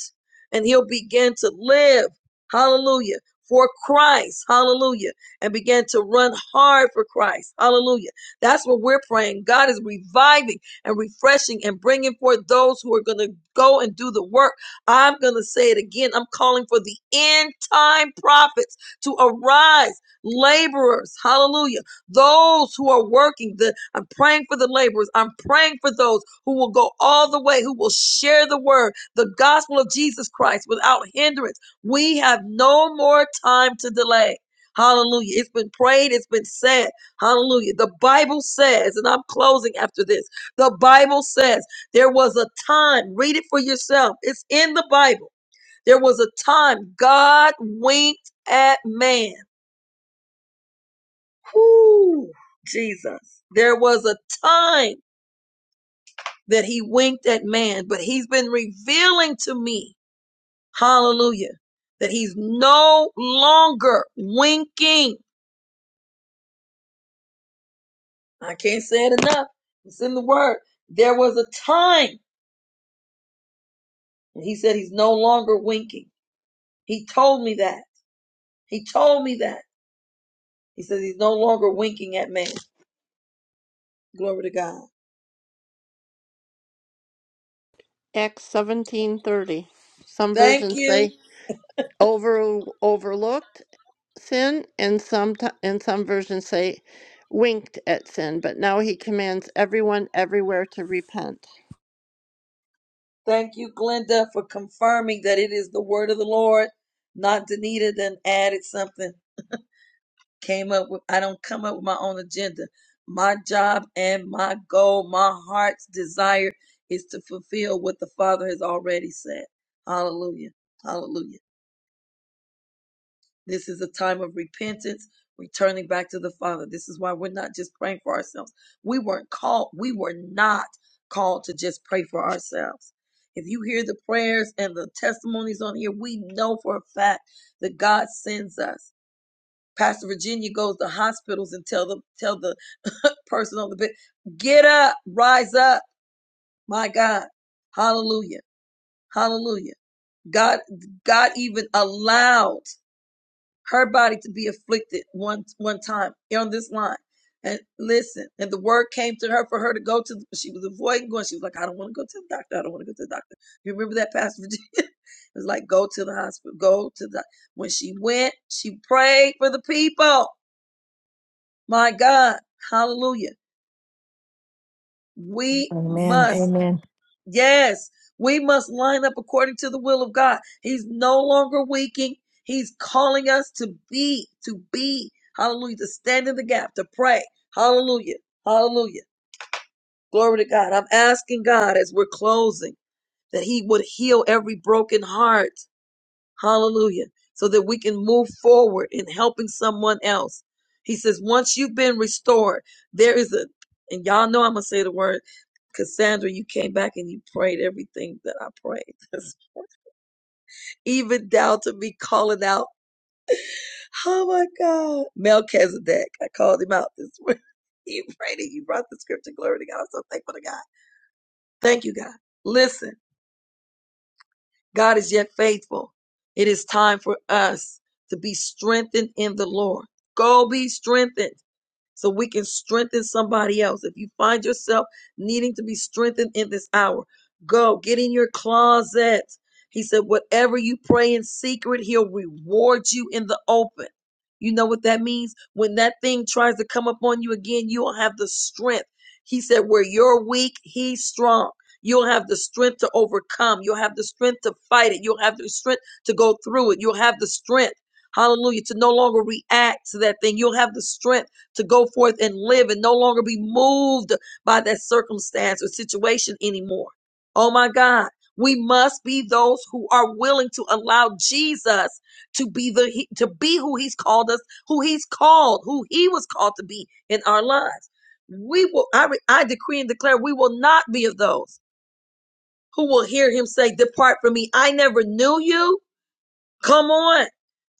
and he'll begin to live. Hallelujah. For Christ. Hallelujah. And begin to run hard for Christ. Hallelujah. That's what we're praying. God is reviving and refreshing and bringing forth those who are going to go and do the work I'm going to say it again. I'm calling for the end time prophets to arise, laborers. Hallelujah. Those who are working, the, I'm praying for the laborers. I'm praying for those who will go all the way, who will share the word, the gospel of Jesus Christ without hindrance. We have no more time to delay. Hallelujah. It's been prayed, it's been said. Hallelujah. The Bible says, and I'm closing after this. The Bible says, there was a time, read it for yourself. It's in the Bible. There was a time God winked at man. Whoo, Jesus. There was a time that he winked at man, but he's been revealing to me, hallelujah, that he's no longer winking. I can't say it enough. It's in the word. There was a time, and he said he's no longer winking. He told me that. He told me that. He says he's no longer winking at man. Glory to God.
Acts seventeen thirty. Some
Thank
versions
you.
say over overlooked sin, and some t- and some versions say winked at sin. But now he commands everyone everywhere to repent.
Thank you, Glenda, for confirming that it is the word of the Lord, not Danita then added something. Came up with, I don't come up with my own agenda. My job and my goal, my heart's desire is to fulfill what the Father has already said. Hallelujah. Hallelujah. This is a time of repentance, returning back to the Father. This is why we're not just praying for ourselves. We weren't called, we were not called to just pray for ourselves. If you hear the prayers and the testimonies on here, we know for a fact that God sends us. Pastor Virginia goes to hospitals and tell the tell the person on the bed, get up, rise up. My God. Hallelujah. Hallelujah. God God even allowed her body to be afflicted one one time on this line. And listen, and the word came to her for her to go to. The, she was avoiding going. She was like, "I don't want to go to the doctor. I don't want to go to the doctor." You remember that, Pastor Virginia? it was like, "Go to the hospital. Go to the." When she went, she prayed for the people. My God, Hallelujah! We
Amen.
must.
Amen.
Yes, we must line up according to the will of God. He's no longer weakening. He's calling us to be, to be, hallelujah, to stand in the gap, to pray. Hallelujah, hallelujah. Glory to God. I'm asking God as we're closing that He would heal every broken heart. Hallelujah. So that we can move forward in helping someone else. He says, once you've been restored, there is a, and y'all know I'm going to say the word Cassandra, you came back and you prayed everything that I prayed. Even down to me calling out, oh my God, Melchizedek. I called him out this morning. You prayed it. You brought the scripture. Glory to God. I'm so thankful to God. Thank you, God. Listen, God is yet faithful. It is time for us to be strengthened in the Lord. Go be strengthened. so we can strengthen somebody else. If you find yourself needing to be strengthened in this hour, go get in your closet. He said, whatever you pray in secret, he'll reward you in the open. You know what that means? When that thing tries to come upon you again, you'll have the strength. He said, where you're weak, he's strong. You'll have the strength to overcome. You'll have the strength to fight it. You'll have the strength to go through it. You'll have the strength hallelujah, to no longer react to that thing. You'll have the strength to go forth and live and no longer be moved by that circumstance or situation anymore. Oh my God. We must be those who are willing to allow Jesus to be the to be who he's called us, who he's called, who he was called to be in our lives. We will I, re- I decree and declare we will not be of those who will hear him say depart from me. I never knew you. Come on.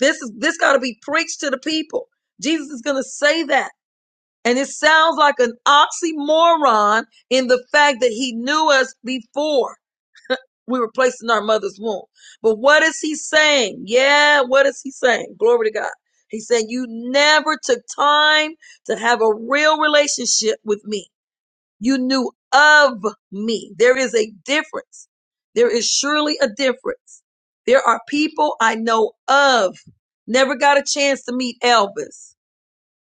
This is this got to be preached to the people. Jesus is going to say that and it sounds like an oxymoron in the fact that he knew us before we were placed in our mother's womb. But what is he saying? Yeah, what is he saying? Glory to God. He said, You never took time to have a real relationship with me. You knew of me. There is a difference. There is surely a difference. There are people I know of. Never got a chance to meet Elvis.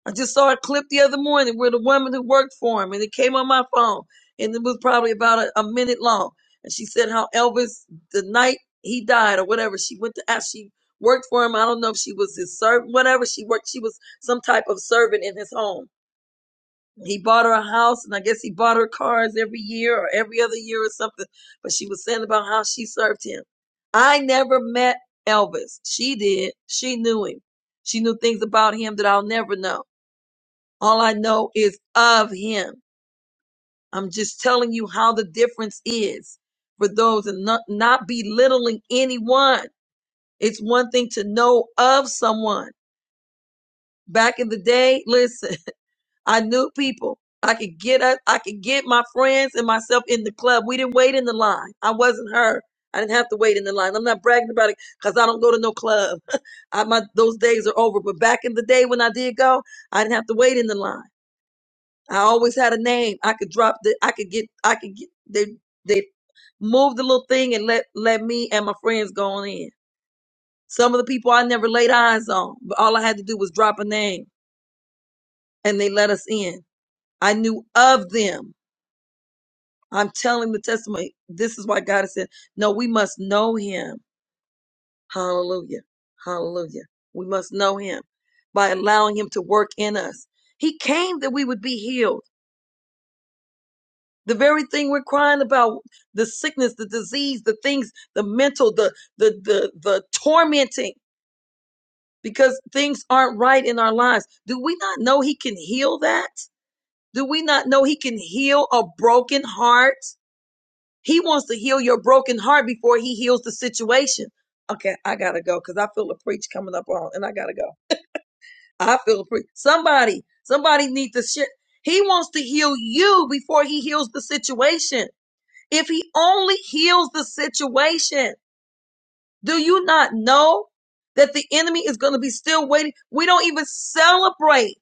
I just saw a clip the other morning where the woman who worked for him, and it came on my phone, and it was probably about a, a minute long. And she said how Elvis, the night he died or whatever, she went to ask, she worked for him. I don't know if she was his servant, whatever she worked, she was some type of servant in his home. He bought her a house, and I guess he bought her cars every year or every other year or something. But she was saying about how she served him. I never met Elvis. She did. She knew him. She knew things about him that I'll never know. All I know is of him. I'm just telling you how the difference is for those and not, not belittling anyone. It's one thing to know of someone. Back in the day, listen, I knew people. I could get up, I could get my friends and myself in the club. We didn't wait in the line. I wasn't her. I didn't have to wait in the line. I'm not bragging about it because I don't go to no club. I, my, those days are over. But back in the day when I did go, I didn't have to wait in the line. I always had a name. I could drop the, I could get, I could get, they, they moved the little thing and let, let me and my friends go on in. Some of the people I never laid eyes on, but all I had to do was drop a name and they let us in. I knew of them. I'm telling the testimony. This is why God has said, no, we must know him. Hallelujah. Hallelujah. We must know him by allowing him to work in us. He came that we would be healed. The very thing we're crying about, the sickness, the disease, the things, the mental, the the the the tormenting, because things aren't right in our lives. Do we not know he can heal that? Do we not know he can heal a broken heart? He wants to heal your broken heart before he heals the situation. Okay, I gotta go because I feel a preach coming up on, and I gotta go. I feel a preach. Somebody, somebody needs to shit. He wants to heal you before he heals the situation. If he only heals the situation, do you not know that the enemy is going to be still waiting? We don't even celebrate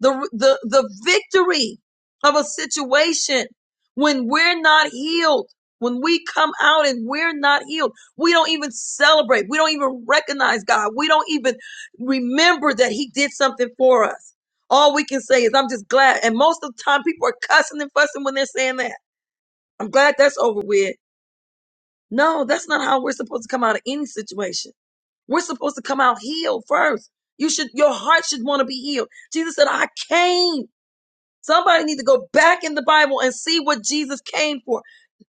the, the, the victory of a situation when we're not healed. When we come out and we're not healed, we don't even celebrate. We don't even recognize God. We don't even remember that He did something for us. All we can say is, I'm just glad. And most of the time, people are cussing and fussing when they're saying that. I'm glad that's over with. No, that's not how we're supposed to come out of any situation. We're supposed to come out healed first. You should, your heart should want to be healed. Jesus said, I came. Somebody need to go back in the Bible and see what Jesus came for.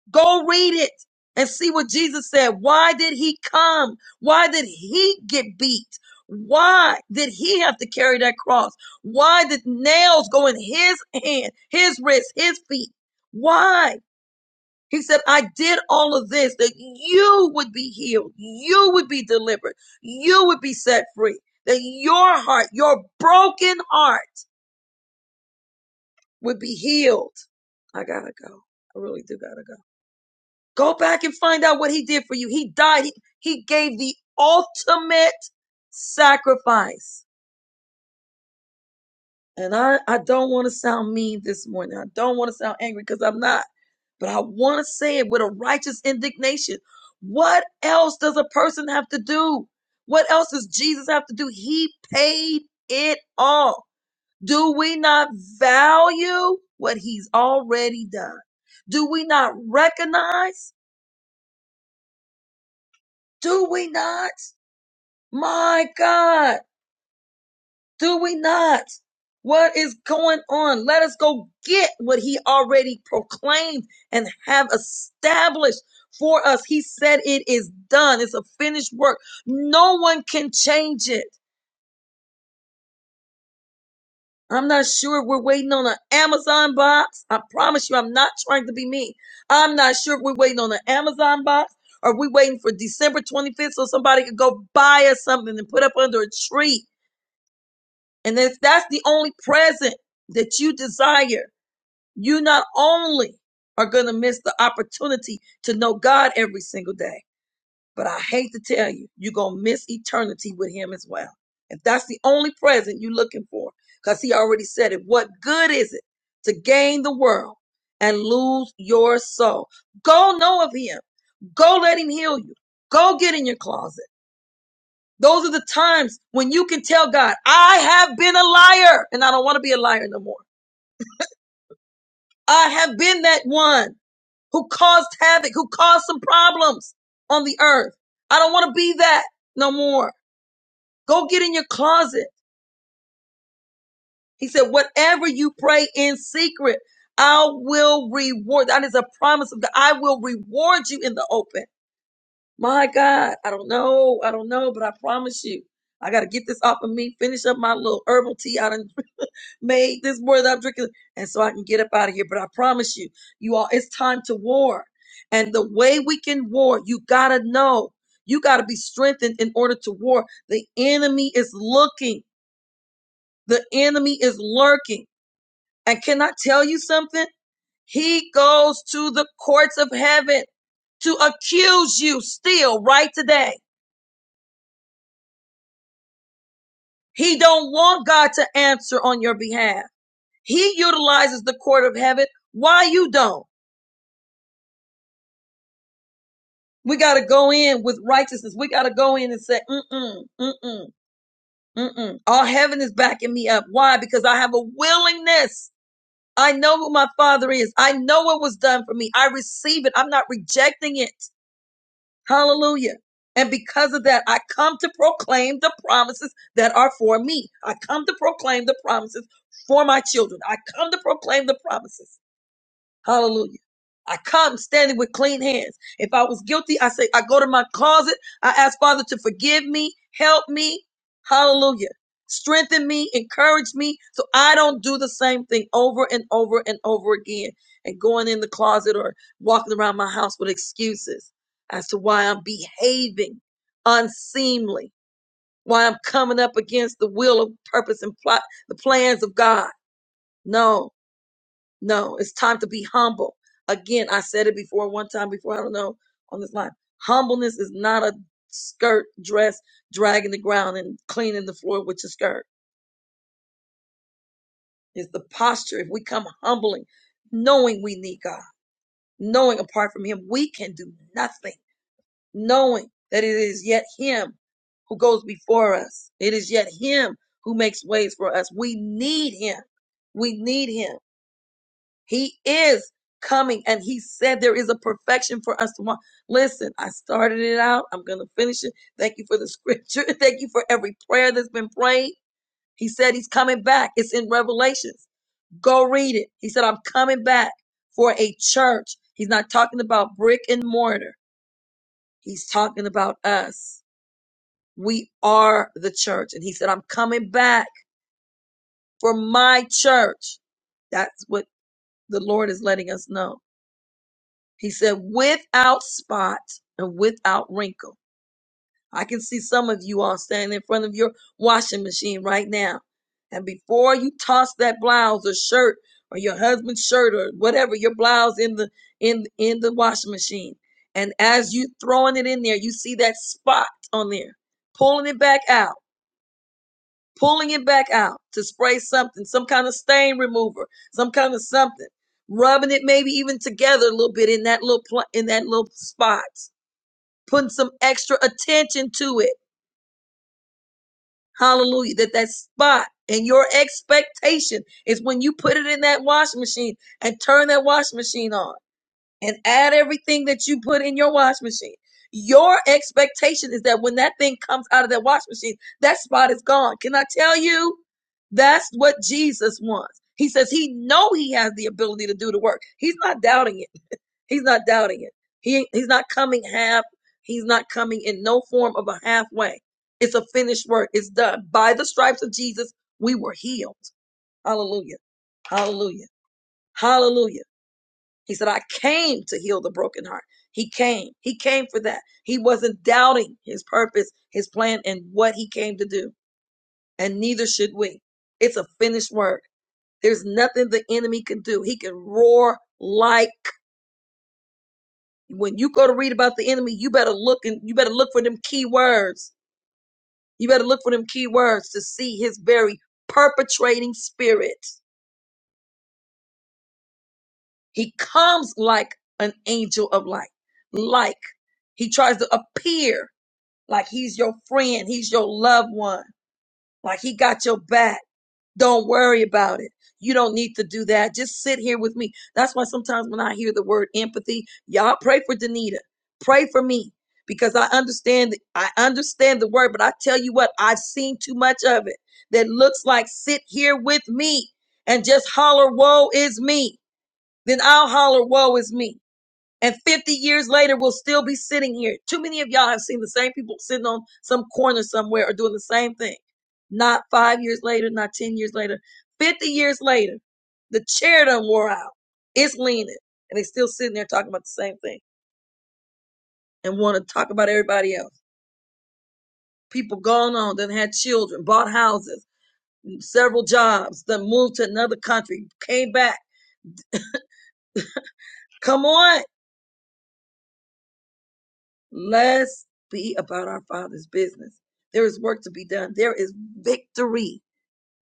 Go read it and see what Jesus said. Why did he come? Why did he get beat? Why did he have to carry that cross? Why did nails go in his hand, his wrist, his feet? Why? He said, I did all of this that you would be healed, you would be delivered, you would be set free, that your heart, your broken heart would be healed. I gotta go. I really do gotta go. Go back and find out what he did for you. He died. He, he gave the ultimate sacrifice. And I, I don't want to sound mean this morning. I don't want to sound angry because I'm not. But I want to say it with a righteous indignation. What else does a person have to do? What else does Jesus have to do? He paid it all. Do we not value what he's already done? Do we not recognize? Do we not? My God. Do we not? What is going on? Let us go get what he already proclaimed and have established for us. He said it is done. It's a finished work. No one can change it. I'm not sure if we're waiting on an Amazon box. I promise you, I'm not trying to be mean. I'm not sure if we're waiting on an Amazon box or we waiting for December 25th so somebody could go buy us something and put up under a tree. And if that's the only present that you desire, you not only are going to miss the opportunity to know God every single day, but I hate to tell you, you're going to miss eternity with Him as well. If that's the only present you're looking for, because He already said it, what good is it to gain the world and lose your soul? Go know of Him. Go let Him heal you. Go get in your closet. Those are the times when you can tell God, I have been a liar and I don't want to be a liar no more. I have been that one who caused havoc, who caused some problems on the earth. I don't want to be that no more. Go get in your closet. He said, whatever you pray in secret, I will reward. That is a promise of God. I will reward you in the open. My God, I don't know. I don't know, but I promise you, I got to get this off of me, finish up my little herbal tea. I done made this more that I'm drinking, and so I can get up out of here. But I promise you, you all, it's time to war. And the way we can war, you gotta know, you gotta be strengthened in order to war. The enemy is looking, the enemy is lurking. And can I tell you something? He goes to the courts of heaven to accuse you still right today. He don't want God to answer on your behalf. He utilizes the court of heaven. Why you don't? We got to go in with righteousness. We got to go in and say, mm-mm, mm-mm, mm-mm. All heaven is backing me up. Why? Because I have a willingness. I know who my father is. I know what was done for me. I receive it. I'm not rejecting it. Hallelujah. And because of that, I come to proclaim the promises that are for me. I come to proclaim the promises for my children. I come to proclaim the promises. Hallelujah I come standing with clean hands. If I was guilty, I say, I go to my closet. I ask Father to forgive me, help me. Hallelujah. Strengthen me, encourage me so I don't do the same thing over and over and over again and going in the closet or walking around my house with excuses as to why I'm behaving unseemly, why I'm coming up against the will of purpose and plot, the plans of God. No, no, it's time to be humble. Again, I said it before one time before, I don't know, on this line. Humbleness is not a skirt dress dragging the ground and cleaning the floor with your skirt. It's the posture. If we come humbling, knowing we need God, knowing apart from Him, we can do nothing, knowing that it is yet Him who goes before us. It is yet Him who makes ways for us. We need Him. We need Him. He is coming and he said there is a perfection for us to want. Listen, I started it out. I'm going to finish it. Thank you for the scripture. Thank you for every prayer that's been prayed. He said he's coming back. It's in Revelations. Go read it. He said, I'm coming back for a church. He's not talking about brick and mortar. He's talking about us. We are the church. And he said, I'm coming back for my church. That's what the Lord is letting us know. He said, without spot and without wrinkle. I can see some of you all standing in front of your washing machine right now. And before you toss that blouse or shirt or your husband's shirt or whatever, your blouse in the in in the washing machine. And as you throwing it in there, you see that spot on there, pulling it back out pulling it back out to spray something, some kind of stain remover, some kind of something, rubbing it maybe even together a little bit in that little pl- in that little spot, putting some extra attention to it. Hallelujah! That that spot and your expectation is when you put it in that washing machine and turn that washing machine on and add everything that you put in your wash machine. Your expectation is that when that thing comes out of that wash machine, that spot is gone. Can I tell you? That's what Jesus wants. He says he know he has the ability to do the work. He's not doubting it. He's not doubting it. He he's not coming half. He's not coming in no form of a halfway. It's a finished work. It's done. By the stripes of Jesus, we were healed. Hallelujah. Hallelujah. Hallelujah. He said, I came to heal the broken heart. He came. He came for that. He wasn't doubting his purpose, his plan, and what he came to do. And neither should we. It's a finished work. There's nothing the enemy can do. He can roar like when you go to read about the enemy, you better look and you better look for them key words. You better look for them key words to see his very perpetrating spirit. He comes like an angel of light. Like he tries to appear Like he's your friend, he's your loved one. Like he got your back. Don't worry about it. You don't need to do that. Just sit here with me. That's why sometimes when I hear the word empathy, y'all pray for Danita. Pray for me because I understand I understand the word, but I tell you what, I've seen too much of it that looks like sit here with me and just holler woe is me. Then I'll holler woe is me. And 50 years later, we'll still be sitting here. Too many of y'all have seen the same people sitting on some corner somewhere or doing the same thing. Not five years later, not 10 years later. 50 years later, the chair done wore out. It's leaning. And they still sitting there talking about the same thing and want to talk about everybody else. People gone on, then had children, bought houses, several jobs, then moved to another country, came back. Come on. Let's be about our Father's business. There is work to be done. There is victory.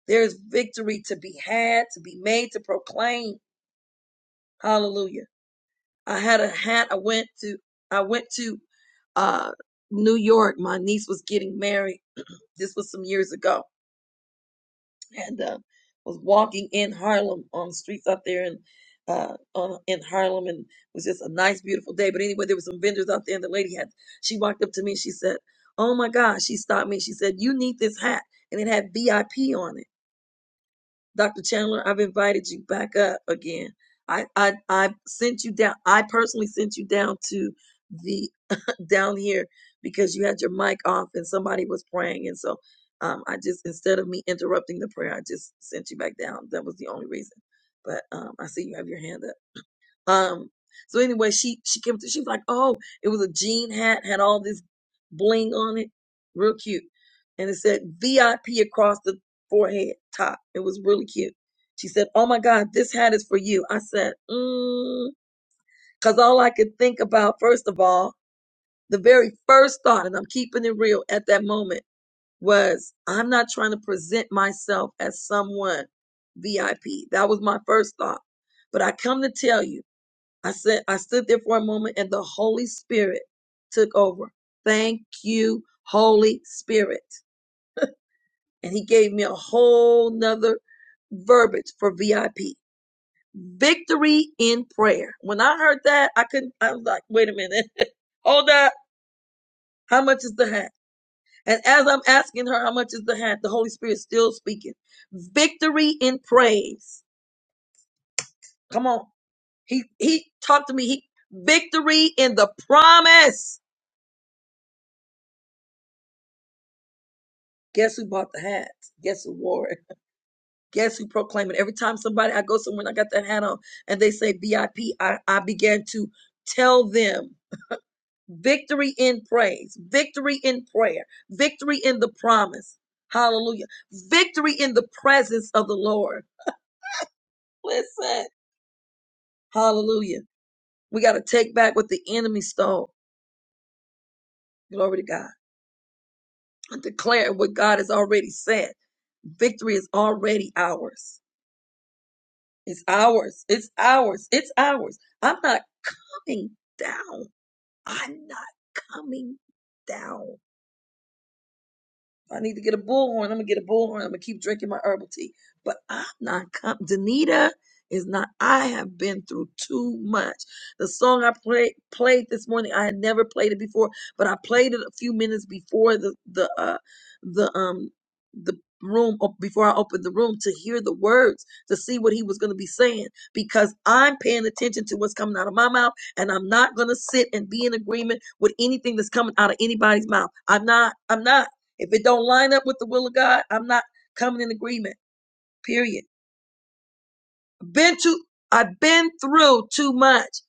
There is victory to be had, to be made, to proclaim. Hallelujah. I had a hat. I went to, I went to, uh, New York. My niece was getting married. This was some years ago and uh, was walking in Harlem on the streets out there in uh, on, in Harlem, and it was just a nice, beautiful day. But anyway, there were some vendors out there, and the lady had she walked up to me and she said, "Oh my gosh!" She stopped me. She said, "You need this hat," and it had VIP on it. Dr. Chandler, I've invited you back up again. I, I, I sent you down. I personally sent you down to the down here because you had your mic off and somebody was praying. And so, um, I just, instead of me interrupting the prayer, I just sent you back down. That was the only reason. But, um, I see you have your hand up. Um, so anyway, she she came to. She was like, "Oh, it was a jean hat, had all this bling on it, real cute." And it said VIP across the forehead top. It was really cute. She said, "Oh my God, this hat is for you." I said, mm, "Cause all I could think about, first of all, the very first thought, and I'm keeping it real at that moment, was I'm not trying to present myself as someone VIP. That was my first thought. But I come to tell you." I said I stood there for a moment and the Holy Spirit took over. Thank you, Holy Spirit. And he gave me a whole nother verbiage for VIP. Victory in prayer. When I heard that, I couldn't I was like, wait a minute. Hold up. How much is the hat? And as I'm asking her how much is the hat, the Holy Spirit's still speaking. Victory in praise. Come on. He he talked to me. He victory in the promise Guess who bought the hats? Guess who wore it? Guess who proclaimed it? Every time somebody I go somewhere and I got that hat on and they say VIP, I, P, I, I began to tell them victory in praise, victory in prayer, victory in the promise. Hallelujah. Victory in the presence of the Lord. Listen. Hallelujah. We got to take back what the enemy stole. Glory to God. And declare what God has already said. Victory is already ours. It's ours. It's ours. It's ours. I'm not coming down. I'm not coming down. If I need to get a bullhorn. I'm gonna get a bullhorn. I'm gonna keep drinking my herbal tea. But I'm not com Danita is not. I have been through too much. The song I played played this morning, I had never played it before, but I played it a few minutes before the the uh, the um the room op- before I opened the room to hear the words to see what he was going to be saying because I'm paying attention to what's coming out of my mouth and I'm not going to sit and be in agreement with anything that's coming out of anybody's mouth. I'm not. I'm not. If it don't line up with the will of God, I'm not coming in agreement. Period. Been to I've been through too much.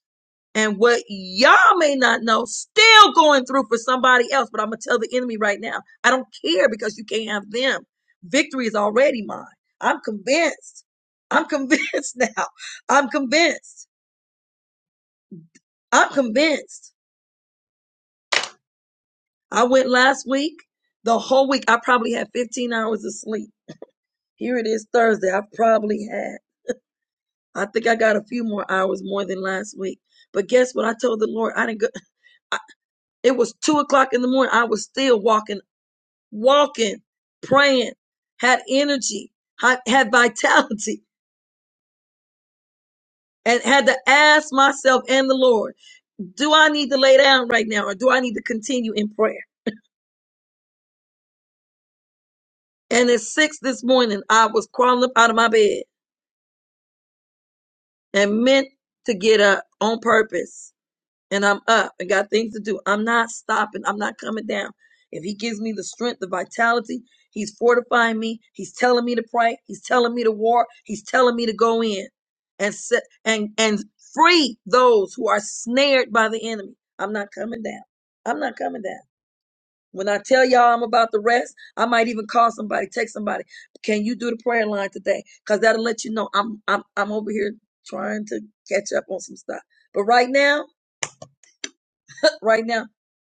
And what y'all may not know, still going through for somebody else. But I'm gonna tell the enemy right now, I don't care because you can't have them. Victory is already mine. I'm convinced. I'm convinced now. I'm convinced. I'm convinced. I went last week. The whole week I probably had 15 hours of sleep. Here it is Thursday. I probably had I think I got a few more hours more than last week. But guess what? I told the Lord I didn't go. I, it was two o'clock in the morning. I was still walking, walking, praying, had energy, had, had vitality, and had to ask myself and the Lord, do I need to lay down right now or do I need to continue in prayer? And at six this morning, I was crawling up out of my bed and meant to get up on purpose and I'm up and got things to do. I'm not stopping. I'm not coming down. If he gives me the strength, the vitality, he's fortifying me. He's telling me to pray. He's telling me to war. He's telling me to go in and set, and and free those who are snared by the enemy. I'm not coming down. I'm not coming down. When I tell y'all I'm about to rest, I might even call somebody, text somebody. Can you do the prayer line today? Cause that'll let you know I'm I'm I'm over here trying to catch up on some stuff. But right now, right now.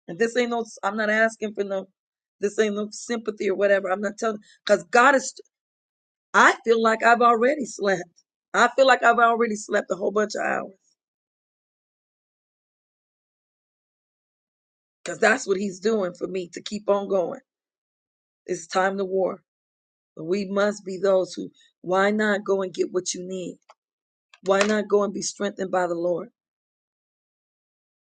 And this ain't no, I'm not asking for no, this ain't no sympathy or whatever. I'm not telling, because God is, I feel like I've already slept. I feel like I've already slept a whole bunch of hours because that's what He's doing for me to keep on going. It's time to war. But we must be those who, why not go and get what you need? Why not go and be strengthened by the Lord?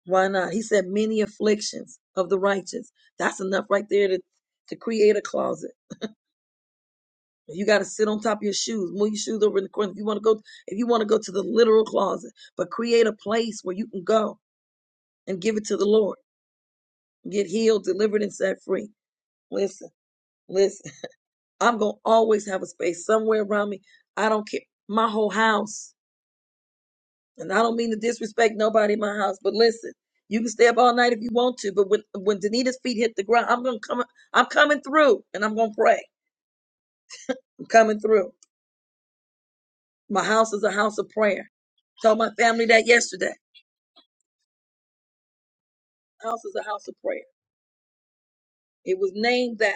Why not? He said, many afflictions of the righteous. That's enough right there to, to create a closet You got to sit on top of your shoes, move your shoes over in the corner. If you want to go, if you want to go to the literal closet, but create a place where you can go and give it to the Lord, get healed, delivered, and set free. Listen, listen. I'm gonna always have a space somewhere around me. I don't care. My whole house, and I don't mean to disrespect nobody in my house, but listen, you can stay up all night if you want to, but when when Danita's feet hit the ground, I'm gonna come. I'm coming through, and I'm gonna pray. I'm coming through. My house is a house of prayer. Told my family that yesterday. house is a house of prayer. It was named that.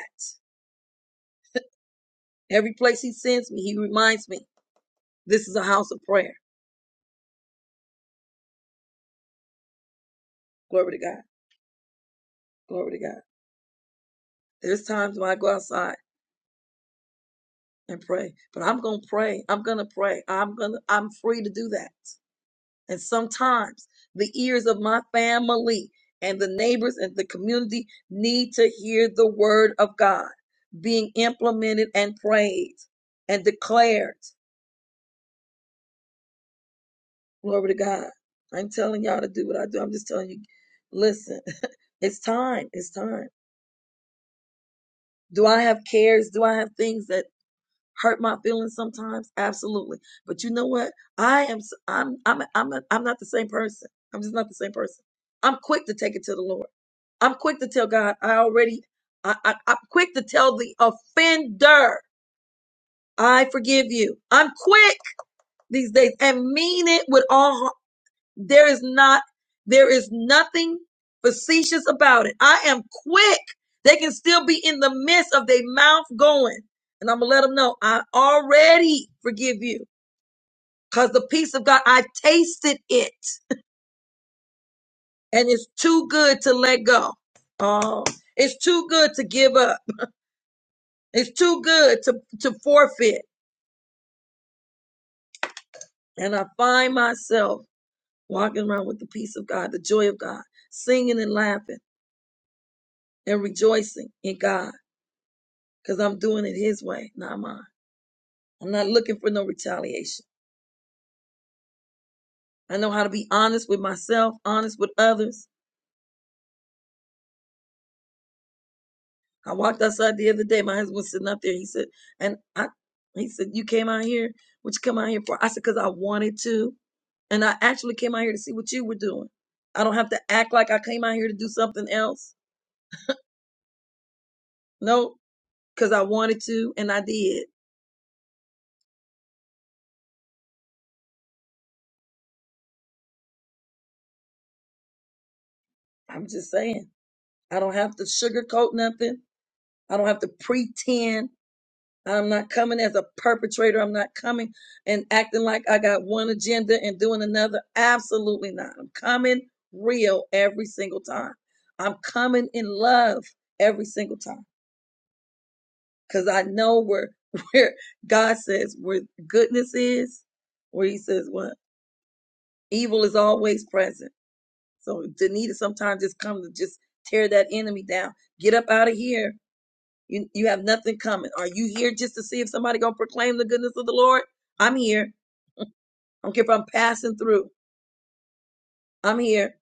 Every place he sends me, he reminds me this is a house of prayer. Glory to God. Glory to God. There's times when I go outside and pray, but I'm going to pray. I'm going to pray. I'm going to, I'm free to do that. And sometimes the ears of my family and the neighbors and the community need to hear the word of God being implemented and prayed and declared. Glory to God. I'm telling y'all to do what I do. I'm just telling you, listen, it's time. It's time. Do I have cares? Do I have things that hurt my feelings sometimes? Absolutely. But you know what? I am, s- I'm, I'm, I'm, i I'm not the same person. I'm just not the same person. I'm quick to take it to the Lord. I'm quick to tell God, I already, I, I, I'm quick to tell the offender, I forgive you. I'm quick these days and mean it with all heart. There is not, there is nothing facetious about it. I am quick. They can still be in the midst of their mouth going. And I'm going to let them know, I already forgive you because the peace of God, I tasted it and it's too good to let go. Oh, it's too good to give up. It's too good to, to forfeit. And I find myself walking around with the peace of God, the joy of God, singing and laughing and rejoicing in God because I'm doing it his way, not mine. I'm not looking for no retaliation. I know how to be honest with myself, honest with others. I walked outside the other day. My husband was sitting up there. He said, and I, he said, you came out here. What you come out here for? I said, because I wanted to. And I actually came out here to see what you were doing. I don't have to act like I came out here to do something else. No, because I wanted to and I did. I'm just saying. I don't have to sugarcoat nothing. I don't have to pretend I'm not coming as a perpetrator. I'm not coming and acting like I got one agenda and doing another. Absolutely not. I'm coming real every single time. I'm coming in love every single time because I know where where God says where goodness is, where He says what evil is always present. So Danita sometimes just come to just tear that enemy down. Get up out of here. You you have nothing coming. Are you here just to see if somebody gonna proclaim the goodness of the Lord? I'm here. I don't care if I'm passing through. I'm here.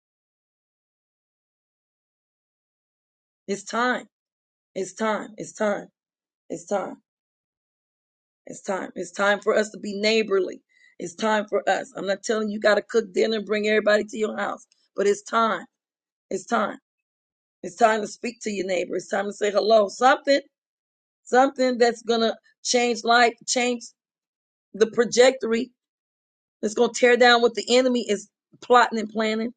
It's time. It's time. It's time. It's time. It's time. It's time for us to be neighborly. It's time for us. I'm not telling you you gotta cook dinner and bring everybody to your house, but it's time. It's time. It's time to speak to your neighbor. It's time to say hello. Something, something that's gonna change life, change the trajectory, that's gonna tear down what the enemy is plotting and planning.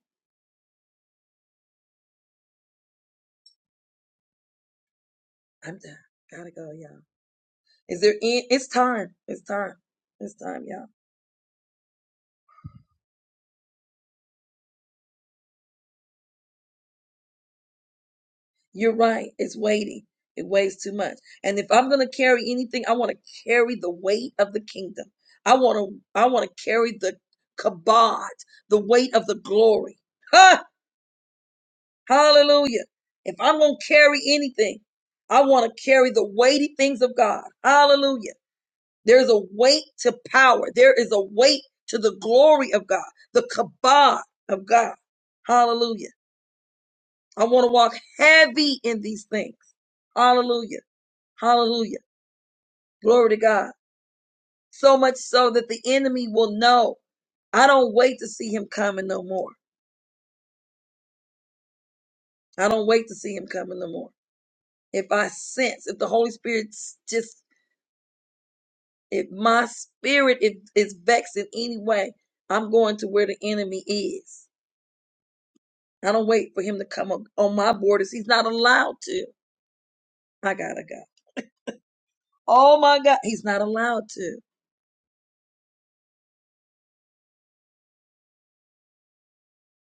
I'm done. Gotta go, y'all. Is there any, it's time. It's time. It's time, y'all. You're right. It's weighty. It weighs too much. And if I'm gonna carry anything, I want to carry the weight of the kingdom. I want to I want to carry the kabod, the weight of the glory. Ha! Hallelujah. If I'm gonna carry anything, I want to carry the weighty things of God. Hallelujah. There's a weight to power. There is a weight to the glory of God, the kabod of God. Hallelujah. I want to walk heavy in these things. Hallelujah. Hallelujah. Glory to God. So much so that the enemy will know. I don't wait to see him coming no more. I don't wait to see him coming no more. If I sense, if the Holy Spirit just, if my spirit is, is vexed in any way, I'm going to where the enemy is. I don't wait for him to come on, on my borders. He's not allowed to. I gotta go. Oh my God. He's not allowed to.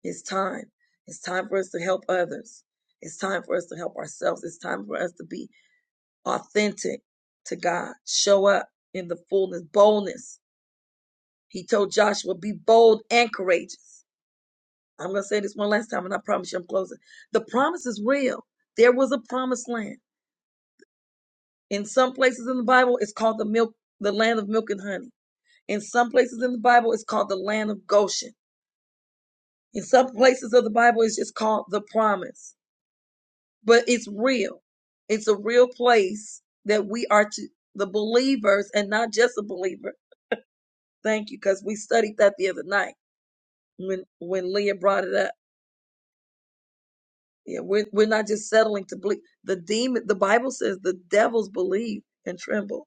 It's time. It's time for us to help others. It's time for us to help ourselves. It's time for us to be authentic to God. Show up in the fullness, boldness. He told Joshua, be bold and courageous. I'm going to say this one last time and I promise you I'm closing. The promise is real. There was a promised land. In some places in the Bible, it's called the milk, the land of milk and honey. In some places in the Bible, it's called the land of Goshen. In some places of the Bible, it's just called the promise. But it's real. It's a real place that we are to the believers and not just a believer. Thank you, because we studied that the other night when when Leah brought it up. Yeah, we're, we're not just settling to believe. The demon, the Bible says the devils believe and tremble.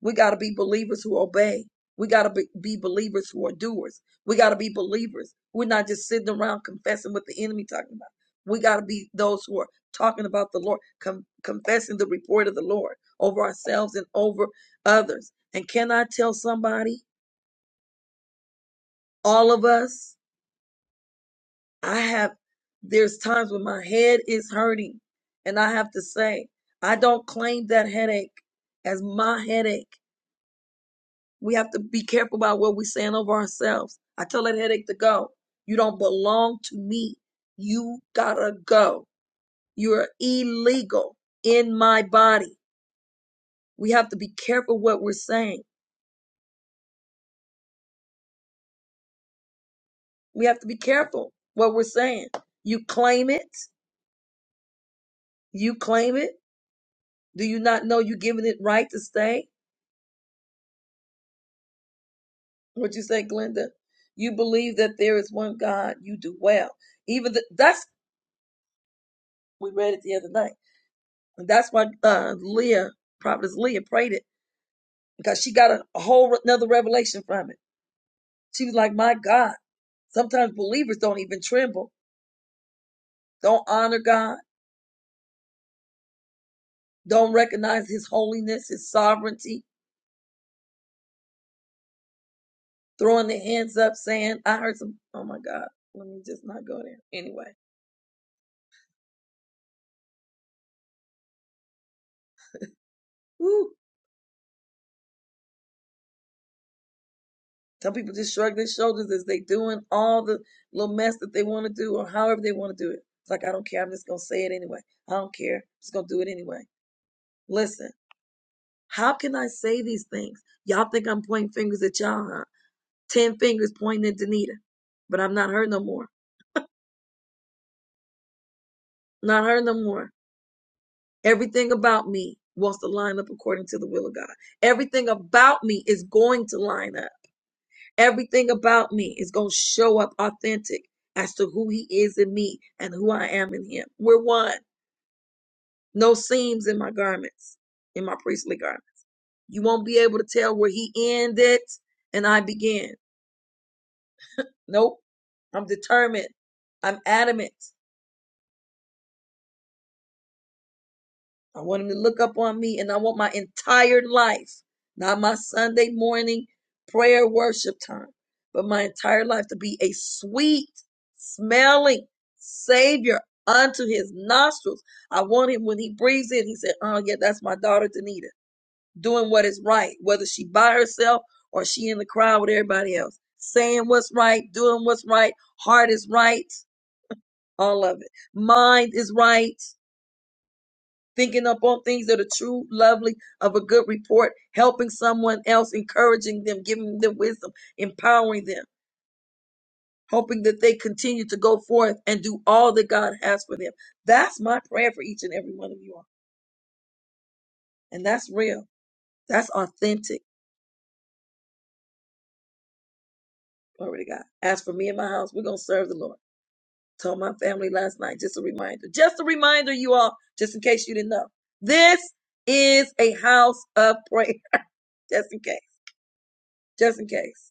We got to be believers who obey. We got to be, be believers who are doers. We got to be believers. We're not just sitting around confessing what the enemy talking about. We got to be those who are talking about the Lord, com- confessing the report of the Lord over ourselves and over others. And can I tell somebody, all of us, I have, there's times when my head is hurting. And I have to say, I don't claim that headache as my headache. We have to be careful about what we're saying over ourselves. I tell that headache to go. You don't belong to me. You gotta go. You're illegal in my body. We have to be careful what we're saying. We have to be careful what we're saying. You claim it. You claim it. Do you not know you're giving it right to stay? What you say, Glenda? You believe that there is one God. You do well. Even the, that's we read it the other night. And that's why uh, Leah, prophetess Leah, prayed it. because she got a, a whole another revelation from it. She was like, "My God, sometimes believers don't even tremble, don't honor God, don't recognize His holiness, His sovereignty, throwing their hands up, saying, "I heard some." Oh my God, let me just not go there. Anyway, woo. Some people just shrug their shoulders as they doing all the little mess that they want to do or however they want to do it. It's like I don't care. I'm just gonna say it anyway. I don't care. I'm just gonna do it anyway. Listen, how can I say these things? Y'all think I'm pointing fingers at y'all? Huh? Ten fingers pointing at Danita. But I'm not her no more. Not her no more. Everything about me wants to line up according to the will of God. Everything about me is going to line up. Everything about me is going to show up authentic as to who he is in me and who I am in him. We're one. No seams in my garments, in my priestly garment. You won't be able to tell where he ended and I began. Nope. I'm determined. I'm adamant. I want him to look up on me and I want my entire life, not my Sunday morning prayer worship time, but my entire life to be a sweet smelling savior unto his nostrils. I want him when he breathes in, he said, Oh, yeah, that's my daughter, Danita, doing what is right, whether she by herself or she in the crowd with everybody else, saying what's right, doing what's right, heart is right, all of it, mind is right thinking upon things that are true, lovely, of a good report, helping someone else, encouraging them, giving them wisdom, empowering them, hoping that they continue to go forth and do all that God has for them. That's my prayer for each and every one of you all. And that's real. That's authentic. Glory to God. As for me and my house, we're going to serve the Lord. Told my family last night, just a reminder, just a reminder, you all, just in case you didn't know. This is a house of prayer, just in case, just in case.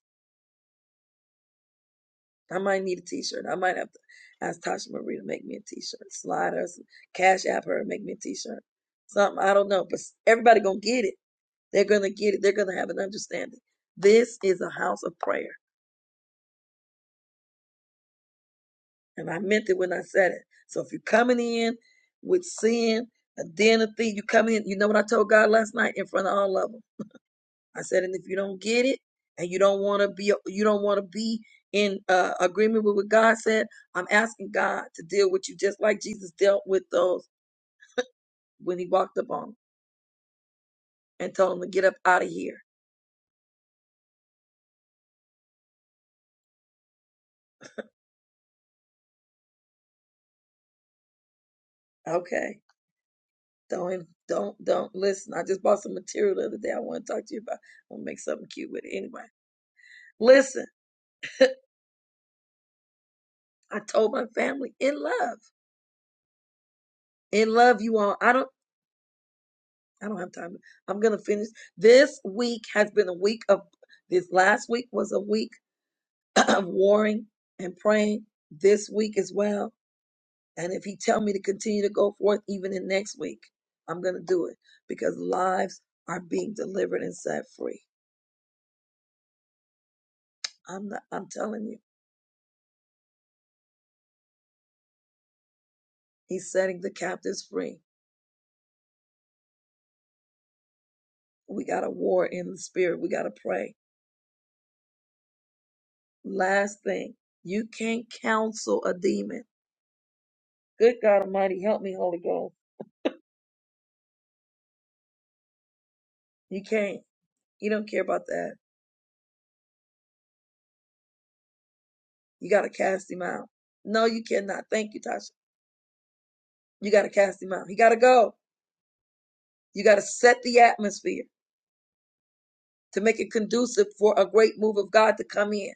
I might need a t-shirt. I might have to ask Tasha Marie to make me a t-shirt. Slide her, cash app her, and make me a t-shirt. Something, I don't know. But everybody gonna get it. They're gonna get it. They're gonna have an understanding. This is a house of prayer. And I meant it when I said it. So if you're coming in with sin, a den of thieves, you come in, you know what I told God last night in front of all of them. I said, and if you don't get it and you don't want to be, you don't want to be in uh, agreement with what God said, I'm asking God to deal with you just like Jesus dealt with those when he walked up on 'em and told them to get up out of here. Okay. Don't, don't, don't listen. I just bought some material the other day. I want to talk to you about. I'm gonna make something cute with it anyway. Listen, I told my family in love, in love, you all. I don't, I don't have time. I'm gonna finish. This week has been a week of. This last week was a week. of warring and praying this week as well. And if he tell me to continue to go forth even in next week, I'm gonna do it because lives are being delivered and set free. I'm not, I'm telling you, he's setting the captives free. We got a war in the spirit. We got to pray. Last thing, you can't counsel a demon. Good God Almighty, help me, Holy Ghost. You can't. You don't care about that. You got to cast him out. No, you cannot. Thank you, Tasha. You got to cast him out. He got to go. You got to set the atmosphere to make it conducive for a great move of God to come in.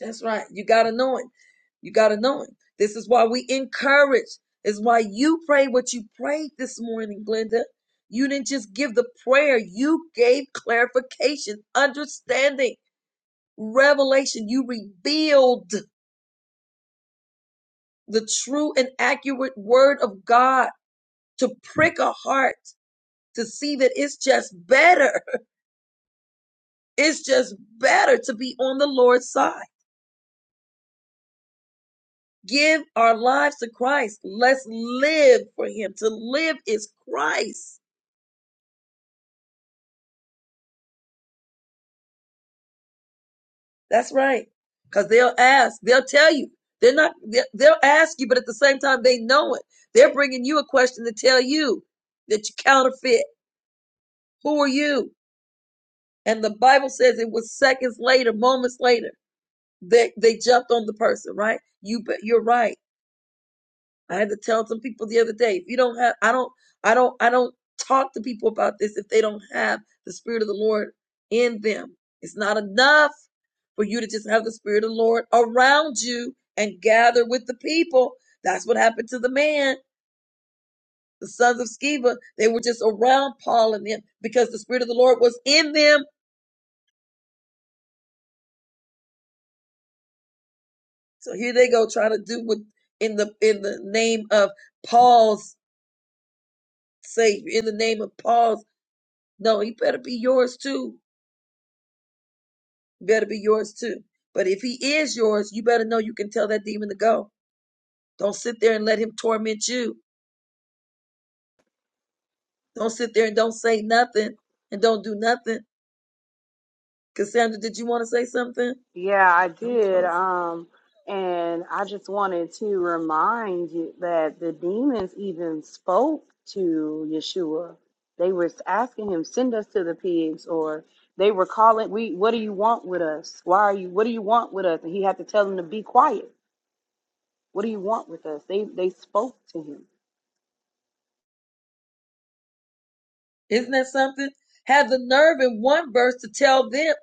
That's right. You got to know Him. You got to know Him. This is why we encourage. Is why you pray what you prayed this morning, Glenda. You didn't just give the prayer, you gave clarification, understanding, revelation. You revealed the true and accurate word of God to prick a heart to see that it's just better. It's just better to be on the Lord's side. Give our lives to Christ. Let's live for Him. To live is Christ. That's right. Because they'll ask, they'll tell you. They're not, they'll ask you, but at the same time, they know it. They're bringing you a question to tell you that you counterfeit. Who are you? And the Bible says it was seconds later, moments later, that they, they jumped on the person, right? You, bet- you're right. I had to tell some people the other day, if you don't have, I don't, I don't, I don't talk to people about this if they don't have the Spirit of the Lord in them. It's not enough for you to just have the Spirit of the Lord around you and gather with the people. That's what happened to the man, the sons of Sceva. They were just around Paul and them because the Spirit of the Lord was in them. So here they go trying to do what in the in the name of Paul's Savior, in the name of Paul's. No, he better be yours too better be yours too. But if he is yours, you better know you can tell that demon to go. Don't sit there and let him torment you. Don't sit there and don't say nothing and don't do nothing. Cassandra, did you want to say something?
Yeah, I
I'm
did.
closing.
Um, and I just wanted to remind you that the demons even spoke to Yeshua. They were asking him, "Send us to the pigs," or they were calling, "We, what do you want with us? Why are you? What do you want with us?" And he had to tell them to be quiet. What do you want with us? They they spoke to him.
Have the nerve in one verse to tell them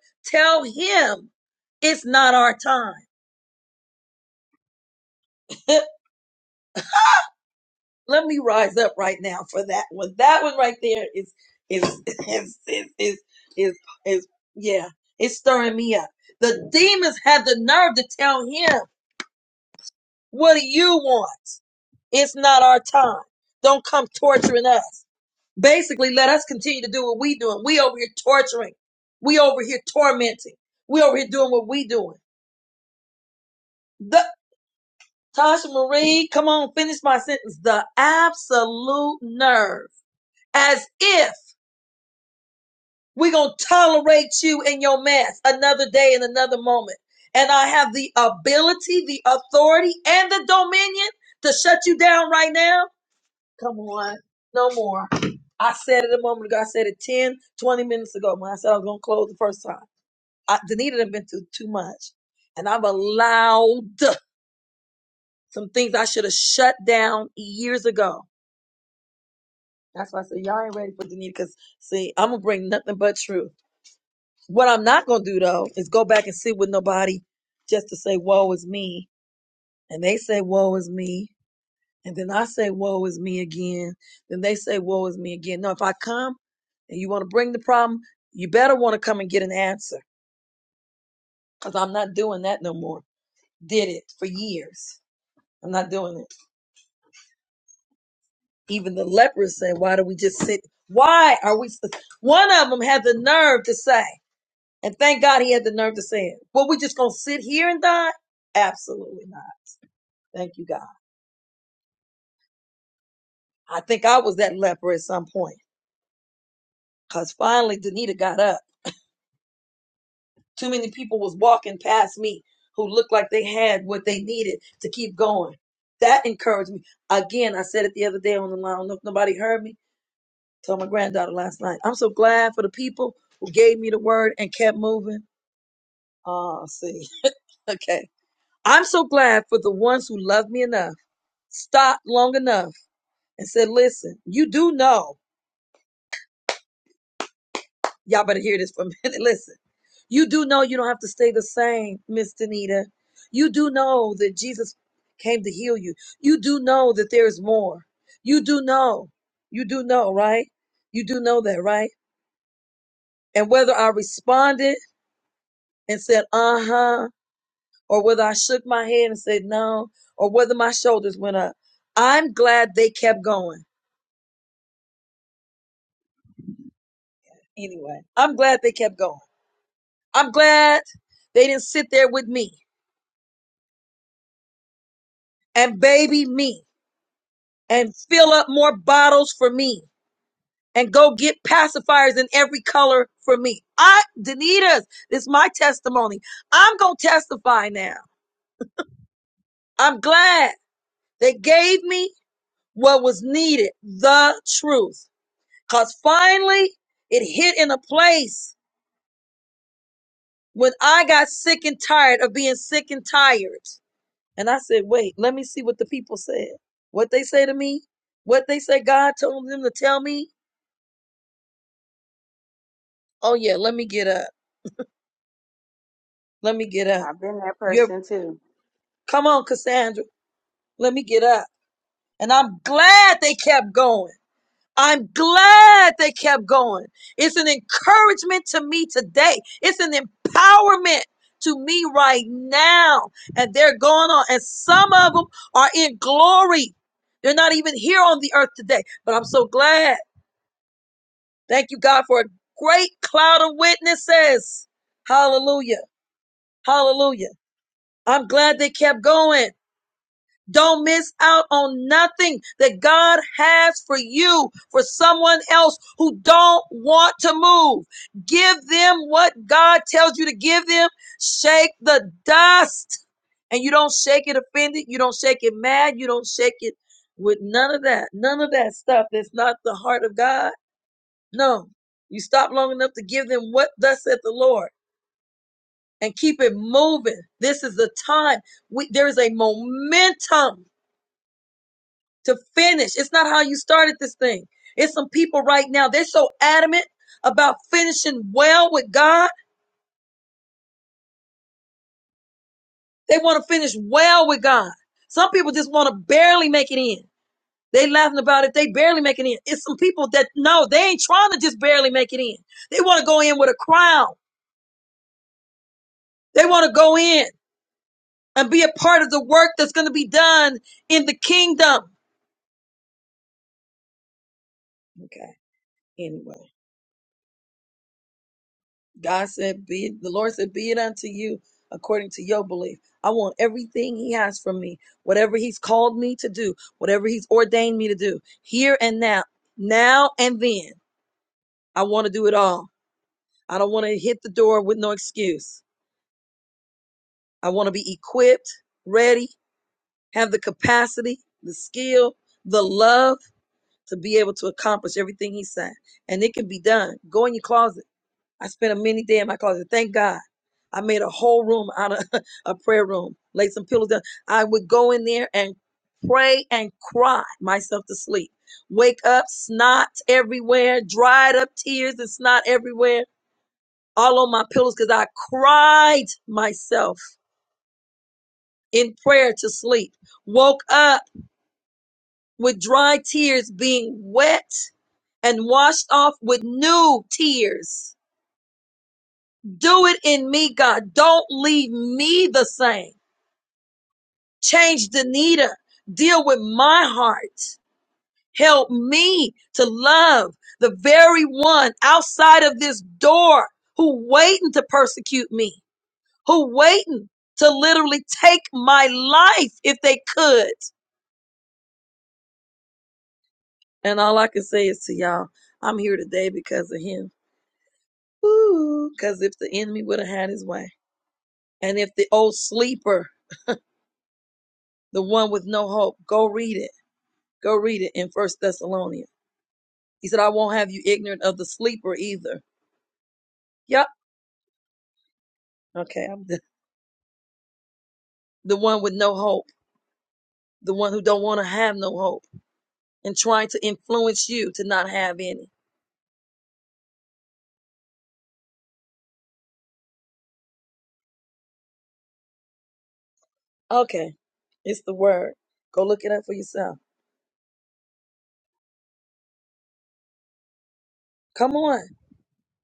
it's, it's not our time. Don't come torturing us. Absolute nerve. As if. We're going to tolerate you and your mess another day and another moment. And I have the ability, the authority, and the dominion to shut you down right now. Come on. No more. I said it a moment ago. I said it 10, 20 minutes ago when I said I was going to close the first time. I, Danita had been through too much. And I've allowed that no more. Did it for years. I'm not doing it. Even the lepers said, why do we just sit? Why are we? One of them had the nerve to say, And thank God he had the nerve to say it. Well, we just gonna sit here and die? Absolutely not. Thank you, God. I think I was that leper at some point. Cause finally Danita got up. Too many people was walking past me who looked like they had what they needed to keep going. That encouraged me. Again, I said it the other day on the line. I don't know if nobody heard me. I Told my granddaughter last night. I'm so glad for the people who gave me the word and kept moving. Oh, see. Okay. I'm so glad for the ones who loved me enough, stopped long enough and said, Listen, you do know, y'all better hear this for a minute. Listen, you do know you don't have to stay the same, Miss Danita. You do know that Jesus came to heal you. You do know that there is more. You do know. You do know, right? You do know that, right? And whether I responded and said, uh huh, or whether I shook my head and said no, or whether my shoulders went up, I'm glad they kept going. Anyway, I'm glad they kept going. I'm glad they didn't sit there with me. and baby me and fill up more bottles for me and go get pacifiers in every color for me. I, Danita's, this is my testimony. I'm going to testify now. I'm glad they gave me what was needed, the truth. Cause finally it hit in a place when I got sick and tired of being sick and tired. And I said, wait, let me see what the people said. What they say to me, what they say God told them to tell me Oh yeah, let me get up. Let me get up.
I've been that
You're
person too.
come on, Cassandra. Let me get up. And I'm glad they kept going. I'm glad they kept going. It's an encouragement to me today. It's an empowerment to me right now. And they're going on. And some of them are in glory. They're not even here on the earth today. But I'm so glad. Thank you, God, for a great cloud of witnesses. Hallelujah. Hallelujah. I'm glad they kept going. Don't miss out on nothing that God has for you, for someone else who don't want to move. Give them what God tells you to give them. Shake the dust. And you don't shake it offended. You don't shake it mad. You don't shake it with none of that. None of that stuff that's not the heart of God. No. You stop long enough to give them what thus saith the Lord and keep it moving. This is the time. We, there is a momentum to finish. It's not how you started this thing. It's some people right now, they're so adamant about finishing well with God. They want to finish well with God. Some people just want to barely make it in. They laughing about it. They barely make it in. It's some people that no, they ain't trying to just barely make it in. They want to go in with a crown. They want to go in and be a part of the work that's going to be done in the kingdom. Okay. Anyway. God said, be it, the Lord said, be it unto you according to your belief. I want everything he has from me, whatever he's called me to do, whatever he's ordained me to do here and now, now and then. I want to do it all. I don't want to hit the door with no excuse. I want to be equipped, ready, have the capacity, the skill, the love to be able to accomplish everything he said. And it can be done. Go in your closet I spent a mini day in my closet. Thank God. I made a whole room out of a prayer room, laid some pillows down. I would go in there and pray and cry myself to sleep. Wake up, snot everywhere, dried up tears and snot everywhere, all on my pillows because I cried myself in prayer to sleep. Woke up with dry tears being wet and washed off with new tears. Do it in me, God. Don't leave me the same. Change Danita. Deal with my heart. Help me to love the very one outside of this door who waiting to persecute me, who waiting to literally take my life if they could. And all I can say is to y'all, I'm here today because of him. Ooh, because if the enemy would have had his way, and if the old sleeper, the one with no hope, go read it. Go read it in First Thessalonians. He said, I won't have you ignorant of the sleeper either. Yep. Okay. I'm the, the one with no hope, the one who don't want to have no hope and trying to influence you to not have any. Okay. It's the word. Go look it up for yourself. Come on.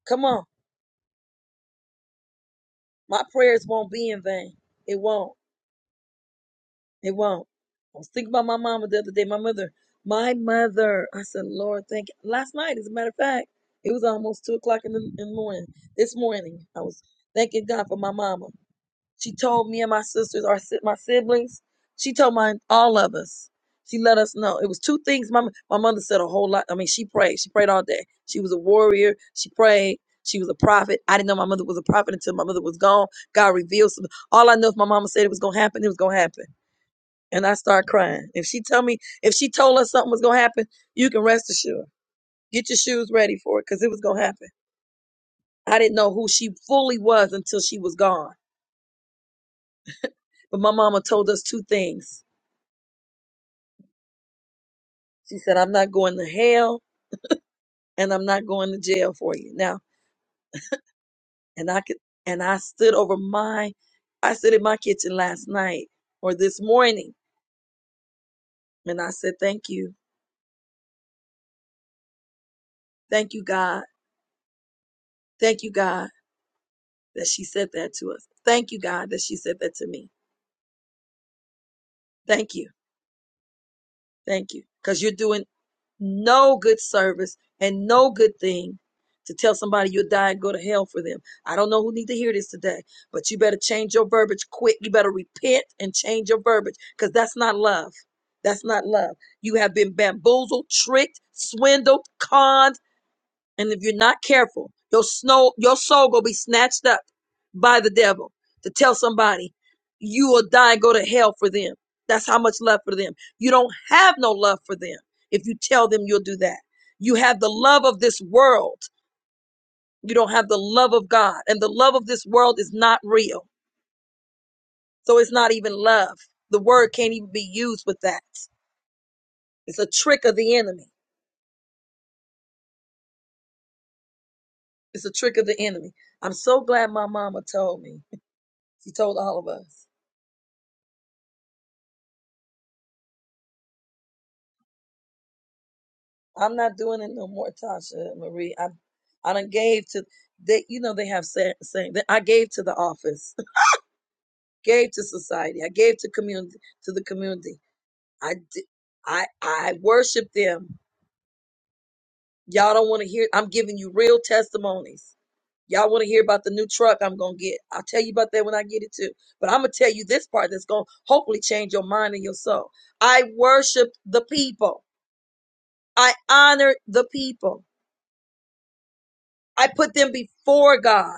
Come on. My prayers won't be in vain. It won't. It won't. I was thinking about my mama the other day. My mother, my mother, this morning, I was thanking God for my mama. She told my, all of us. She was a warrior. She prayed. God revealed some and I start crying. If she tell me, if she told us something was gonna happen, you can rest assured. Get your shoes ready for it, cause it was gonna happen. I didn't know who she fully was until she was gone. But my mama told us two things. She said, "I'm not going to hell, and I'm not going to jail for you." Now, and I could, and I stood over my, I stood in my kitchen last night or this morning, and I said, "Thank you, thank you, God, thank you, God, that she said that to us. Thank you, God, that she said that to me. Thank you." Thank you. Because you're doing no good service and no good thing to tell somebody you'll die and go to hell for them. I don't know who need to hear this today, but you better change your verbiage quick. You better repent and change your verbiage because that's not love. That's not love. You have been bamboozled, tricked, swindled, conned, and if you're not careful, your snow, your soul gonna be snatched up by the devil to tell somebody you will die and go to hell for them. That's how much love for them. You don't have no love for them if you tell them you'll do that. You have the love of this world. You don't have the love of God. And the love of this world is not real. So it's not even love. The word can't even be used with that. It's a trick of the enemy. It's a trick of the enemy. I'm so glad my mama told me. She told all of us. I'm not doing it no more, Tasha Marie. I I done gave to they you know they have saying that I gave to the office, gave to society, I gave to community to the community. I di- I I worship them. Y'all don't want to hear I'm giving you real testimonies. Y'all want to hear about the new truck I'm gonna get. I'll tell you about that when I get it too. But I'm gonna tell you this part that's gonna hopefully change your mind and your soul. I worship the people. I honor the people. I put them before God.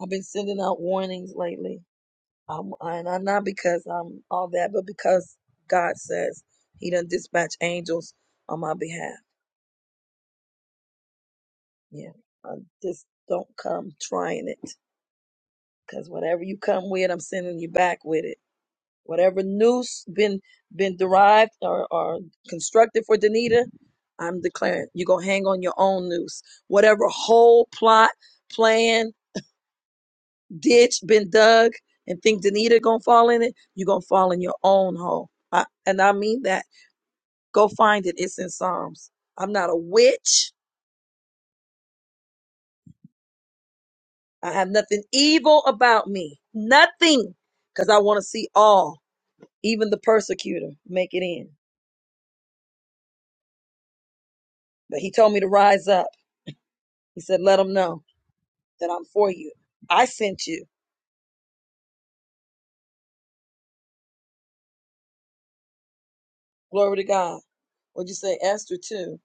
I've been sending out warnings lately. Um, and I'm not because I'm all that, but because God says He done dispatch angels on my behalf. Yeah, I just don't come trying it because whatever you come with, I'm sending you back with it. Whatever noose been been derived or, or constructed for Danita, I'm declaring you're gonna hang on your own noose. Whatever whole plot, plan, ditch been dug and think Danita gonna fall in it, you're gonna fall in your own hole. I, and I mean that. Go farms. I'm not a witch. I have nothing evil about me. Nothing. Because I want us all, even the peculiar, make it in. But he told me to rise up. He said, let them know that I should. Glory to God. What'd you say? Esther too.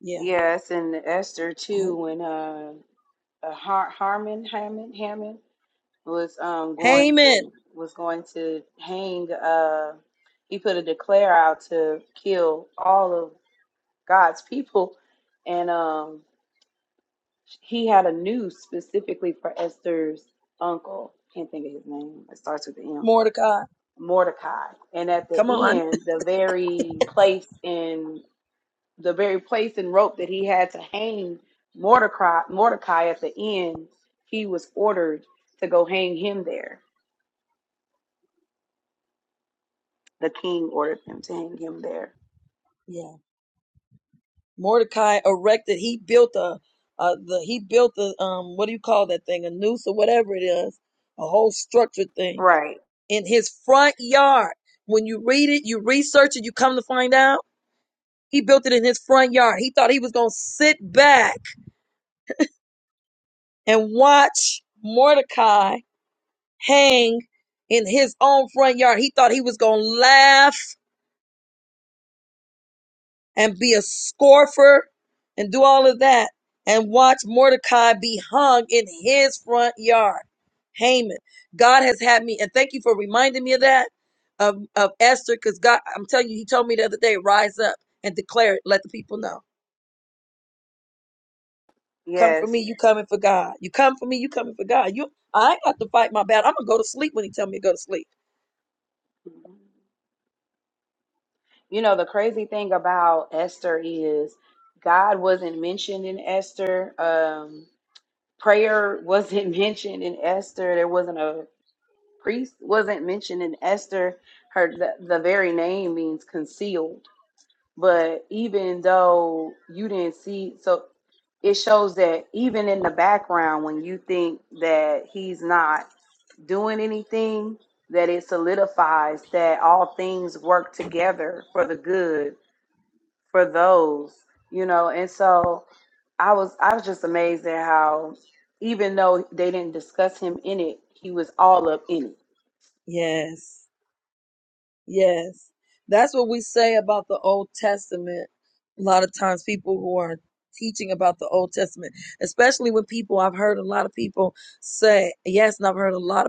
Yeah.
Yes, and Esther too. When uh, uh Har- Harmon Hammond Hammond was um going
Haman.
to was going to hang uh he put a declare out to kill all of God's people and um he had a noose specifically for Esther's uncle. Can't think of his name. It starts with an M.
Mordecai.
Mordecai. And at the
Come on.
end, the very place in the very place and rope that he had to hang Mordecai Mordecai at the end, he was ordered to go hang him there The king ordered them to hang him there.
Yeah. Mordecai erected. He built a, a the he built a um what do you call that thing? A noose or whatever it is, a whole structured thing
Right.
in his front yard. When you read it, you research it, you come to find out he built it in his front yard. He thought he was gonna sit back and watch Mordecai hang in his own front yard. He thought he was gonna laugh and be a scoffer and do all of that and watch Mordecai be hung in his front yard. Haman. God has had me, and thank you for reminding me of that, of, of Esther, because God, I'm telling you, he told me the other day, rise up and declare it, let the people know. Come for me,
Yes.
you coming for God. You come for me, you coming for God. You I ain't got to fight my battle. I'm gonna go to sleep when he tell me to go to sleep.
Mhm. You know, the crazy thing about Esther is God wasn't mentioned in Esther. Um, prayer wasn't mentioned in Esther. There wasn't a priest wasn't mentioned in Esther. Her the, the very name means concealed. But even though you didn't see so it shows that even in the background when you think that he's not doing anything that it solidifies that all things work together for the good for those you know and so i was i was just amazed at how even though they didn't discuss him in it he was all up in it
Yes. Yes. That's what we say about the Old Testament. A lot of times people who are teaching about the Old Testament, especially when people I've heard a lot of people say, yes, and I've heard a lot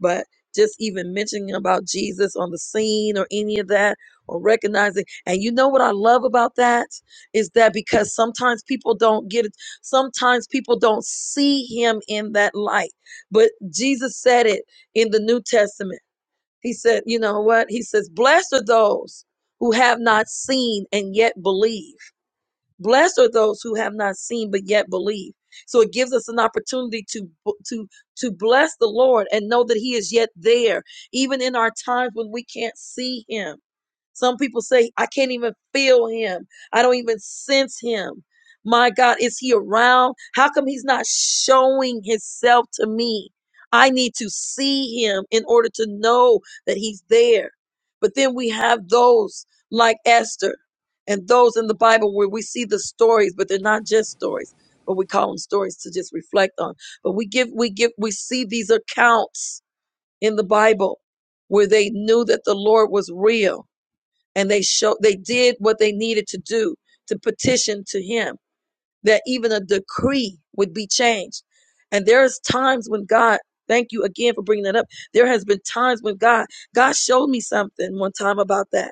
But just even mentioning about Jesus on the scene or any of that, or recognizing. And you know what I love about that is that because sometimes people don't get it, sometimes people don't see him in that light. But Jesus said it in the New Testament. He said, you know what? He says, blessed are those who have not seen and yet believe. Blessed are those who have not seen but yet believe. So it gives us an opportunity to to to bless the Lord and know that He is yet there, even in our times when we can't see Him some people say, I can't even feel him. I don't even sense him. My God, is he around? How come he's not showing himself to me? I need to see him in order to know that he's there. But then we have those like Esther and those in the Bible where we see the stories, but they're not just stories, but we call them stories to just reflect on. But we give, we give, we see these accounts in the Bible where they knew that the Lord was real and they show they did what they needed to do to petition to him that even a decree would be changed and there's times when god thank you again for bringing that up there has been times when god god showed me something one time about that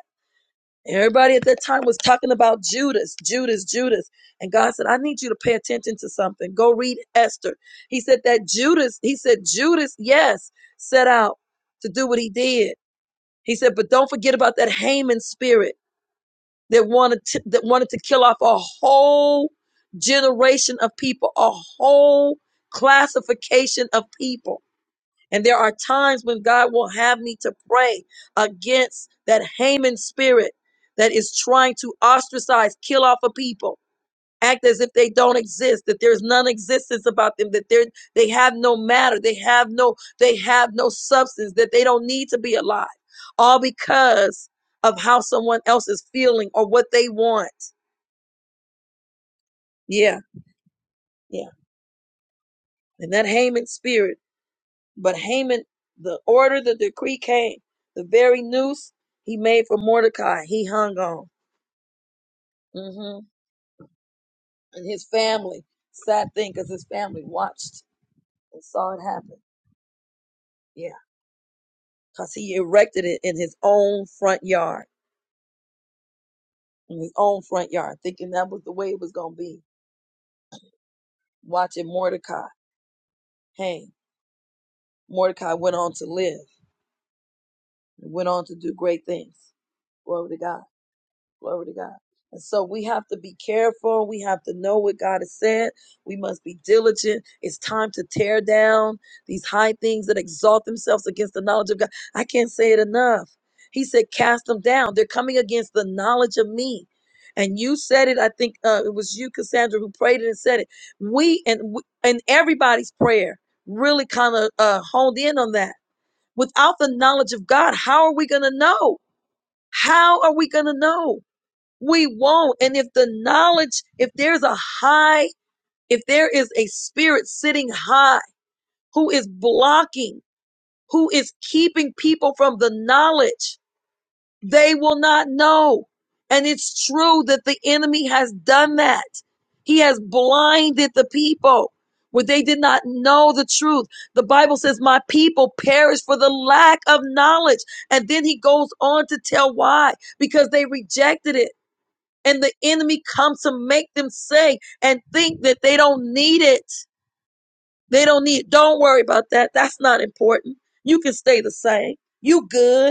And everybody at that time was talking about judas judas judas and god said i need you to pay attention to something go read esther he said that judas he said judas yes set out to do what he did he said but don't forget about that haman spirit that wanted to, that wanted to kill off a whole generation of people, a whole classification of people. And there are times when God will have me to pray against that Haman spirit that is trying to ostracize, kill off a people act as if they don't exist that there's non-existence about them that they're they have no matter they have no they have no substance that they don't need to be alive all because of how someone else is feeling or what they want yeah yeah and that haman spirit but haman the order the decree came the very noose he made for mordecai he hung on hmm and his family sad thing because his family watched and saw it happen yeah because he erected it in his own front yard, in his own front yard, thinking that was the way it was going to be. Watching Mordecai hang. Mordecai went on to live and went on to do great things. Glory to God. Glory to God. And so we have to be careful. We have to know what God has said. We must be diligent. It's time to tear down these high things that exalt themselves against the knowledge of God. I can't say it enough. He said, cast them down. They're coming against the knowledge of me and you said it i think uh, it was you cassandra who prayed it and said it we and we, and everybody's prayer really kind of uh, honed in on that without the knowledge of god how are we going to know how are we going to know we won't and if the knowledge if there's a high if there is a spirit sitting high who is blocking who is keeping people from the knowledge they will not know. And it's true that the enemy has done that. He has blinded the people where they did not know the truth. The Bible says, My people perish for the lack of knowledge. And then he goes on to tell why because they rejected it. And the enemy comes to make them say and think that they don't need it. They don't need, it. don't worry about that. That's not important. You can stay the same. You good.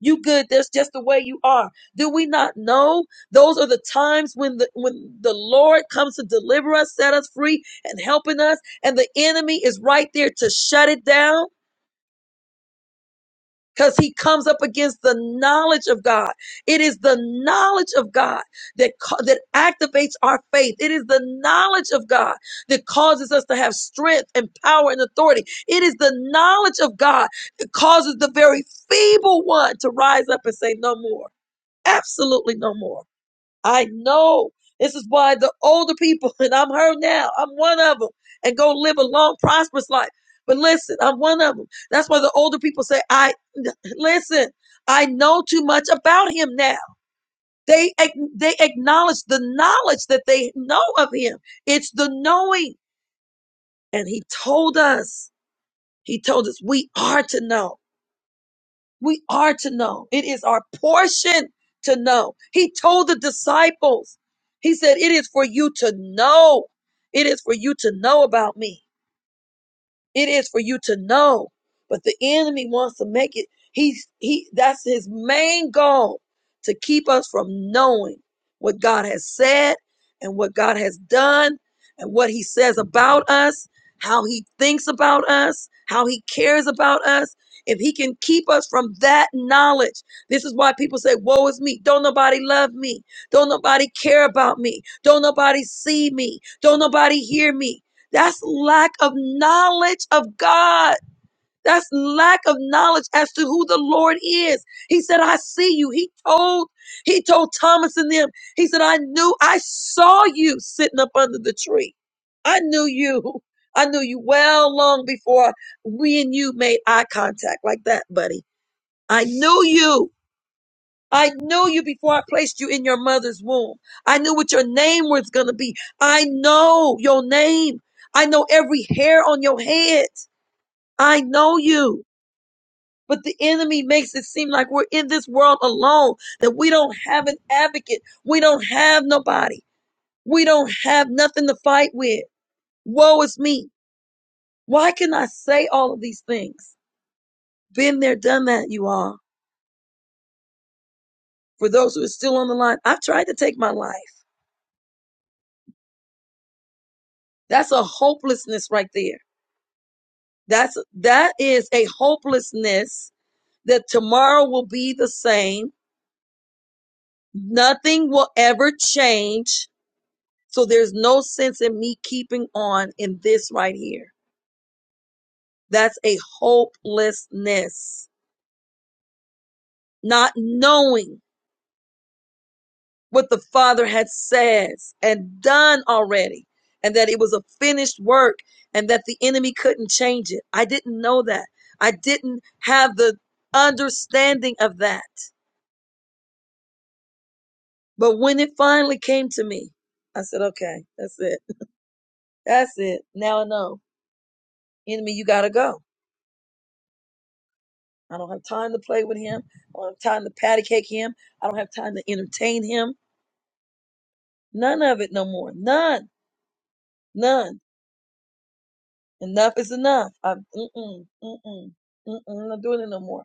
You good. That's just the way you are. Do we not know those are the times when the, when the Lord comes to deliver us, set us free and helping us. And the enemy is right there to shut it down because he comes up against the knowledge of God. It is the knowledge of God that, ca- that activates our faith. It is the knowledge of God that causes us to have strength and power and authority. It is the knowledge of God that causes the very feeble one to rise up and say no more. Absolutely no more. I know. This is why the older people, and I'm her now, I'm one of them, and go live a long, prosperous life. But listen, I'm one of them. That's why the older people say, I, listen, I know too much about him now. They, ac- they acknowledge the knowledge that they know of him. It's the knowing. And he told us, he told us we are to know. We are to know. It is our portion to know. He told the disciples, He said, It is for you to know. It is for you to know about me. It is for you to know. But the enemy wants to make it, he's he that's his main goal to keep us from knowing what God has said and what God has done and what he says about us, how he thinks about us, how he cares about us. If he can keep us from that knowledge, this is why people say, Woe is me. Don't nobody love me. Don't nobody care about me. Don't nobody see me. Don't nobody hear me that's lack of knowledge of God. That's lack of knowledge as to who the Lord is. He said, I see you. He told, he told Thomas and them, he said, I knew, I saw you sitting up under the tree. I knew you. I knew you well long before we and you made eye contact like that, buddy. I knew you. I knew you before I placed you in your mother's womb. I knew what your name was going to be. I know your name. I know every hair on your head. I know you. But the enemy makes it seem like we're in this world alone, that we don't have an advocate. We don't have nobody. We don't have nothing to fight with. Woe is me. Why can I say all of these things? Been there, done that, you all. For those who are still on the line, I've tried to take my life. That's a hopelessness right there That's that is a hopelessness that tomorrow will be the same. Nothing will ever change. So there's no sense in me keeping on in this right here. That's a hopelessness. Not knowing what the Father had said and done already and that it was a finished work and that the enemy couldn't change it. I didn't know that. I didn't have the understanding of that. But when it finally came to me, I said, okay, that's it. That's it. Now I know. Enemy, you gotta go. I don't have time to play with him. I don't have time to patty cake him. I don't have time to entertain him. None of it no more. None. None. Enough is enough. I'm mm-mm, mm-mm, mm-mm, I'm not doing it no more.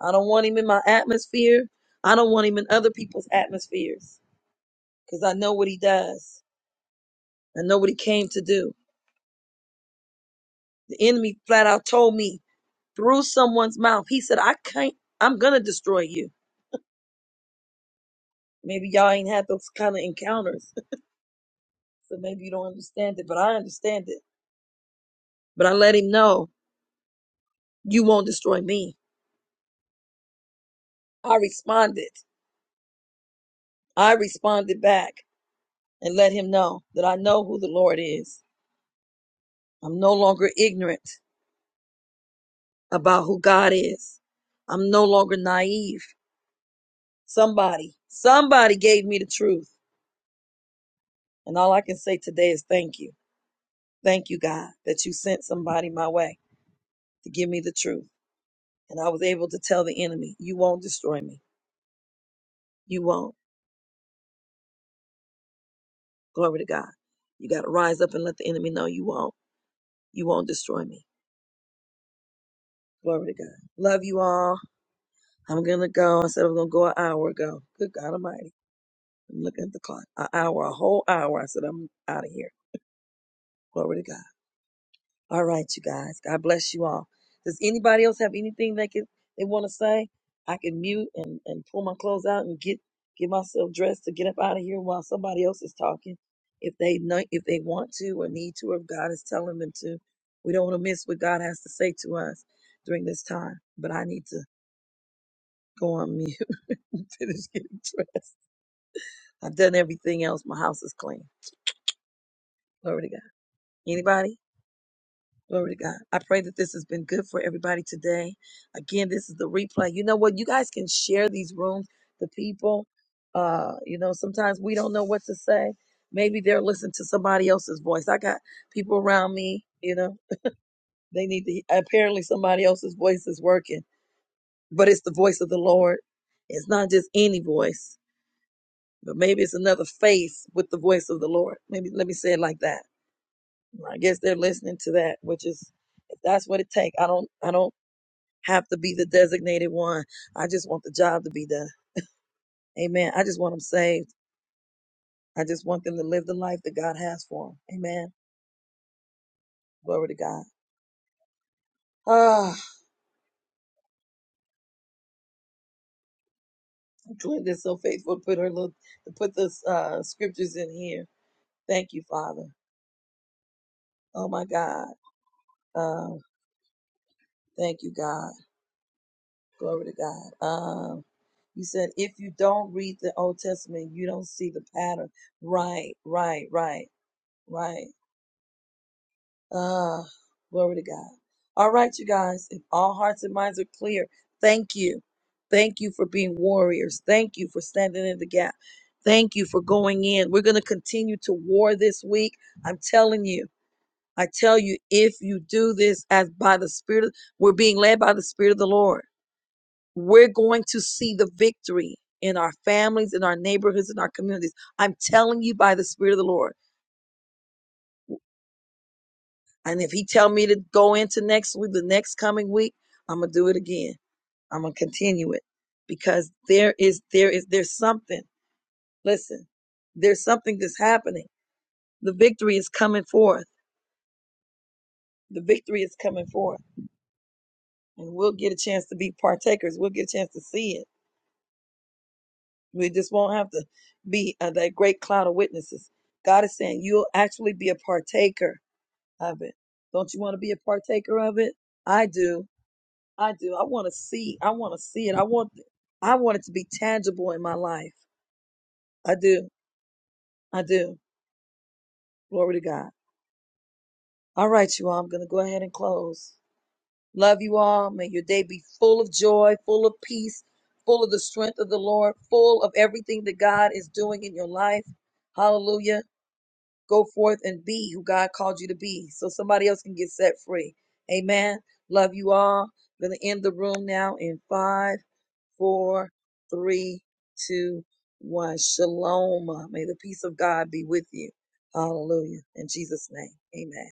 I don't want him in my atmosphere. I don't want him in other people's atmospheres. Cause I know what he does. I know what he came to do. The enemy flat out told me through someone's mouth. He said, I can't, I'm going to destroy you. Maybe y'all ain't had those kind of encounters. so maybe you don't understand it, but I understand it. But I let him know, you won't destroy me. I responded. I responded back and let him know that I know who the Lord is. I'm no longer ignorant about who God is. I'm no longer naive. Somebody, somebody. Amen. Glory to God. Ah, Glenda's so faithful. to Put her little, to put the uh, scriptures in here Thank you, Father. Oh my God. Um, thank you, God. Glory to God. Um, you said if you don't read the Old Testament, you don't see the past. Right, right, right. All right, you guys. If all hearts and minds are clear, thank you for being warriors. Thank you for standing in the gap. I'm telling you. I tell you, if you do this as by the Spirit, of- we're going to see the victory in our families, in our neighborhoods, in our communities. I'm telling you by the Spirit of the Lord. And if he tell me to go into next week, the next coming week, I'm gonna do it again. I'm gonna continue it because there is there is there's something. Listen, there's something that's happening. The victory is coming forth. The victory is coming forth, and we'll get a chance to be. God is saying you'll actually be a partaker. Love you all. May your day be full of joy, full of peace, full of the strength of the Lord, full of everything that God is doing in your life. Hallelujah Go forth and be who God called you to be so somebody else can get set free. Amen. Love you all. gonna end the room now in five, four, three, two, one. Shalom. May the peace of God be with you. Hallelujah. In Jesus' name. Amen.